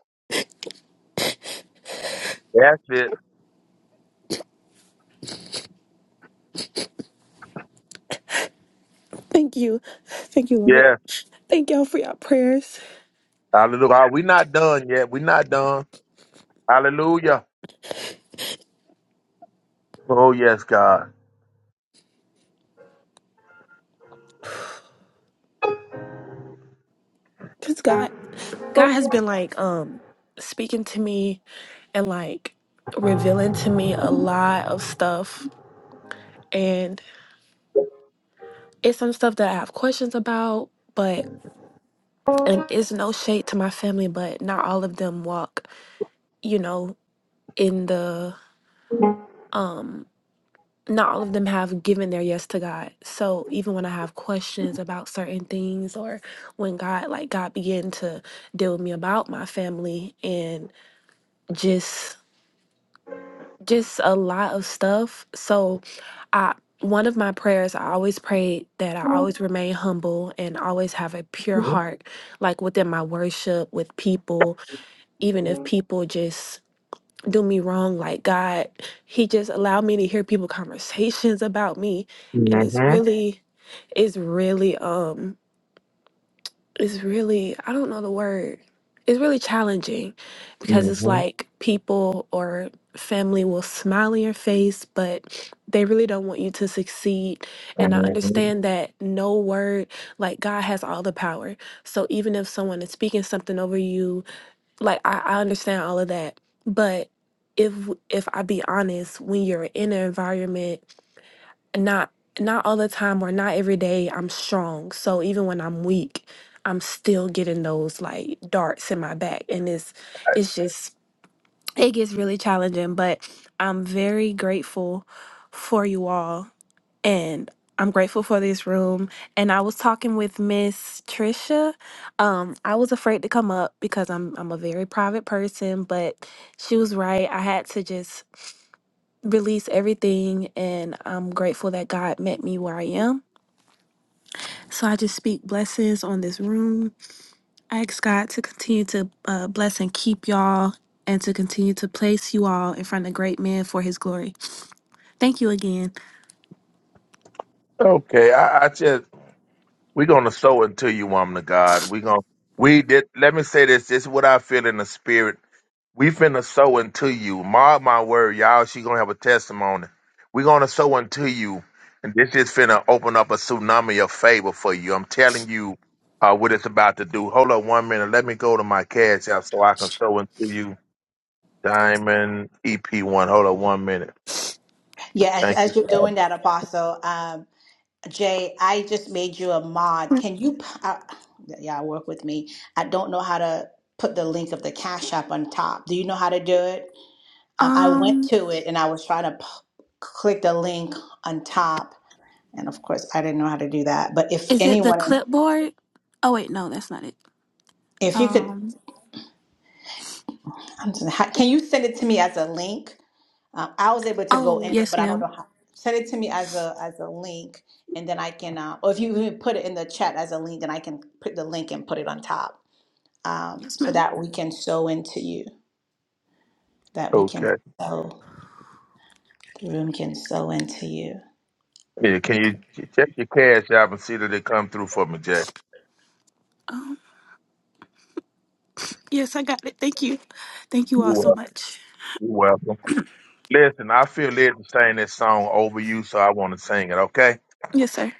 That's it.
Thank you. Thank you, Lord.
Yes.
Thank y'all for y'all prayers.
Hallelujah. We're not done yet. we are not done. Hallelujah. Oh, yes, God.
Cause God, God has been like um speaking to me and like revealing to me a lot of stuff. it's some stuff that I have questions about, but and it's no shade to my family, but not all of them walk, you know, in the um not all of them have given their yes to God. So even when I have questions about certain things or when God like God began to deal with me about my family and just just a lot of stuff. So, I one of my prayers I always pray that I always
Mm-hmm.
remain humble and always have a pure heart, like within my worship with people, even if people just do me wrong. Like God, He just allowed me to hear people conversations about me, and it's Okay.
Mm-hmm.
really, it's really um it's really I don't know the word. It's really challenging because it's
hmm
like people or family will smile in your face, but they really don't want you to succeed. And I understand that no word, like God has all the power. So even if someone is speaking something over you, like I, I understand all of that. But if if I be honest, when you're in an environment not not all the time or not every day I'm strong. So even when I'm weak, I'm still getting those like darts in my back and it's it's just it gets really challenging, but I'm very grateful for you all and I'm grateful for this room and I was talking with Miss Trisha. Um I was afraid to come up because I'm I'm a very private person, but she was right. I had to just release everything and I'm grateful that God met me where I am. So I just speak blessings on this room. I ask God to continue to uh, bless and keep y'all and to continue to place you all in front of great men for his glory. Thank you again.
Okay. I, I just, we're going to sow into you, woman of God. We're going to, we did, let me say this. This is what I feel in the spirit We finna sow into you. Mark my word, y'all. She gonna have a testimony. We gonna sow into you. And this is finna open up a tsunami of favor for you. I'm telling you uh, what it's about to do. Hold up one minute. Let me go to my cash app so I can sow into you. Diamond EP1. Hold up one minute.
Yeah, as,
Thank you,
as you're
Father.
doing that, Apostle um, Jay, I just made you a mod. Can you? p- Uh, yeah, work with me. I don't know how to put the link of the Cash App on top. Do you know how to do it? Um, I went
Um
to it and I was trying to p- click the link on top, and of course, I didn't know how to do that. But if
is it the
anyone,
clipboard? Oh wait, no, that's not it.
if you could,
Um
I'm just- how- can you send it to me as a link? Um, I was able to go
oh,
in it,
yes
but I don't
ma'am.
know how. Send it to me as a as a link, and then I can, uh, or if you even put it in the chat as a link, then I can put the link and put it on top, um,
Yes
so
ma'am.
that we can sew into you. That we can
Okay.
sew. The room can sew into you.
Yeah, can you check your cash app and see that it come through for me, Jack?
Um yes, I got it. Thank you. Thank you
You're
all so
welcome.
much.
You're welcome. Listen, I feel led to sing this song over you, so I want to sing it, okay?
Yes, sir.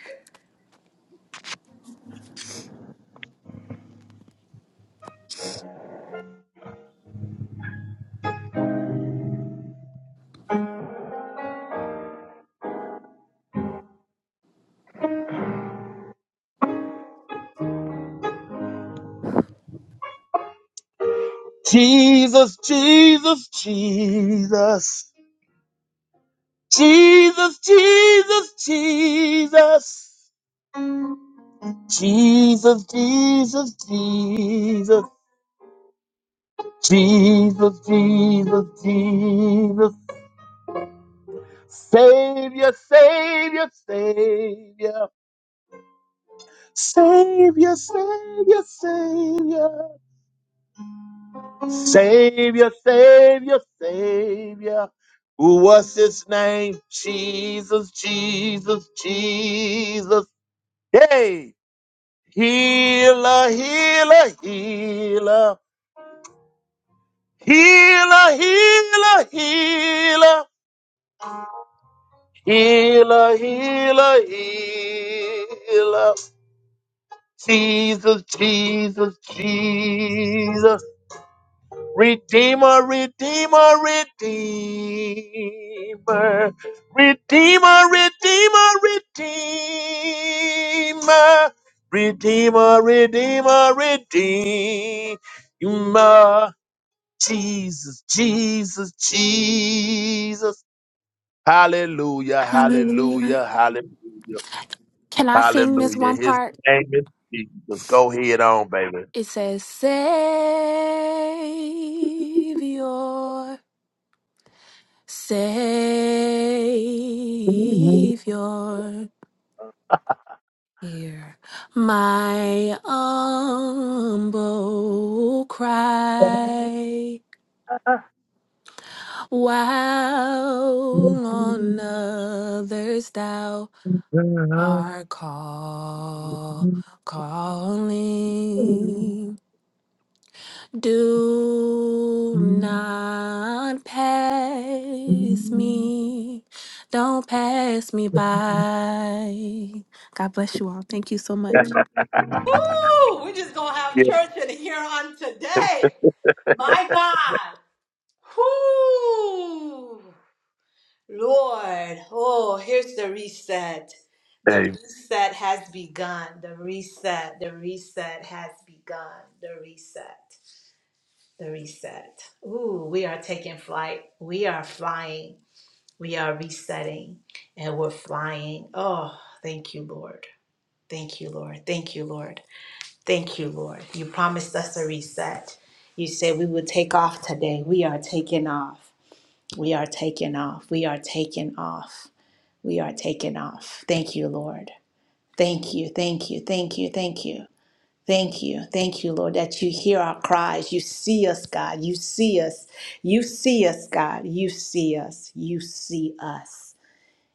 Jesus, Jesus, Jesus, Jesus, Jesus, Jesus. Jesus, Jesus, Jesus, Jesus, Jesus, Jesus, Savior, Savior, Savior, Savior, Savior, Savior, Savior, Savior, Savior. What's his name? Jesus, Jesus, Jesus. Hey, healer, healer, healer. Healer, healer, healer, healer, healer, healer. Jesus, Jesus, Jesus. Redeemer, redeemer, redeemer. Redeemer, redeemer, redeemer. Redeemer, redeemer, redeemer. Jesus, Jesus, Jesus. Hallelujah,
Hallelujah.
hallelujah, hallelujah,
Can I sing this
hallelujah.
one
His
part?
name is Jesus. Go ahead on, baby.
It says, Savior, Savior, hear my humble cry. While on others thou art call, calling. Do not pass me. Don't pass me by. God bless you all. Thank you so much.
Woo! We're just gonna have
Yeah.
church in here on today. My God. Whoo! Lord, oh, here's the reset. The
Hey.
reset has begun. The reset, the reset has begun. The reset, the reset. Ooh, we are taking flight. We are flying. We are resetting and we're flying. Oh, thank you, Lord. Thank you, Lord. Thank you, Lord. Thank you, Lord. You promised us a reset. You said we would take off today. We are taking off. We are taking off. We are taking off we are taken off. Thank you, Lord. Thank you, thank you, thank you, thank you. Thank you, thank you, Lord, that you hear our cries. You see us, God. You see us. You see us, God. You see us. You see us.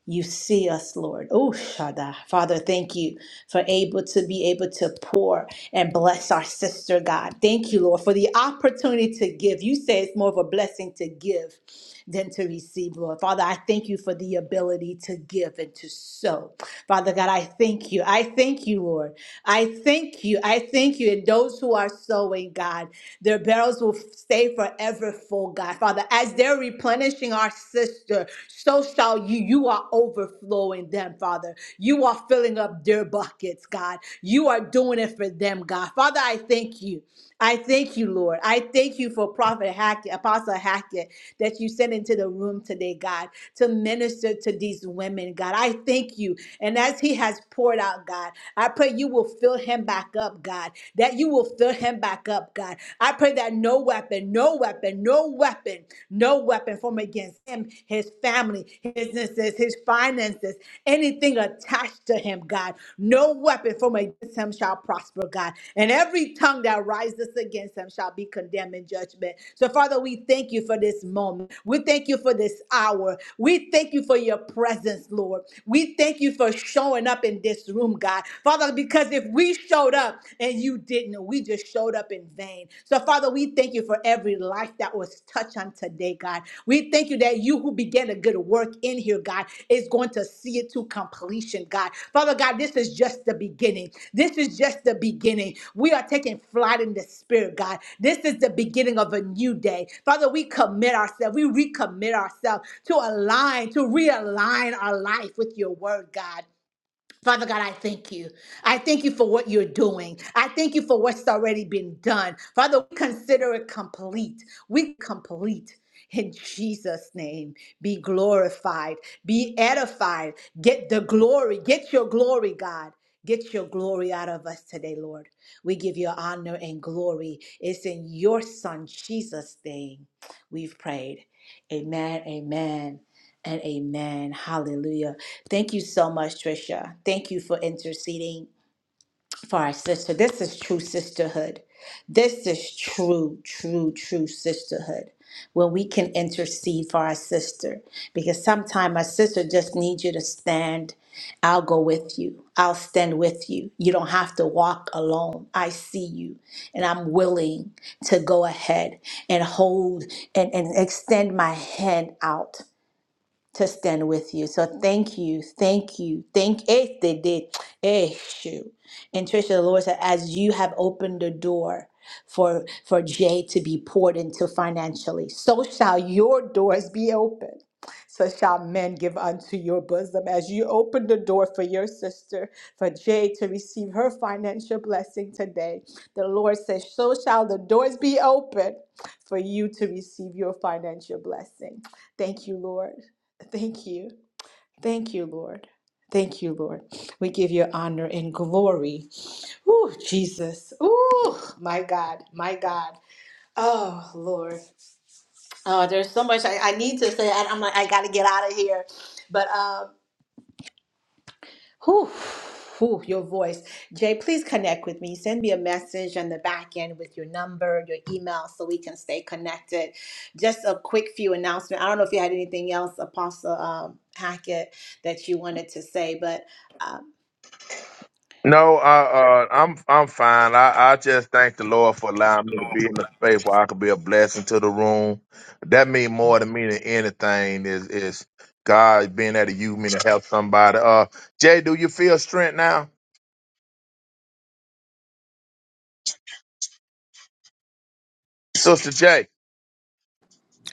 You see us, Lord. Oh, Shada. Father, thank you for able to be able to pour and bless our sister, God. Thank you, Lord, for the opportunity to give. You say it's more of a blessing to give than to receive, Lord. Father, I thank you for the ability to give and to sow. Father God, I thank you. I thank you, Lord. I thank you. I thank you. And those who are sowing, God, their barrels will stay forever full, God. Father, as they're replenishing our sister, so shall you. You are overflowing them, Father. You are filling up their buckets, God. You are doing it for them, God. Father, I thank you. I thank you, Lord. I thank you for Prophet Hackett, Apostle Hackett, that you sent into the room today, God, to minister to these women, God. I thank you. And as he has poured out, God, I pray you will fill him back up, God, that you will fill him back up, God. I pray that no weapon, no weapon, no weapon, no weapon formed against him, his family, his businesses, his finances, finances, anything attached to him, God. No weapon formed against him shall prosper, God. And every tongue that rises against him shall be condemned in judgment. So, Father, we thank you for this moment. We thank you for this hour. We thank you for your presence, Lord. We thank you for showing up in this room, God. Father, because if we showed up and you didn't, we just showed up in vain. So, Father, we we thank you for every life that was touched on today, God. We thank you that you who began a good work in here, God, is going to see it to completion, God. Father God, this is just the beginning. This is just the beginning. We are taking flight in the spirit, God. This is the beginning of a new day. Father, we commit ourselves, we recommit ourselves to align, to realign our life with your word, God. Father God, I thank you. I thank you for what you're doing. I thank you for what's already been done. Father, we consider it complete. We complete. In Jesus' name, be glorified, be edified, get the glory, get your glory, God. Get your glory out of us today, Lord. We give you honor and glory. It's in your Son, Jesus' name, we've prayed. Amen, amen and amen. Hallelujah. Thank you so much, Trisha. Thank you for interceding for our sister. This is true sisterhood. This is true, true, true sisterhood. When we can intercede for our sister, because sometimes our sister just needs you to stand. I'll go with you. I'll stand with you. You don't have to walk alone. I see you, and I'm willing to go ahead and hold and, and extend my hand out to stand with you. So thank you, thank you, thank eh, they did. Eh, shoot. And Trisha, the Lord said, as you have opened the door for for Jay to be poured into financially, so shall your doors be open. So shall men give unto your bosom as you open the door for your sister, for Jay to receive her financial blessing today. The Lord says, So shall the doors be open for you to receive your financial blessing. Thank you, Lord. Thank you. Thank you, Lord. Thank you, Lord. We give you honor and glory. Ooh, Jesus. Ooh, my God. My God. Oh, Lord. Oh, there's so much I, I need to say. I, I'm like, I got to get out of here. But um, Whew, whew, your voice. Jay, please connect with me. Send me a message on the back end with your number, your email, so we can stay connected. Just a quick few announcement. I don't know if you had anything else, Apostle um, Hackett, that you wanted to say, but um,
No, uh, uh, I'm I'm fine. I, I just thank the Lord for allowing me to be in the space where I could be a blessing to the room. That means more to me than anything is is God being able to use me to help somebody. Uh, Jay, do you feel strength now, Sister Jay?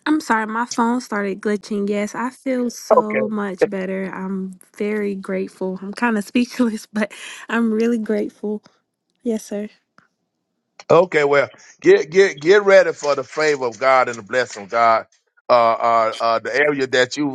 I'm sorry, my phone started glitching. Yes, I feel
Okay.
so much better. I'm very grateful. I'm kind of speechless, but I'm really grateful. Yes, sir.
Okay. Well, get get get ready for the favor of God and the blessing of God. Uh, uh, uh, the area that you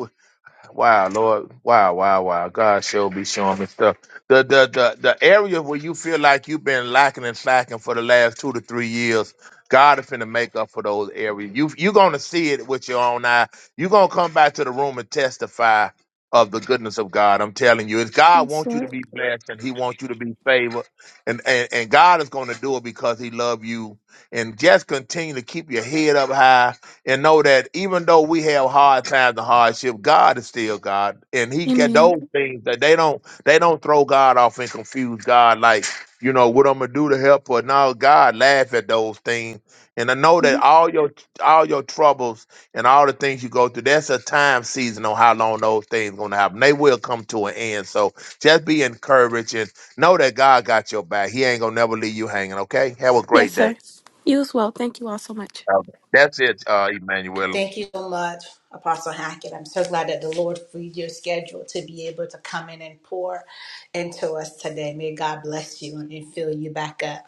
Wow, Lord. Wow, wow, wow. God sure be showing me stuff. The the the the area where you feel like you've been lacking and slacking for the last two to three years, God is finna make up for those areas. You you're gonna see it with your own eye. You're gonna come back to the room and testify of the goodness of God. I'm telling you, it's God
Yes,
wants you to
Lord.
be blessed and He wants you to be favored. And and, and God is gonna do it because He loves you. And just continue to keep your head up high and know that even though we have hard times and hardship, God is still God, and He get
Amen.
those things that they don't they don't throw God off and confuse God like you know what I'm gonna do to help her. No, God laugh at those things, and I know that
Mhm.
all your all your troubles and all the things you go through, that's a time season on how long those things gonna happen. They will come to an end. So just be encouraged and know that God got your back. He ain't gonna never leave you hanging. Okay, have a
Yes,
great day.
sir. You as well. Thank you all so much.
Okay. That's it, uh, Emmanuel.
thank you so much, Apostle Hackett. I'm so glad that the Lord freed your schedule to be able to come in and pour into us today. May God bless you and fill you back up.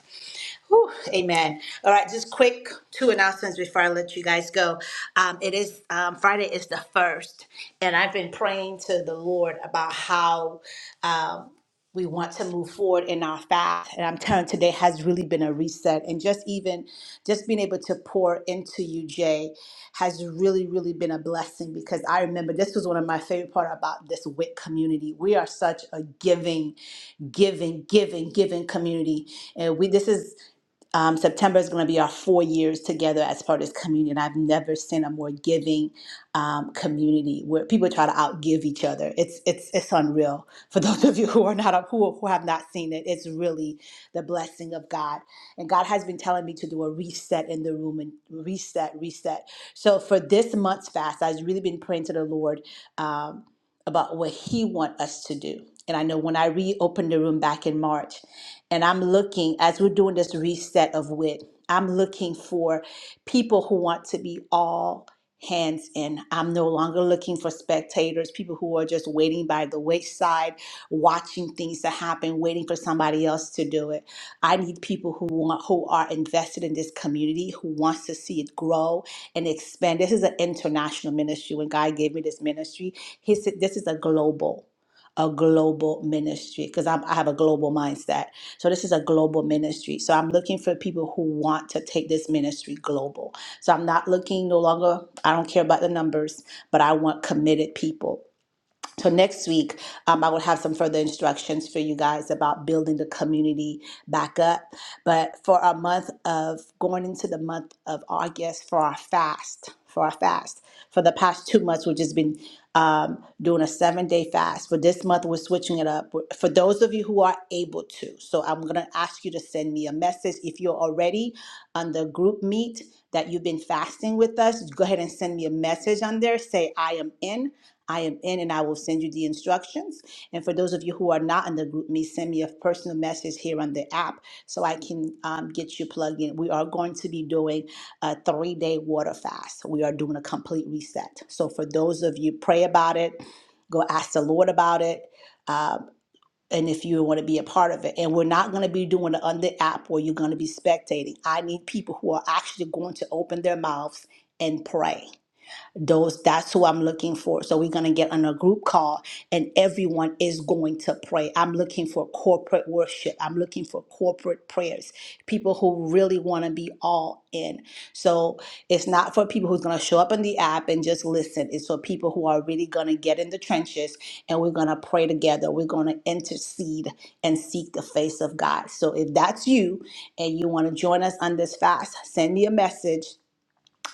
Whew, amen. All right, just quick two announcements before I let you guys go. Um, it is um, Friday is the first, and I've been praying to the Lord about how um, we want to move forward in our fast. And I'm telling you, today has really been a reset, and just even just being able to pour into you, Jay, has really really been a blessing because I remember this was one of my favorite part about this WIC community. We are such a giving, giving, giving, giving community, and we this is um, September is going to be our four years together as part of this community. And I've never seen a more giving um, community where people try to outgive each other. It's it's it's unreal. For those of you who are not who who have not seen it, it's really the blessing of God. And God has been telling me to do a reset in the room and reset, reset. So for this month's fast, I've really been praying to the Lord um, about what He wants us to do. And I know when I reopened the room back in March. And I'm looking, as we're doing this reset of wit, I'm looking for people who want to be all hands in. I'm no longer looking for spectators, people who are just waiting by the wayside, watching things to happen, waiting for somebody else to do it. I need people who want who are invested in this community, who wants to see it grow and expand. This is an international ministry. When God gave me this ministry, he said this is a global a global ministry because I have a global mindset so this is a global ministry. So I'm looking for people who want to take this ministry global. So I'm not looking no longer, I don't care about the numbers, but I want committed people. So next week, um, I will have some further instructions for you guys about building the community back up. But for our month of going into the month of August for our fast, for our fast, for the past two months we've just been um, doing a seven day fast. But this month we're switching it up for those of you who are able to. So I'm gonna ask you to send me a message if you're already on the group meet that you've been fasting with us. Go ahead and send me a message on there. Say I am in I am in and I will send you the instructions. And for those of you who are not in the group me, send me a personal message here on the app so I can um, get you plugged in. We are going to be doing a three day water fast. We are doing a complete reset. So for those of you, pray about it, go ask the Lord about it. Um, and if you want to be a part of it, and we're not going to be doing it on the app where you're going to be spectating. I need people who are actually going to open their mouths and pray those that's who i'm looking for so we're going to get on a group call and everyone is going to pray i'm looking for corporate worship i'm looking for corporate prayers people who really want to be all in so it's not for people who's going to show up in the app and just listen it's for people who are really going to get in the trenches and we're going to pray together we're going to intercede and seek the face of god so if that's you and you want to join us on this fast send me a message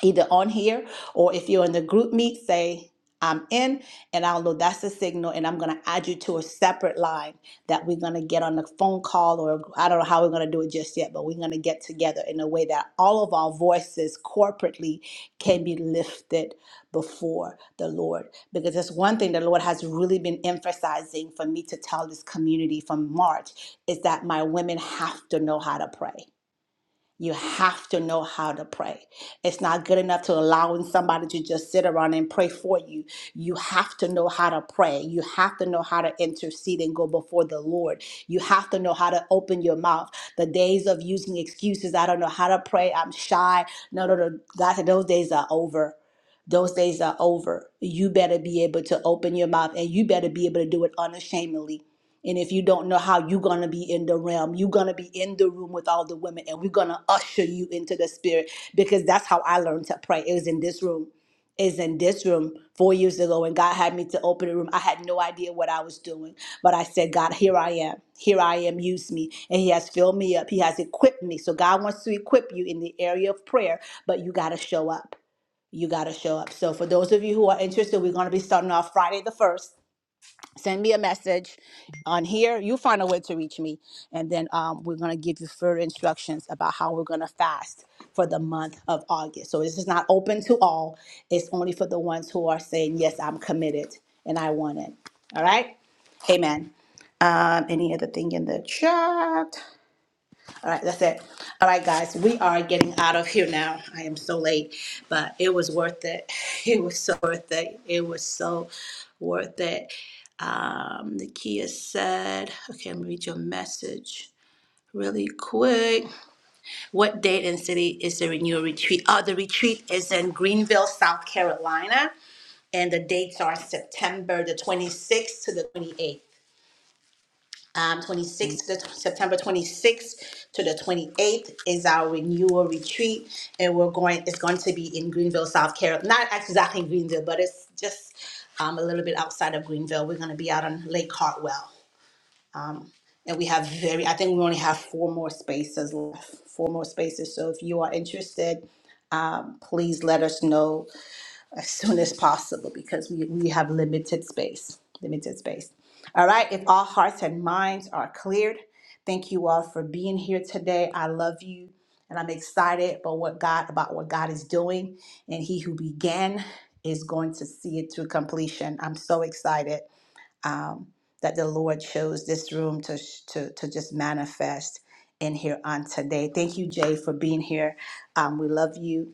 either on here or if you're in the group meet, say, I'm in, and I'll know that's a signal, and I'm gonna add you to a separate line that we're gonna get on a phone call, or I don't know how we're gonna do it just yet, but we're gonna get together in a way that all of our voices corporately can be lifted before the Lord. Because that's one thing the Lord has really been emphasizing for me to tell this community from March is that my women have to know how to pray. You have to know how to pray. It's not good enough to allowing somebody to just sit around and pray for you. You have to know how to pray. You have to know how to intercede and go before the Lord. You have to know how to open your mouth. The days of using excuses, I don't know how to pray, I'm shy. No, no, no. God said those days are over. Those days are over. You better be able to open your mouth and you better be able to do it unashamedly and if you don't know how you're going to be in the realm, you're going to be in the room with all the women and we're going to usher you into the spirit because that's how I learned to pray. It was in this room. Is in this room four years ago, and God had me to open a room. I had no idea what I was doing, but I said, God, here I am. Here I am. Use me. And He has filled me up. He has equipped me. So God wants to equip you in the area of prayer, but you got to show up. You got to show up. So, for those of you who are interested, we're going to be starting off Friday the 1st send me a message on here. You'll find a way to reach me. And then um, we're going to give you further instructions about how we're going to fast for the month of August. So this is not open to all, it's only for the ones who are saying, Yes, I'm committed and I want it. All right? Amen. Um, any other thing in the chat? All right, that's it. All right, guys, we are getting out of here now. I am so late, but it was worth it. It was so worth it. It was so worth it. Um, Nakia said, okay, I'm gonna read your message really quick. What date and city is the renewal retreat? Oh, the retreat is in Greenville, South Carolina, and the dates are September the 26th to the 28th um, 26th, the, September 26th to the 28th is our renewal retreat, and we're going. It's going to be in Greenville, South Carolina. Not exactly Greenville, but it's just um, a little bit outside of Greenville. We're going to be out on Lake Hartwell, um, and we have very. I think we only have four more spaces left. Four more spaces. So if you are interested, um, please let us know as soon as possible because we, we have limited space. Limited space. All right, if all hearts and minds are cleared, thank you all for being here today. I love you and I'm excited about what God about what God is doing. And he who began is going to see it to completion. I'm so excited um, that the Lord chose this room to, to to just manifest in here on today. Thank you, Jay, for being here. Um, we love you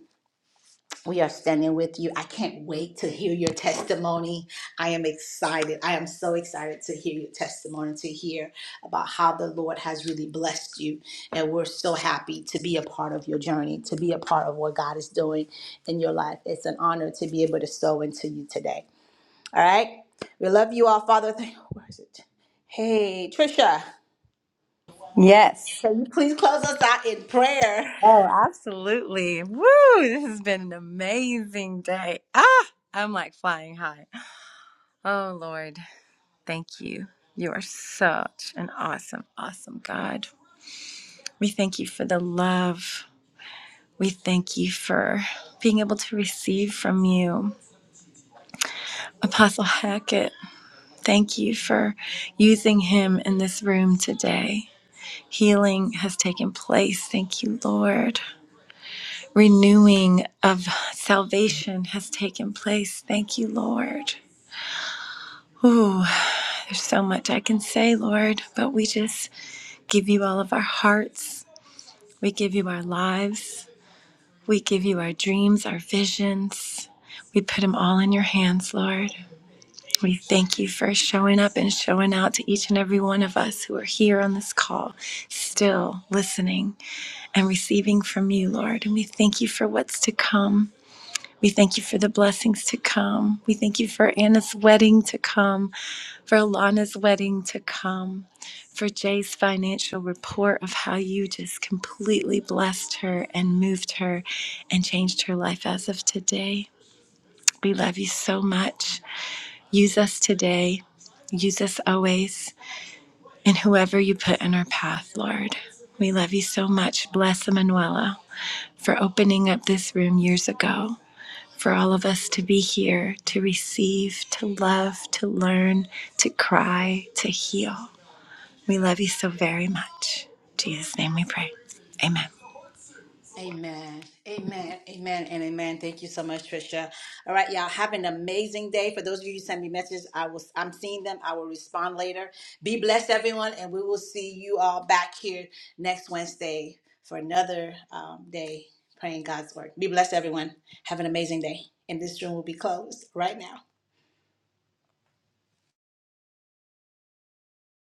we are standing with you. I can't wait to hear your testimony. I am excited. I am so excited to hear your testimony, to hear about how the Lord has really blessed you. And we're so happy to be a part of your journey, to be a part of what God is doing in your life. It's an honor to be able to sow into you today. All right? We love you all, Father. Thank- Where is it? Hey, Trisha,
Yes.
can you please close us out in prayer?
Oh, absolutely. Woo! This has been an amazing day. Ah, I'm like flying high. Oh, Lord, thank you. You are such an awesome, awesome God. We thank you for the love We thank you for being able to receive from you. Apostle Hackett, thank you for using him in this room today. Healing has taken place. Thank you, Lord. Renewing of salvation has taken place. Thank you, Lord. Ooh, there's so much I can say, Lord, but we just give you all of our hearts. We give you our lives. We give you our dreams, our visions. We put them all in your hands, Lord. We thank you for showing up and showing out to each and every one of us who are here on this call, still listening and receiving from you, Lord. And we thank you for what's to come. We thank you for the blessings to come. We thank you for Anna's wedding to come, for Alana's wedding to come, for Jay's financial report of how you just completely blessed her and moved her and changed her life as of today. We love you so much. Use us today. Use us always. And whoever you put in our path, Lord. We love you so much. Bless Emanuela for opening up this room years ago, for all of us to be here, to receive, to love, to learn, to cry, to heal. We love you so very much. In Jesus' name we pray. Amen.
Amen. Amen. Amen. And amen. Thank you so much, Trisha. All right, y'all. Have an amazing day. For those of you who send me messages, I will I'm seeing them. I will respond later. Be blessed, everyone, and we will see you all back here next Wednesday for another um, day praying God's word. Be blessed, everyone. Have an amazing day. And this room will be closed right now.